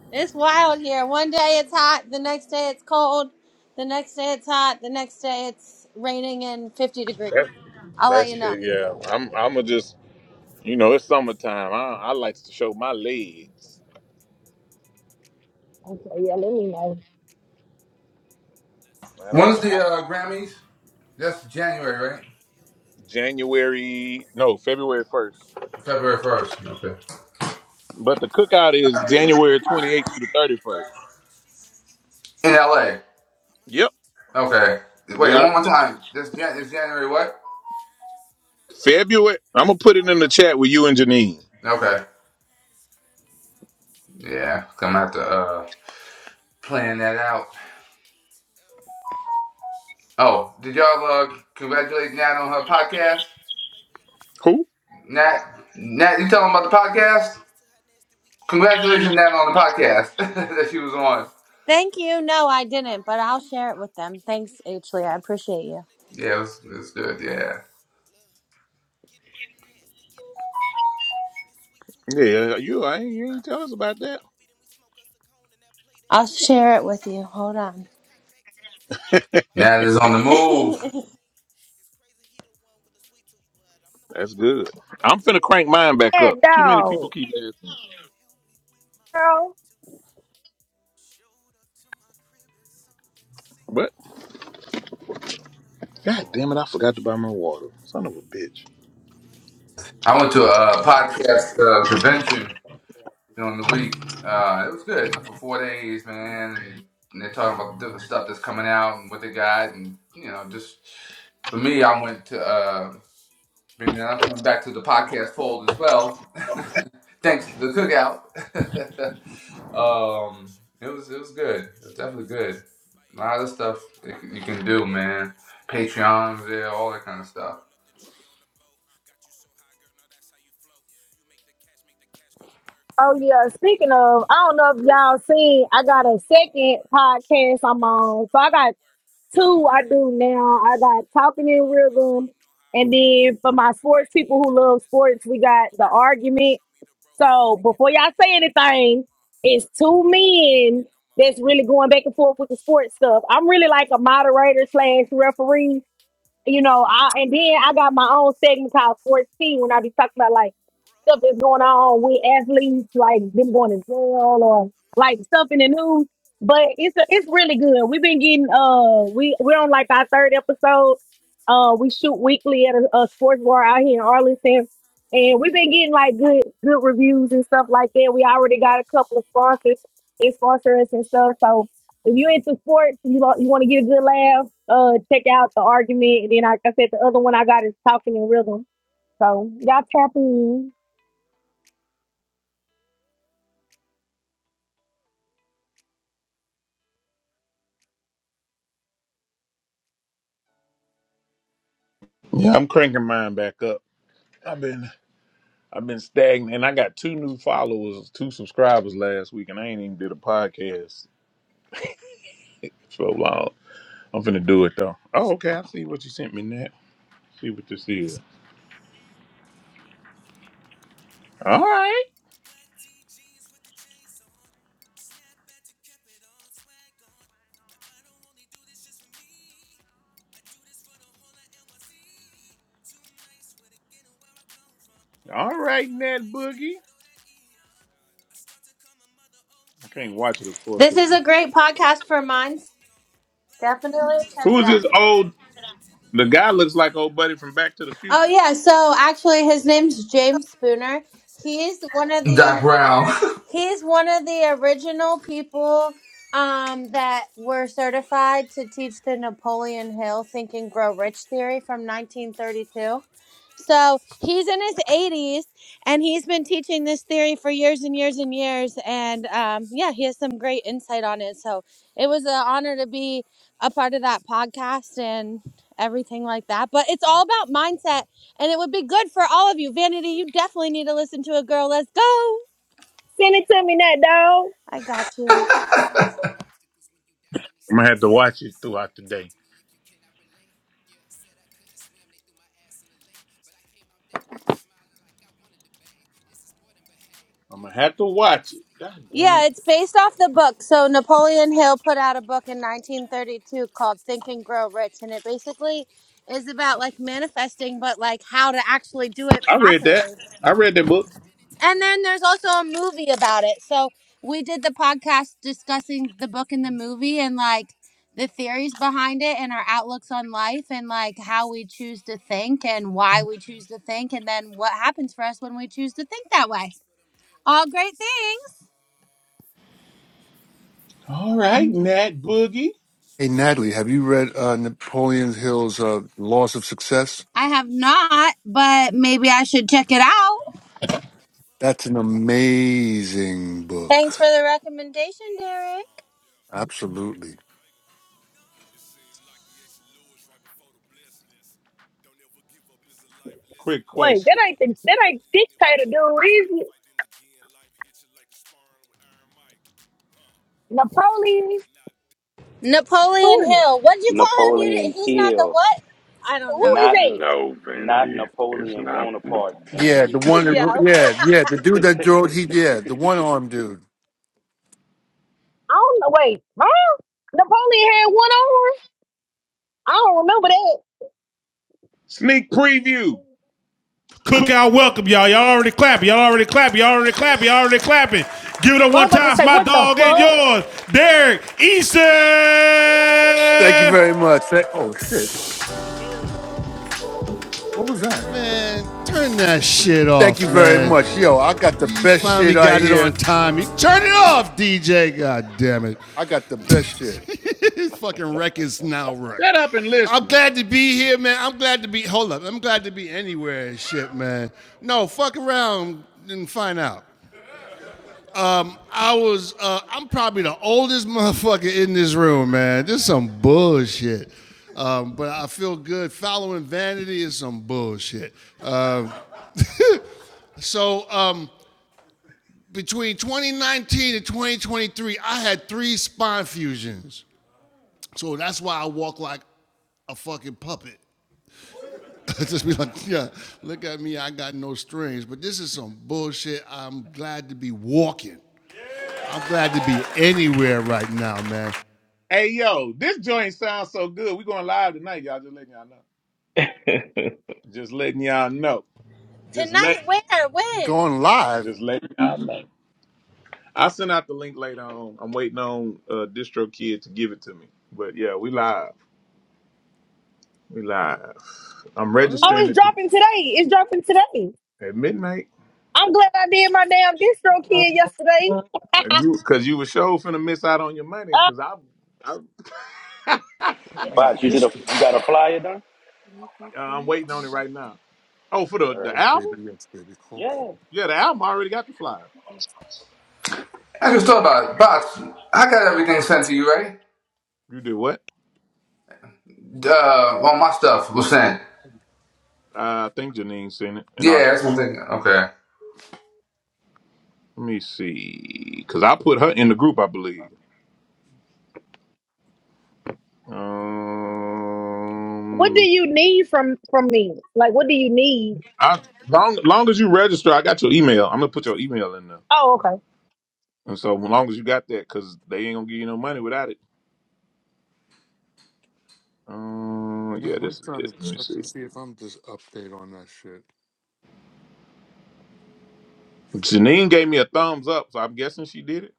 Speaker 12: It's wild here. One day it's hot, the next day it's cold, the next day it's hot, the next day it's raining and 50 degrees.
Speaker 2: that's
Speaker 12: I'll let
Speaker 2: that's
Speaker 12: you know.
Speaker 2: it. Yeah, I'm I'm gonna just you know it's summertime. I I like to show my legs.
Speaker 13: Okay, yeah, let me know.
Speaker 2: I like
Speaker 17: when's the uh Grammys? That's January, right?
Speaker 2: January no February first,
Speaker 9: Showed up
Speaker 17: February
Speaker 9: to my
Speaker 17: first.
Speaker 9: crib
Speaker 17: Okay.
Speaker 9: and something see
Speaker 2: but
Speaker 9: through.
Speaker 2: the cookout is January
Speaker 9: Brought
Speaker 2: 28th
Speaker 9: a
Speaker 2: through
Speaker 9: girl
Speaker 2: the 31st.
Speaker 9: along, she gon' eat too.
Speaker 17: In LA.
Speaker 9: I'ma
Speaker 2: Yep,
Speaker 9: eat too,
Speaker 17: Okay.
Speaker 2: we
Speaker 17: Wait, one
Speaker 2: already
Speaker 17: more
Speaker 2: gonna
Speaker 17: time.
Speaker 9: sweet
Speaker 17: This
Speaker 9: too.
Speaker 17: Jan- is January what?
Speaker 9: I just wanna help and
Speaker 2: February. I'm gonna put
Speaker 9: sweet
Speaker 2: it in the
Speaker 9: too.
Speaker 2: chat with you and Janine.
Speaker 17: Okay.
Speaker 9: Show the baddest crib with something see through.
Speaker 17: Yeah, I'm gonna have to
Speaker 9: Brought
Speaker 17: uh
Speaker 9: my girl along,
Speaker 17: plan that out.
Speaker 9: she gon' eat too. She gon' eat
Speaker 17: Oh, did
Speaker 9: too.
Speaker 17: y'all uh,
Speaker 9: Heard
Speaker 17: congratulate Nat on her
Speaker 9: you got a
Speaker 17: podcast?
Speaker 9: sweet tooth, baby, let me feel it.
Speaker 2: Who?
Speaker 9: I love it
Speaker 17: Nat,
Speaker 9: when you give me
Speaker 17: Nat, you
Speaker 9: this
Speaker 17: tell them
Speaker 9: feeling.
Speaker 17: about the
Speaker 9: That ain't no
Speaker 17: podcast?
Speaker 9: limits to how nasty we getting. Cause
Speaker 17: Congratulations,
Speaker 9: anything
Speaker 17: Nat,
Speaker 9: you
Speaker 17: on the
Speaker 9: want, baby, you know
Speaker 17: podcast
Speaker 9: that I'm with
Speaker 17: that she was
Speaker 9: it.
Speaker 17: on.
Speaker 9: Mm. Cream on that
Speaker 12: Thank
Speaker 9: dick,
Speaker 12: you.
Speaker 9: then I'm
Speaker 12: No, I
Speaker 9: licking it
Speaker 12: didn't,
Speaker 9: off.
Speaker 12: but I'll
Speaker 9: Keep
Speaker 12: share it
Speaker 9: on my
Speaker 12: with
Speaker 9: wreck,
Speaker 12: them.
Speaker 9: he ain't
Speaker 12: Thanks,
Speaker 9: never on
Speaker 12: Ashley. I
Speaker 9: self.
Speaker 12: appreciate
Speaker 9: Spit
Speaker 12: you.
Speaker 9: on that dick
Speaker 17: Yeah, it
Speaker 9: while I
Speaker 17: was,
Speaker 9: play
Speaker 17: it
Speaker 9: with
Speaker 17: was
Speaker 9: them
Speaker 17: good.
Speaker 9: balls.
Speaker 17: Yeah,
Speaker 9: Look. Getting real nasty, getting real freaky. His sweet tooth aching,
Speaker 2: Yeah,
Speaker 9: so he
Speaker 2: you I
Speaker 9: need
Speaker 2: ain't, you ain't tell us
Speaker 9: me.
Speaker 2: about
Speaker 9: Let's make
Speaker 2: that.
Speaker 9: a movie, then we smoke us a cone and I play that
Speaker 12: I'll
Speaker 9: bitch on the
Speaker 12: share it with
Speaker 9: TV.
Speaker 12: you. Hold
Speaker 9: Got my
Speaker 12: on.
Speaker 9: legs cocked back to the ceiling while he
Speaker 17: Nat is
Speaker 9: devour
Speaker 17: on the
Speaker 9: this
Speaker 12: this
Speaker 9: pussy, he
Speaker 17: move.
Speaker 9: feasting. It's crazy, he the one with the sweet tooth, but I'm the one
Speaker 2: That's
Speaker 9: he always
Speaker 2: good.
Speaker 9: end up
Speaker 2: I'm
Speaker 9: pleasing.
Speaker 2: finna crank mine back up.
Speaker 13: And
Speaker 2: Too many
Speaker 13: dog,
Speaker 2: people keep
Speaker 9: Shorty
Speaker 2: asking.
Speaker 9: wanna help me with my sweet
Speaker 13: girl.
Speaker 9: tooth. Showed up to my crib in something
Speaker 2: But
Speaker 9: see-through. Brought a girl
Speaker 2: god damn it, I
Speaker 9: along,
Speaker 2: forgot to buy
Speaker 9: she
Speaker 2: my
Speaker 9: gon'
Speaker 2: water.
Speaker 9: eat too.
Speaker 2: Son of a bitch.
Speaker 9: I'ma eat too.
Speaker 17: I went to a uh,
Speaker 9: I got
Speaker 17: podcast
Speaker 9: sweet
Speaker 17: uh,
Speaker 9: tooth.
Speaker 17: convention during the
Speaker 9: I just
Speaker 17: week.
Speaker 9: wanna
Speaker 17: Uh, it
Speaker 9: help
Speaker 17: was
Speaker 9: him with
Speaker 17: good
Speaker 9: his
Speaker 17: for four
Speaker 9: sweet
Speaker 17: days,
Speaker 9: tooth.
Speaker 17: man. And, and they're talking about
Speaker 9: Showed
Speaker 17: the
Speaker 9: up
Speaker 17: different
Speaker 9: at
Speaker 17: stuff that's
Speaker 9: his
Speaker 17: coming
Speaker 9: crib
Speaker 17: out
Speaker 9: with
Speaker 17: and what they
Speaker 9: something
Speaker 17: got, and
Speaker 9: see-through.
Speaker 17: you know, just
Speaker 9: But my
Speaker 17: for me,
Speaker 9: girl
Speaker 17: I went to.
Speaker 9: alone,
Speaker 17: Uh,
Speaker 9: but she gon' be too.
Speaker 17: And then I'm coming back to the podcast
Speaker 9: She
Speaker 17: fold as
Speaker 9: gon' eat
Speaker 17: well,
Speaker 9: too.
Speaker 17: thanks
Speaker 9: Got
Speaker 17: to
Speaker 9: a
Speaker 17: the
Speaker 9: sweet
Speaker 17: cookout.
Speaker 9: tooth.
Speaker 17: um, it was it was good. It was definitely good. A lot of stuff that you can do, man. Patreon, yeah, all that kind of stuff.
Speaker 9: You so
Speaker 13: Oh yeah. Speaking of, I don't know if y'all seen. I got a second podcast I'm
Speaker 9: bad that you
Speaker 13: on.
Speaker 9: know
Speaker 13: So I
Speaker 9: how
Speaker 13: got Two,
Speaker 9: to
Speaker 13: I
Speaker 9: hang
Speaker 13: do
Speaker 9: go up
Speaker 13: now.
Speaker 9: under the
Speaker 13: I got
Speaker 9: shirt.
Speaker 13: talking
Speaker 9: I be
Speaker 13: in
Speaker 9: your waist so
Speaker 13: rhythm.
Speaker 9: you know how I
Speaker 13: And
Speaker 9: flirt.
Speaker 13: then for
Speaker 9: You
Speaker 13: my
Speaker 9: be my
Speaker 13: sports
Speaker 9: candy
Speaker 13: people
Speaker 9: and
Speaker 13: who
Speaker 9: then my
Speaker 13: love
Speaker 9: dessert.
Speaker 13: sports, we
Speaker 9: I'm
Speaker 13: got
Speaker 9: in
Speaker 13: the
Speaker 9: your city, now
Speaker 13: argument.
Speaker 9: show me the ropes.
Speaker 13: So
Speaker 9: Take it
Speaker 13: before
Speaker 9: from
Speaker 13: y'all
Speaker 9: there, you
Speaker 13: say
Speaker 9: won't fake it no
Speaker 13: anything,
Speaker 9: more.
Speaker 13: it's
Speaker 9: Huh,
Speaker 13: two
Speaker 9: you won't fake
Speaker 13: men
Speaker 9: it no more.
Speaker 13: that's really going back and forth with the sports
Speaker 9: Shorty,
Speaker 13: stuff. I'm
Speaker 9: won't
Speaker 13: really
Speaker 9: you
Speaker 13: like
Speaker 9: will
Speaker 13: a
Speaker 9: be my
Speaker 13: moderator
Speaker 9: sweet
Speaker 13: slash
Speaker 9: tooth?
Speaker 13: referee you know,
Speaker 9: Showed
Speaker 13: I, and
Speaker 9: up to
Speaker 13: then I
Speaker 9: my
Speaker 13: got my
Speaker 9: crib
Speaker 13: own
Speaker 9: and
Speaker 13: segment
Speaker 9: something
Speaker 13: called
Speaker 9: see-through.
Speaker 13: 14 when I be talking about like
Speaker 9: Brought a girl
Speaker 13: stuff that's going on with
Speaker 9: alone, she gon' eat
Speaker 13: athletes,
Speaker 9: too.
Speaker 13: like them going to
Speaker 9: I'ma
Speaker 13: jail or like
Speaker 9: eat
Speaker 13: stuff in the news. But it's a, it's
Speaker 9: that's sweet.
Speaker 13: really good. We've been getting uh
Speaker 9: I
Speaker 13: we we're
Speaker 9: just
Speaker 13: on
Speaker 9: wanna
Speaker 13: like our
Speaker 9: help
Speaker 13: third
Speaker 9: you let
Speaker 13: episode.
Speaker 9: it sweet too.
Speaker 13: Uh, we shoot weekly at a, a
Speaker 9: Show
Speaker 13: sports bar
Speaker 9: that
Speaker 13: out here in
Speaker 9: it's
Speaker 13: Arlington,
Speaker 9: purpose on the
Speaker 13: and we've been getting like good good
Speaker 9: Brought my
Speaker 13: reviews and
Speaker 9: girl
Speaker 13: stuff like
Speaker 9: alone,
Speaker 13: that.
Speaker 9: she
Speaker 13: We
Speaker 9: gon'
Speaker 13: already got a couple of
Speaker 9: eat too. She gon'
Speaker 13: sponsors
Speaker 9: eat too.
Speaker 13: and sponsors and stuff. So if you into sports and you
Speaker 9: sweet
Speaker 13: you want to get a good
Speaker 9: too.
Speaker 13: laugh, uh, check out the argument. And then, like I said, the other one I got is talking in rhythm. So y'all tap in.
Speaker 2: Yeah, I'm cranking mine back up. I've been I've been stagnant, and I got two new followers, two subscribers last week, and I ain't even did a podcast so long. I'm finna do it though. Oh, okay. I see what you sent me, Nat. See what this is. All right,
Speaker 9: Black T jeans with the chains on. Snap back to keep it on swag on. Now I don't only do this just for me. I do this for the whole of NYC. Too nice with it, getting where I come from. I'm
Speaker 2: all
Speaker 9: from
Speaker 2: right,
Speaker 9: Crown
Speaker 2: Nat
Speaker 9: Heights,
Speaker 2: Boogie.
Speaker 9: gotta throw that E on. I start to call my mother OG,
Speaker 2: I can't
Speaker 9: cause
Speaker 2: watch
Speaker 9: when
Speaker 2: it,
Speaker 9: she
Speaker 2: of
Speaker 9: gave
Speaker 2: course.
Speaker 9: birth
Speaker 2: 'cause-
Speaker 9: to
Speaker 12: is a
Speaker 9: me,
Speaker 12: great
Speaker 9: she was in
Speaker 12: podcast
Speaker 9: the
Speaker 12: for
Speaker 9: with the
Speaker 12: minds.
Speaker 9: team on. Black Air
Speaker 12: Definitely
Speaker 9: Force
Speaker 12: check
Speaker 2: Who
Speaker 12: it
Speaker 2: is
Speaker 12: out.
Speaker 2: this
Speaker 9: energy.
Speaker 2: old?
Speaker 9: That
Speaker 2: The
Speaker 9: Timberland
Speaker 2: guy
Speaker 9: beat
Speaker 2: looks like
Speaker 9: stop
Speaker 2: old buddy from
Speaker 9: energy.
Speaker 2: Back to the
Speaker 12: Oh
Speaker 9: That's
Speaker 2: Future.
Speaker 9: a
Speaker 12: yeah,
Speaker 9: bubble
Speaker 12: so
Speaker 9: more
Speaker 12: actually
Speaker 9: head
Speaker 12: his name's
Speaker 9: steadily.
Speaker 12: James Spooner.
Speaker 9: Opposition, I can
Speaker 12: He's
Speaker 9: let
Speaker 12: one
Speaker 9: 'em
Speaker 12: of
Speaker 9: get
Speaker 17: Doc
Speaker 12: the
Speaker 9: ahead of
Speaker 17: Brown.
Speaker 9: me. Know it
Speaker 12: He's
Speaker 9: all.
Speaker 12: one of the
Speaker 9: I can let 'em
Speaker 12: original
Speaker 9: drag me
Speaker 12: people
Speaker 9: down.
Speaker 12: um,
Speaker 9: Too
Speaker 12: that
Speaker 9: far
Speaker 12: were
Speaker 9: to turn back
Speaker 12: certified to teach
Speaker 9: now.
Speaker 12: the
Speaker 9: I
Speaker 12: Napoleon
Speaker 9: can
Speaker 12: Hill
Speaker 9: let 'em
Speaker 12: Think and
Speaker 9: drag
Speaker 12: Grow
Speaker 9: me
Speaker 12: Rich theory
Speaker 9: down.
Speaker 12: from
Speaker 9: Went too far
Speaker 12: 1932.
Speaker 9: to turn back
Speaker 12: So
Speaker 9: now.
Speaker 12: he's in his 80s and he's been teaching this theory
Speaker 9: All
Speaker 12: for
Speaker 9: we
Speaker 12: years and
Speaker 9: gotta
Speaker 12: years and
Speaker 9: achieve.
Speaker 12: years.
Speaker 9: Just
Speaker 12: And
Speaker 9: reach for the
Speaker 12: um, yeah, he has
Speaker 9: stars, you
Speaker 12: some great
Speaker 9: gotta
Speaker 12: insight on
Speaker 9: believe.
Speaker 12: it. So
Speaker 9: Just know
Speaker 12: it was an
Speaker 9: who you are
Speaker 12: honor
Speaker 9: when
Speaker 12: to
Speaker 9: you
Speaker 12: be
Speaker 9: out in
Speaker 12: a
Speaker 9: these
Speaker 12: part of that
Speaker 9: streets.
Speaker 12: podcast and everything like that. But it's all about mindset and it would be good for all of you. Vanity, you definitely need to listen to a girl. Let's go.
Speaker 13: Send it to me, that dog.
Speaker 12: I
Speaker 9: Yeah, look.
Speaker 12: got you.
Speaker 9: So many obstacles when you dodging these
Speaker 2: I'm gonna have
Speaker 9: snakes.
Speaker 2: to watch it
Speaker 9: Don't
Speaker 2: throughout
Speaker 9: even
Speaker 2: the
Speaker 9: talk
Speaker 2: day.
Speaker 9: to me if you cannot relate. Yeah, said I couldn't swim, they threw my ass in the lake. But I came out that bitch smiling like I wanted to bathe. This is more than behave.
Speaker 2: I'm
Speaker 9: Yeah,
Speaker 2: gonna have to
Speaker 9: I'm the
Speaker 2: watch it.
Speaker 9: messiah of
Speaker 2: God
Speaker 9: my life,
Speaker 2: damn it!
Speaker 12: Yeah,
Speaker 9: I'm the
Speaker 12: it's based off the
Speaker 9: savior.
Speaker 12: book.
Speaker 9: I'm
Speaker 12: So
Speaker 9: holding on, I'm
Speaker 12: Napoleon
Speaker 9: staying
Speaker 12: Hill put
Speaker 9: strong,
Speaker 12: out a
Speaker 9: I'm the
Speaker 12: book in
Speaker 9: major. Major
Speaker 12: 1932 called
Speaker 9: persistence,
Speaker 12: Think
Speaker 9: yeah,
Speaker 12: and Grow
Speaker 9: major
Speaker 12: Rich,
Speaker 9: commitment.
Speaker 12: and it
Speaker 9: Hated, I'm
Speaker 12: basically
Speaker 9: gifted, roll
Speaker 12: is
Speaker 9: up and
Speaker 12: about
Speaker 9: get
Speaker 12: like
Speaker 9: lifted. I'm
Speaker 12: manifesting,
Speaker 9: high.
Speaker 12: but like how
Speaker 9: Hard
Speaker 12: to
Speaker 9: time, bitch,
Speaker 12: actually
Speaker 9: I'm
Speaker 12: do it
Speaker 9: super
Speaker 2: I
Speaker 9: fly.
Speaker 2: read that.
Speaker 12: properly.
Speaker 9: And I'ma
Speaker 2: I
Speaker 9: keep
Speaker 2: read that
Speaker 9: this
Speaker 2: book.
Speaker 9: bitch spinning till I'm
Speaker 12: And then there's also a
Speaker 9: hypnotized. And knock
Speaker 12: movie
Speaker 9: me
Speaker 12: about
Speaker 9: down,
Speaker 12: it.
Speaker 9: I get
Speaker 12: So
Speaker 9: back up about a
Speaker 12: we did the
Speaker 9: thousand times.
Speaker 12: podcast
Speaker 9: And I ain't
Speaker 12: discussing
Speaker 9: listening
Speaker 12: the
Speaker 9: to them
Speaker 12: book and the
Speaker 9: niggas, heard a
Speaker 12: movie and
Speaker 9: thousand
Speaker 12: like
Speaker 9: lies.
Speaker 12: the
Speaker 9: Yeah,
Speaker 12: theories
Speaker 9: just hold
Speaker 12: behind it and our
Speaker 9: on.
Speaker 12: outlooks on life and
Speaker 9: Yeah,
Speaker 12: like how
Speaker 9: stay
Speaker 12: we choose to
Speaker 9: strong.
Speaker 12: think
Speaker 9: Stay
Speaker 12: and why
Speaker 9: strong.
Speaker 12: we choose
Speaker 9: Yeah,
Speaker 12: to think and
Speaker 9: don't
Speaker 12: then what
Speaker 9: fall.
Speaker 12: happens for us when we
Speaker 9: Don't
Speaker 12: choose to
Speaker 9: fall.
Speaker 12: think that
Speaker 9: This
Speaker 12: way.
Speaker 9: is for them real
Speaker 12: All
Speaker 9: ones.
Speaker 12: great
Speaker 9: This is for
Speaker 12: things.
Speaker 9: y'all, for me, forever for
Speaker 2: All
Speaker 9: y'all. We
Speaker 2: right,
Speaker 9: got a
Speaker 2: Nat
Speaker 9: G.
Speaker 2: Boogie.
Speaker 9: Just
Speaker 11: Hey
Speaker 9: reach for the
Speaker 11: Natalie, have you
Speaker 9: stars,
Speaker 11: read
Speaker 9: you
Speaker 11: uh,
Speaker 9: gotta believe.
Speaker 11: Napoleon Hill's
Speaker 9: Just know
Speaker 11: uh,
Speaker 9: who you are,
Speaker 11: Laws of
Speaker 9: you
Speaker 11: Success?
Speaker 9: loud
Speaker 12: I
Speaker 9: in
Speaker 12: have
Speaker 9: these streets.
Speaker 12: not, but maybe I should check it
Speaker 9: Yeah,
Speaker 12: out.
Speaker 11: That's an
Speaker 9: just hold on,
Speaker 11: amazing book.
Speaker 12: Thanks for the recommendation,
Speaker 9: be strong. Yeah,
Speaker 12: Derek.
Speaker 11: Absolutely.
Speaker 9: uh, Vegas. It seemed like the exit Lewis right before the blessing. Don't ever give up is a life lesson.
Speaker 2: Quick
Speaker 9: So
Speaker 13: Wait,
Speaker 2: question.
Speaker 13: that
Speaker 9: many threw
Speaker 13: ain't
Speaker 9: the
Speaker 13: the, that
Speaker 9: towel
Speaker 13: ain't
Speaker 9: in, it
Speaker 13: dictator,
Speaker 9: wasn't even a
Speaker 13: dude. Is
Speaker 9: title
Speaker 13: it
Speaker 9: fight. Then again, life hit you like a sparring with Iron Mike. Huh? Yeah,
Speaker 13: Napoleon?
Speaker 9: get knocked
Speaker 13: Who
Speaker 12: Napoleon
Speaker 13: is it?
Speaker 12: Hill. What would you call him? You did,
Speaker 15: Napoleon
Speaker 12: he's not the
Speaker 15: Hill,
Speaker 12: what? I don't
Speaker 13: Who is
Speaker 12: know.
Speaker 15: not
Speaker 13: that?
Speaker 3: No
Speaker 15: not
Speaker 3: vanity. It's
Speaker 15: Napoleon
Speaker 3: not
Speaker 15: Bonaparte.
Speaker 11: Yeah, the
Speaker 15: Vanity.
Speaker 11: one that wrote,
Speaker 12: Yeah.
Speaker 11: yeah, yeah, the dude that drove, he, yeah, the one armed dude.
Speaker 13: I don't know. Wait, huh? Napoleon had one arm. I don't remember that.
Speaker 2: Sneak preview.
Speaker 9: Cookout welcome, y'all. Y'all already clapping. Y'all already clapping. Y'all already clapping. Y'all already clapping. Give it up
Speaker 13: Well, i was
Speaker 9: one
Speaker 13: about to
Speaker 9: time for
Speaker 13: say,
Speaker 9: my
Speaker 13: what the
Speaker 9: dog and
Speaker 13: fuck?
Speaker 9: yours, Derek Easton.
Speaker 11: Thank you very much. Thank, oh, shit. What was that?
Speaker 9: that shit off.
Speaker 11: Thank you very much. Yo, I got the best shit right here.
Speaker 9: Get it off, DJ. God damn it.
Speaker 11: I got the best shit
Speaker 2: Shut up and listen.
Speaker 9: hold up. I'm glad to be anywhere and shit, man. No, fuck around and find out. I was, uh, I'm probably the oldest motherfucker in this room, man. This is some bullshit. Um, but I feel good. Following vanity is some bullshit. So um, between 2019 and 2023, I had three spine fusions. So that's why I walk like a fucking puppet. just be like, yeah, look at me, I got no strings. But this is some bullshit. I'm glad to be walking. I'm glad to be anywhere right now, man.
Speaker 2: Hey yo, this joint sounds so good. We going live tonight, y'all. Just letting y'all know. Just letting y'all know. Just
Speaker 12: Tonight,
Speaker 2: let.
Speaker 12: where? When?
Speaker 11: going live
Speaker 2: Just letting y'all know. I will send out the link later on. I'm waiting on uh, Distro Kid to give it to me. But yeah, we live. We live. I'm
Speaker 13: Oh,
Speaker 2: registering
Speaker 13: it's
Speaker 2: at, the,
Speaker 13: dropping today. It's dropping today.
Speaker 2: at midnight.
Speaker 13: I'm glad I did my damn distro kid yesterday.
Speaker 2: And You, cause you were sure finna miss out on your money. Cause I, I uh,
Speaker 11: on my
Speaker 15: Bots, you did a
Speaker 11: district.
Speaker 15: you got a flyer done?
Speaker 2: I'm waiting on it right now. Oh, for the
Speaker 15: All
Speaker 2: the
Speaker 15: right.
Speaker 11: Hey, baby,
Speaker 2: album?
Speaker 11: yes, baby. Call keep.
Speaker 15: Yeah.
Speaker 2: Yeah, the album I already got the flyer.
Speaker 17: I just thought about it. Box, I got everything sent to you, right?
Speaker 2: You did what?
Speaker 17: Uh, all my stuff was sent.
Speaker 2: I think Janine sent it, and I
Speaker 17: Yeah,
Speaker 2: let
Speaker 17: that's one thing. Okay,
Speaker 2: me see, because I put her in the group, I believe.
Speaker 13: What do
Speaker 2: Um,
Speaker 13: you need from from me? Like, what do you need?
Speaker 2: I long long as you register, I got your email. I'm gonna put your email in there,
Speaker 13: Oh, okay.
Speaker 2: and so as long as you got that, because they ain't gonna give you no money without it. Um, yeah,
Speaker 11: Damn, I'm
Speaker 2: this is
Speaker 11: trying
Speaker 2: it.
Speaker 11: to
Speaker 2: Let me
Speaker 11: check
Speaker 2: see.
Speaker 11: and see if I'm just update on that shit.
Speaker 2: Janine gave me a thumbs up, so I'm guessing she did it.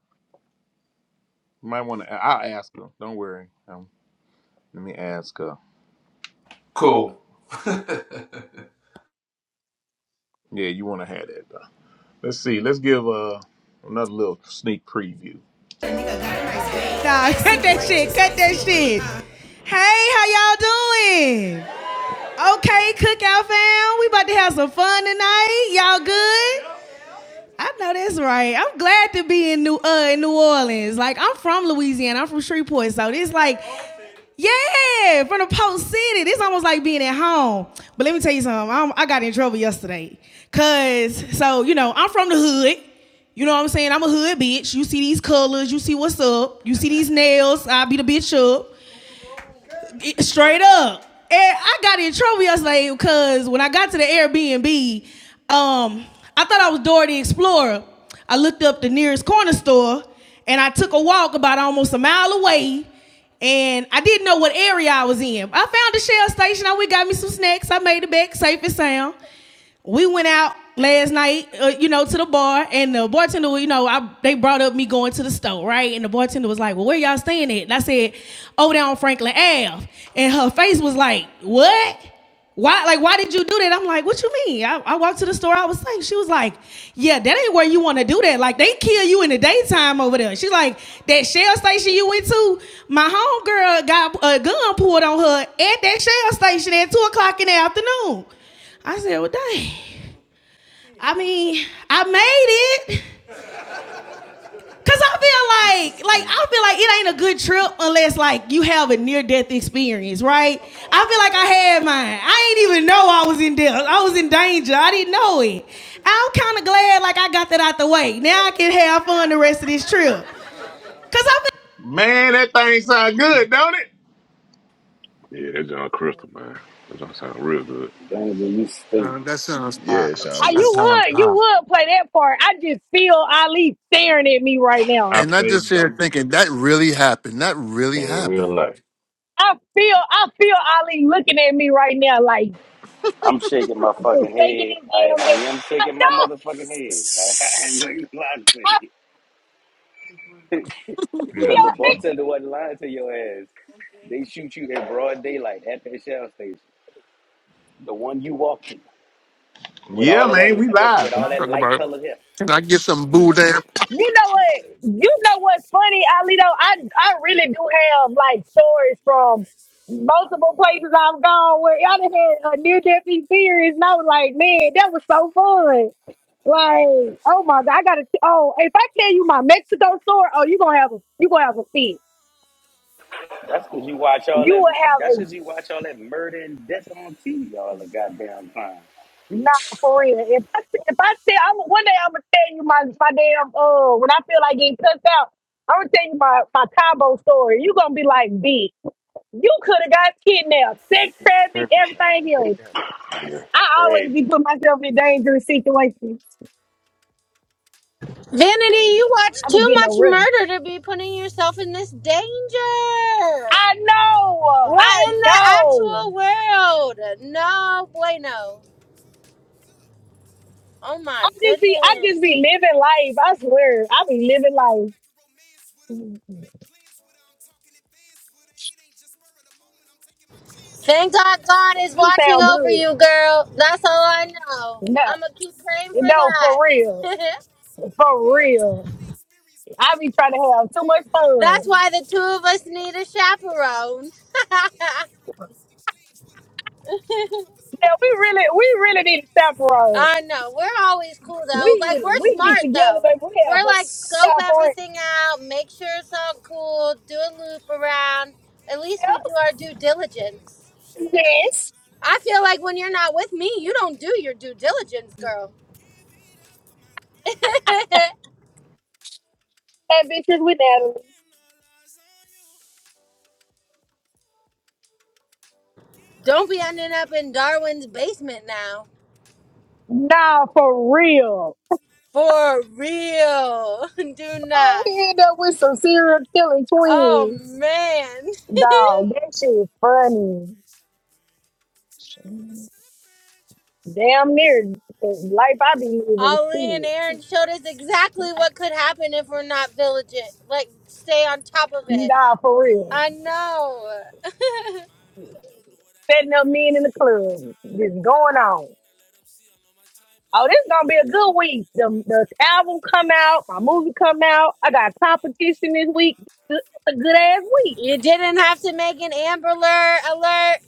Speaker 2: You might want to. I'll ask her. Don't worry. Um, let me ask her.
Speaker 17: cool.
Speaker 2: Yeah, you want to have that. Though. Let's see. Let's give uh another little sneak preview.
Speaker 9: Nah, cut that shit. Cut that shit. Hey, how y'all doing? Okay, cookout fam. We about to have some fun tonight. Y'all good? I know that's right. I'm glad to be in New uh in New Orleans. Like I'm from Louisiana. I'm from Shreveport, so it's like Yeah, from the post city. This almost like being at home. But let me tell you something. I'm, I got in trouble yesterday. Cause so you know I'm from the hood. You know what I'm saying? I'm a hood bitch. You see these colors. You see what's up. You see these nails. I beat a bitch up. Straight up. And I got in trouble yesterday because when I got to the Airbnb, um, I thought I was Dora the Explorer. I looked up the nearest corner store and I took a walk about almost a mile away and I didn't know what area I was in. I found a shell station. I went got me some snacks. I made it back safe and sound we went out last night, uh, you know, to the bar, and the bartender, you know, I, they brought up me going to the store, right? And the bartender was like, "Well, where y'all staying at?" And I said, "Over there on Franklin Ave." And her face was like, "What? Why? Like, why did you do that?" I'm like, "What you mean?" I, I walked to the store. I was saying, she was like, "Yeah, that ain't where you want to do that. Like, they kill you in the daytime over there." She's like, "That shell station you went to, my homegirl got a gun pulled on her at that shell station at two o'clock in the afternoon." I said, well, dang. I mean, I made it. Cause I feel like, like I feel like it ain't a good trip unless like you have a near death experience, right? I feel like I had mine. I ain't even know I was in death. I was in danger. I didn't know it. I'm kind of glad like I got that out the way. Now I can have fun the rest of this trip. Cause I feel
Speaker 2: Man, that thing sound good, don't it?
Speaker 3: yeah, that John Crystal, man. That John sound real good.
Speaker 15: Vanity, you stupid.
Speaker 7: It's
Speaker 1: Yeah,
Speaker 7: crystal
Speaker 1: sound
Speaker 13: Uh,
Speaker 1: good.
Speaker 13: you
Speaker 7: clear, boy.
Speaker 13: would you
Speaker 7: Crystal
Speaker 13: would play
Speaker 7: clear.
Speaker 13: that part. I just feel Ali staring at me right now.
Speaker 2: I
Speaker 11: And I
Speaker 2: played
Speaker 11: just
Speaker 2: it on.
Speaker 11: here thinking, that really happened. That really
Speaker 7: In
Speaker 11: happened.
Speaker 7: real life.
Speaker 13: I feel I feel Ali looking at me right now, like
Speaker 15: I'm shaking my
Speaker 13: just
Speaker 15: fucking
Speaker 13: shaking
Speaker 15: head.
Speaker 13: his
Speaker 15: I,
Speaker 13: damn
Speaker 15: I
Speaker 13: head.
Speaker 15: am
Speaker 13: I
Speaker 15: shaking my
Speaker 13: know.
Speaker 15: motherfucking head. I ain't gonna lie to you.
Speaker 13: I
Speaker 15: Because
Speaker 2: Yeah.
Speaker 15: the
Speaker 13: feel.
Speaker 15: bartender wasn't lying to your ass. They shoot you in broad daylight at that shell station. The one you walked in, with
Speaker 2: Yeah,
Speaker 15: all of that
Speaker 2: man, we
Speaker 15: with, with
Speaker 2: live.
Speaker 15: all that
Speaker 2: Man.
Speaker 11: Talking
Speaker 15: light
Speaker 11: about,
Speaker 15: colored hair.
Speaker 11: can I get some boo
Speaker 13: You know what? You know what's funny, Alito? I I really do have like stories from multiple places I've gone where I done had a near death experience, and I was like, man, that was so fun. Like, oh my god, I gotta. Oh, if I tell you my Mexico story, oh, you gonna have a you gonna have a fit.
Speaker 15: That's because you watch all
Speaker 13: You
Speaker 15: that
Speaker 13: will
Speaker 15: that's
Speaker 13: have a
Speaker 15: because you watch all that murder and death on TV all the goddamn time.
Speaker 13: not for real. If I if I say I'm one day I'm gonna tell you my my damn uh when I feel like getting cussed out, I'm gonna tell you my my combo story. You gonna be like, bitch. You could have got kidnapped, sex
Speaker 7: Yeah.
Speaker 13: traffic,
Speaker 7: Heard I
Speaker 13: everything
Speaker 7: think
Speaker 13: else.
Speaker 7: that was there.
Speaker 13: I always
Speaker 15: Crazy.
Speaker 13: be putting myself in dangerous situations.
Speaker 12: Vanity, you watch
Speaker 13: I be
Speaker 12: too
Speaker 13: getting a
Speaker 12: much
Speaker 13: run.
Speaker 12: murder to be putting yourself in this danger.
Speaker 13: I know. I
Speaker 12: What in the
Speaker 13: know.
Speaker 12: actual world? No bueno. Oh
Speaker 13: I
Speaker 12: my
Speaker 13: just be, I just
Speaker 12: goodness.
Speaker 13: be living life. I swear, I be living life.
Speaker 12: Thank God God is
Speaker 13: You
Speaker 12: watching
Speaker 13: sound
Speaker 12: over
Speaker 13: good.
Speaker 12: you, girl. That's all I know.
Speaker 13: No,
Speaker 12: I'm going to keep praying for
Speaker 13: no, for real,
Speaker 12: that.
Speaker 13: for real. I be trying to have too much
Speaker 12: That's
Speaker 13: fun.
Speaker 12: why the two of us need a chaperone.
Speaker 9: I mean, out my comfort
Speaker 13: Yeah,
Speaker 9: zone,
Speaker 13: we
Speaker 9: really is
Speaker 13: really,
Speaker 9: strange
Speaker 13: we
Speaker 9: with her. We
Speaker 13: really need to
Speaker 9: finishing
Speaker 13: separate.
Speaker 9: sentences
Speaker 12: I
Speaker 9: like I'm
Speaker 12: know.
Speaker 9: sharing
Speaker 12: We're
Speaker 9: a
Speaker 12: always
Speaker 9: brain with
Speaker 12: cool,
Speaker 9: her. And
Speaker 12: though.
Speaker 13: We,
Speaker 12: Like, we're
Speaker 9: when
Speaker 13: we
Speaker 9: in
Speaker 13: get
Speaker 12: smart,
Speaker 9: traffic, I'm
Speaker 13: together,
Speaker 12: though.
Speaker 13: baby.
Speaker 9: stuck in a
Speaker 13: we have
Speaker 12: We're
Speaker 13: a
Speaker 9: train
Speaker 12: like,
Speaker 9: with her.
Speaker 12: scope
Speaker 13: Yeah,
Speaker 9: Cracking jokes
Speaker 13: for
Speaker 9: so I
Speaker 12: everything
Speaker 9: can laugh in
Speaker 12: out,
Speaker 9: that
Speaker 12: make
Speaker 9: goofy
Speaker 12: sure
Speaker 9: and
Speaker 12: it's
Speaker 9: lame
Speaker 12: all
Speaker 9: with her.
Speaker 12: cool,
Speaker 9: I'm
Speaker 12: do
Speaker 9: really
Speaker 12: a
Speaker 9: about that
Speaker 12: loop
Speaker 9: life, I ain't
Speaker 12: around.
Speaker 9: playing no
Speaker 12: At
Speaker 9: games with
Speaker 12: least we
Speaker 9: her.
Speaker 12: do
Speaker 9: So
Speaker 12: our
Speaker 9: I
Speaker 12: due
Speaker 9: celebrate her daily, hope
Speaker 12: diligence.
Speaker 9: I always
Speaker 13: real. Yes.
Speaker 12: I
Speaker 9: remain
Speaker 12: feel
Speaker 9: with
Speaker 12: like when
Speaker 9: her.
Speaker 12: you're not with me, you don't do your due diligence, girl.
Speaker 9: for my lady, give it up for my girl.
Speaker 13: That bitch is with Natalie.
Speaker 9: Walking all eyes on you, give
Speaker 12: don't
Speaker 9: it
Speaker 12: be
Speaker 9: up
Speaker 12: ending
Speaker 9: for
Speaker 12: up
Speaker 9: my
Speaker 12: in
Speaker 9: world.
Speaker 12: Darwin's basement now.
Speaker 13: Nah, for real.
Speaker 9: I wanna
Speaker 12: For
Speaker 9: celebrate you,
Speaker 12: real. Do
Speaker 13: Oh,
Speaker 12: not.
Speaker 9: celebrate, celebrate,
Speaker 13: we end up with some
Speaker 9: celebrate.
Speaker 13: serial killing
Speaker 9: Tonight I
Speaker 12: Oh
Speaker 13: twins.
Speaker 9: wanna
Speaker 12: man.
Speaker 9: celebrate you,
Speaker 13: Dog, that shit is
Speaker 9: celebrate, celebrate,
Speaker 13: funny.
Speaker 9: celebrate. Tonight I wanna celebrate you.
Speaker 13: Damn near the
Speaker 9: Celebrate
Speaker 13: life
Speaker 9: you.
Speaker 13: I be living.
Speaker 12: Ali and
Speaker 13: Shit.
Speaker 12: Aaron
Speaker 9: I
Speaker 12: showed us
Speaker 9: wanna
Speaker 12: exactly
Speaker 9: celebrate
Speaker 12: what could
Speaker 9: you.
Speaker 12: happen if we're not vigilant. Like stay on top of it.
Speaker 13: Nah, for real.
Speaker 12: I know.
Speaker 13: Setting up men in the club. Just going on. Oh, this gonna be a good week. The, the album come out, my movie come out. I got competition this week. It's a good ass week.
Speaker 12: you didn't have to make an Amber Alert. alert.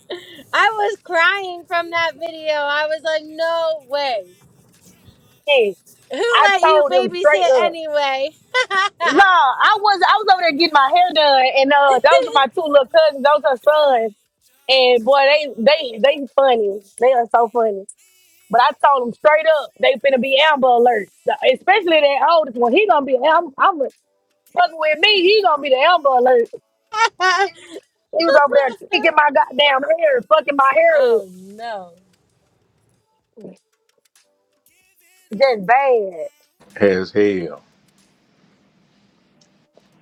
Speaker 12: I was crying from that video. I was like, no way.
Speaker 13: Hey,
Speaker 12: Who
Speaker 13: I
Speaker 12: let you
Speaker 13: told him straight
Speaker 12: babysit
Speaker 13: up.
Speaker 12: anyway?
Speaker 13: No, I was I was over there getting my hair done, and uh, those
Speaker 9: Let
Speaker 13: are
Speaker 9: me
Speaker 13: my
Speaker 9: throw
Speaker 13: two
Speaker 9: a
Speaker 13: little cousins. Those are
Speaker 9: party for
Speaker 13: sons,
Speaker 9: you just
Speaker 13: and boy,
Speaker 9: to
Speaker 13: they
Speaker 9: honor
Speaker 13: they they
Speaker 9: how
Speaker 13: funny.
Speaker 9: much
Speaker 13: They
Speaker 9: you
Speaker 13: are so
Speaker 9: mean to
Speaker 13: funny.
Speaker 9: me.
Speaker 13: But I told them straight
Speaker 9: Pop
Speaker 13: up, they finna
Speaker 9: champagne
Speaker 13: be
Speaker 9: for my
Speaker 13: Amber Alerts, So,
Speaker 9: lady.
Speaker 13: especially that oldest one. He gonna be Amber. I'm fucking
Speaker 9: Give
Speaker 13: with
Speaker 9: it
Speaker 13: me.
Speaker 9: up
Speaker 13: He
Speaker 9: for
Speaker 13: gonna
Speaker 9: my
Speaker 13: be the Amber
Speaker 9: girl.
Speaker 13: Alert. He was over there kicking my goddamn
Speaker 9: Walking
Speaker 13: hair,
Speaker 9: all
Speaker 13: fucking my
Speaker 9: eyes on
Speaker 13: hair up.
Speaker 9: you.
Speaker 12: oh no.
Speaker 9: Give it up
Speaker 13: Just
Speaker 9: for my
Speaker 13: bad.
Speaker 9: world.
Speaker 2: As hell.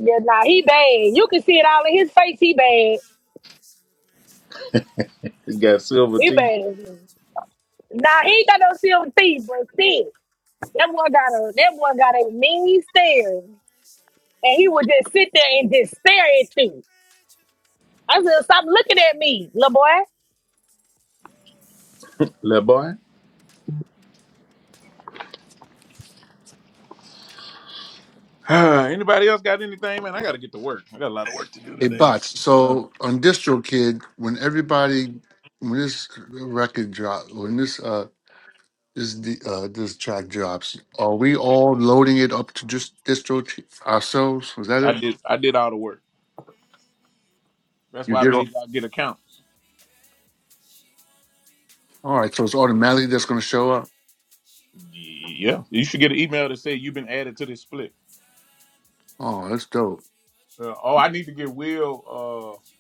Speaker 13: Yeah, nah, he
Speaker 9: I wanna
Speaker 13: bad. You can see it
Speaker 9: celebrate you.
Speaker 13: all in his face. He bad.
Speaker 2: He got
Speaker 9: Tonight I wanna
Speaker 2: silver
Speaker 13: He
Speaker 2: teeth,
Speaker 13: bad.
Speaker 9: celebrate you.
Speaker 13: Nah, he ain't got no silver teeth, but shit. That
Speaker 9: Tonight I
Speaker 13: boy
Speaker 9: wanna
Speaker 13: got a that boy got
Speaker 9: celebrate
Speaker 13: a
Speaker 9: you.
Speaker 13: mean stare, and he would just sit there and just stare at you.
Speaker 9: Celebrate you.
Speaker 13: I said, "Stop looking at me, little boy."
Speaker 2: little boy. Anybody else got anything, man? I gotta get to work. I got a lot of work to do
Speaker 11: It
Speaker 2: today.
Speaker 11: bots.
Speaker 2: I know.
Speaker 11: So on DistroKid, when everybody, when this record drop, when this uh this d- uh this track drops, are we all loading it up to just distro ourselves? Was that
Speaker 2: I
Speaker 11: it?
Speaker 2: did I did all the work. That's
Speaker 11: You
Speaker 2: why I
Speaker 11: did all.
Speaker 2: made y'all get accounts.
Speaker 11: All right, so it's automatically that's going to show up.
Speaker 2: Yeah. You should get an email that say you've been added to this split.
Speaker 11: Oh, that's dope.
Speaker 2: Uh, oh, I need to get Will uh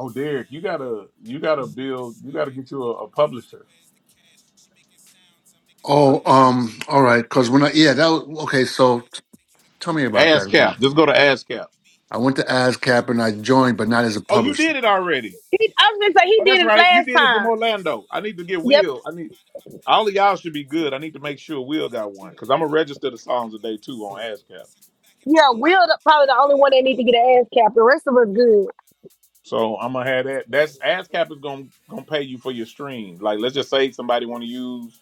Speaker 2: oh Derek, you gotta you gotta
Speaker 9: Like the
Speaker 2: build you gotta
Speaker 9: swag,
Speaker 2: get
Speaker 9: I
Speaker 2: you
Speaker 9: take
Speaker 2: a, a
Speaker 9: deposits like
Speaker 2: publisher.
Speaker 9: where's the cash? She making sounds, I'm making
Speaker 2: I
Speaker 11: Oh,
Speaker 2: can-
Speaker 9: splash. Back in
Speaker 11: um,
Speaker 9: my
Speaker 11: all
Speaker 9: bag,
Speaker 11: right, because
Speaker 9: why
Speaker 11: when
Speaker 9: you
Speaker 11: I
Speaker 9: do
Speaker 11: yeah that
Speaker 9: that?
Speaker 11: was,
Speaker 9: That ain't
Speaker 11: okay.
Speaker 9: no
Speaker 11: So
Speaker 9: ass.
Speaker 11: t-
Speaker 9: Take you to
Speaker 11: tell me
Speaker 9: class,
Speaker 11: about that
Speaker 9: cause you be
Speaker 11: again.
Speaker 2: ASCAP. Just
Speaker 9: thinking
Speaker 2: go to
Speaker 9: you bad.
Speaker 2: ASCAP.
Speaker 9: You be
Speaker 11: I
Speaker 9: stuck
Speaker 11: went to
Speaker 9: in the past,
Speaker 11: ASCAP
Speaker 9: you
Speaker 11: and I
Speaker 9: be stuck
Speaker 11: joined,
Speaker 9: in
Speaker 11: but
Speaker 9: your
Speaker 11: not as a
Speaker 2: Oh,
Speaker 9: feelings.
Speaker 2: you
Speaker 9: You
Speaker 11: publisher.
Speaker 2: did it
Speaker 9: wanna ride to
Speaker 2: already.
Speaker 9: the
Speaker 13: He,
Speaker 9: millions?
Speaker 13: I
Speaker 9: I
Speaker 13: was gonna
Speaker 9: walk
Speaker 13: say he
Speaker 2: Oh, that's
Speaker 9: around
Speaker 13: did it
Speaker 9: with no
Speaker 2: right. You
Speaker 13: last
Speaker 2: did
Speaker 9: ceilings.
Speaker 2: it from
Speaker 13: time.
Speaker 2: Orlando. I need to get
Speaker 13: Yep,
Speaker 2: Will. I need all of y'all should be good. I need to make sure Will got one because I'm gonna register the songs today too on ASCAP.
Speaker 13: yeah. Will the- probably the only one that need to get an ass cap. The rest of us good.
Speaker 2: So I'm gonna have that. That's ASCAP is gonna gonna pay you for your stream. Like let's just say somebody want to use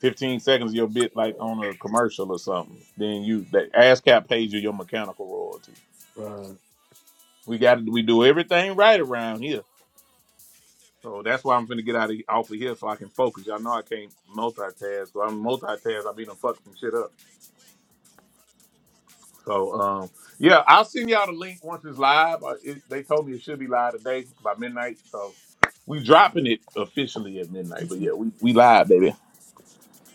Speaker 2: 15 seconds of your bit like on a commercial or something. Then you that ASCAP pays you your mechanical royalty.
Speaker 11: Right.
Speaker 2: We got to we do everything right around here.
Speaker 9: Hey there, baby,
Speaker 2: So
Speaker 9: what
Speaker 2: that's
Speaker 9: you
Speaker 2: why I'm
Speaker 9: trying to
Speaker 2: gonna
Speaker 9: get
Speaker 2: get out
Speaker 9: into?
Speaker 2: of off of
Speaker 9: Gotta
Speaker 2: here
Speaker 9: be the
Speaker 2: so I
Speaker 9: girl,
Speaker 2: can
Speaker 9: let me
Speaker 2: focus.
Speaker 9: holler
Speaker 2: Y'all know
Speaker 9: at
Speaker 2: I
Speaker 9: you.
Speaker 2: can't
Speaker 9: I'm only here in town
Speaker 2: multitask. So
Speaker 9: for a
Speaker 2: I'm
Speaker 9: couple of days,
Speaker 2: multitask.
Speaker 9: and
Speaker 2: I be
Speaker 9: I'm
Speaker 2: done
Speaker 9: busy
Speaker 2: fuck some
Speaker 9: making
Speaker 2: shit
Speaker 9: moves in
Speaker 2: up.
Speaker 9: a major way. Carve out a couple more hours for us.
Speaker 2: So um,
Speaker 9: Insist,
Speaker 2: yeah,
Speaker 9: mellow,
Speaker 2: I'll send y'all the link once it's live. Uh, It, they told me it should be live today by midnight. So we dropping it officially at midnight. But yeah, we we live, baby,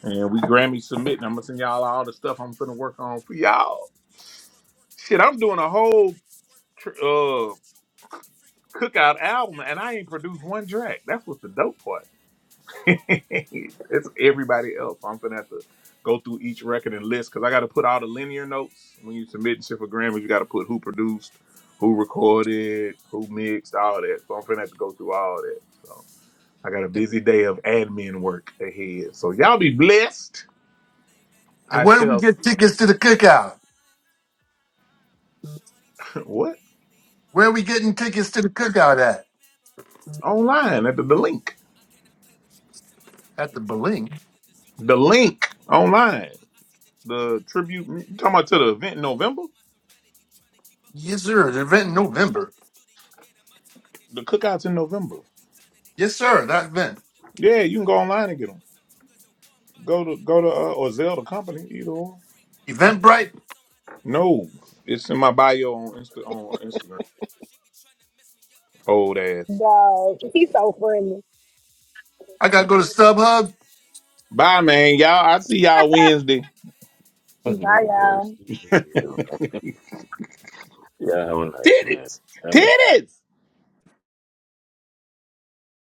Speaker 2: and we Grammy submitting. I'm gonna send y'all all the stuff I'm gonna work on for y'all. Shit, I'm doing a
Speaker 9: you make
Speaker 2: whole
Speaker 9: it squirt.
Speaker 2: tr- uh cookout album, and I ain't produced one track. That's what's the dope part.
Speaker 9: She wanna be
Speaker 2: it's
Speaker 9: cool,
Speaker 2: everybody
Speaker 9: she
Speaker 2: else. I'm
Speaker 9: wanna
Speaker 2: gonna have
Speaker 9: be
Speaker 2: to
Speaker 9: bad,
Speaker 2: go through each
Speaker 9: she
Speaker 2: record
Speaker 9: wanna
Speaker 2: and list
Speaker 9: be
Speaker 2: because I got to put
Speaker 9: cool.
Speaker 2: all the
Speaker 9: Hey,
Speaker 2: linear
Speaker 9: hey,
Speaker 2: notes when
Speaker 9: hey,
Speaker 2: you submit shit for Grammys. You got to put who produced,
Speaker 9: time
Speaker 2: who
Speaker 9: you
Speaker 2: recorded,
Speaker 9: want,
Speaker 2: who mixed, all that. So I'm gonna
Speaker 9: what
Speaker 2: have to
Speaker 9: you
Speaker 2: go through
Speaker 9: want.
Speaker 2: all that. So I got a busy day of
Speaker 9: I've
Speaker 2: admin
Speaker 9: been
Speaker 2: work
Speaker 9: working
Speaker 2: ahead. So y'all be
Speaker 9: overtime,
Speaker 2: blessed.
Speaker 9: lay back in the
Speaker 11: And
Speaker 2: I
Speaker 11: where
Speaker 9: truck,
Speaker 11: do
Speaker 2: shall
Speaker 11: we
Speaker 2: s-
Speaker 11: get
Speaker 9: cruising
Speaker 11: tickets to
Speaker 9: through
Speaker 11: the
Speaker 9: the
Speaker 11: cookout?
Speaker 9: time. Shorty tryna
Speaker 2: what
Speaker 9: give me
Speaker 11: Where are
Speaker 9: mine,
Speaker 11: we getting tickets to the cookout
Speaker 9: tryna
Speaker 11: at?
Speaker 9: be bad, but I'm stuck in my
Speaker 2: online at the, the
Speaker 9: prime.
Speaker 2: link,
Speaker 9: I cannot play with you, wasting my time
Speaker 11: At the
Speaker 9: playing two-faced
Speaker 11: Belink?
Speaker 9: ridiculous. You try
Speaker 2: the
Speaker 9: to
Speaker 2: link online, the tribute. You talking about to the event in November,
Speaker 11: Yes, sir. The event in November.
Speaker 2: the cookouts in November?
Speaker 11: Yes, sir. That event.
Speaker 2: Yeah, you can go online and get 'em. Go to go to uh, or Zelda Company, either or.
Speaker 11: Eventbrite.
Speaker 2: No, it's in my bio on Insta on Instagram. Old ass.
Speaker 13: Dog, he's so friendly.
Speaker 11: I gotta go to StubHub.
Speaker 2: Bye, man. Y'all, I see y'all Wednesday.
Speaker 7: That
Speaker 13: Bye,
Speaker 7: boy,
Speaker 13: y'all.
Speaker 7: stupid as hell. Yeah, have a nice man.
Speaker 2: titties,
Speaker 7: Till next time.
Speaker 2: titties.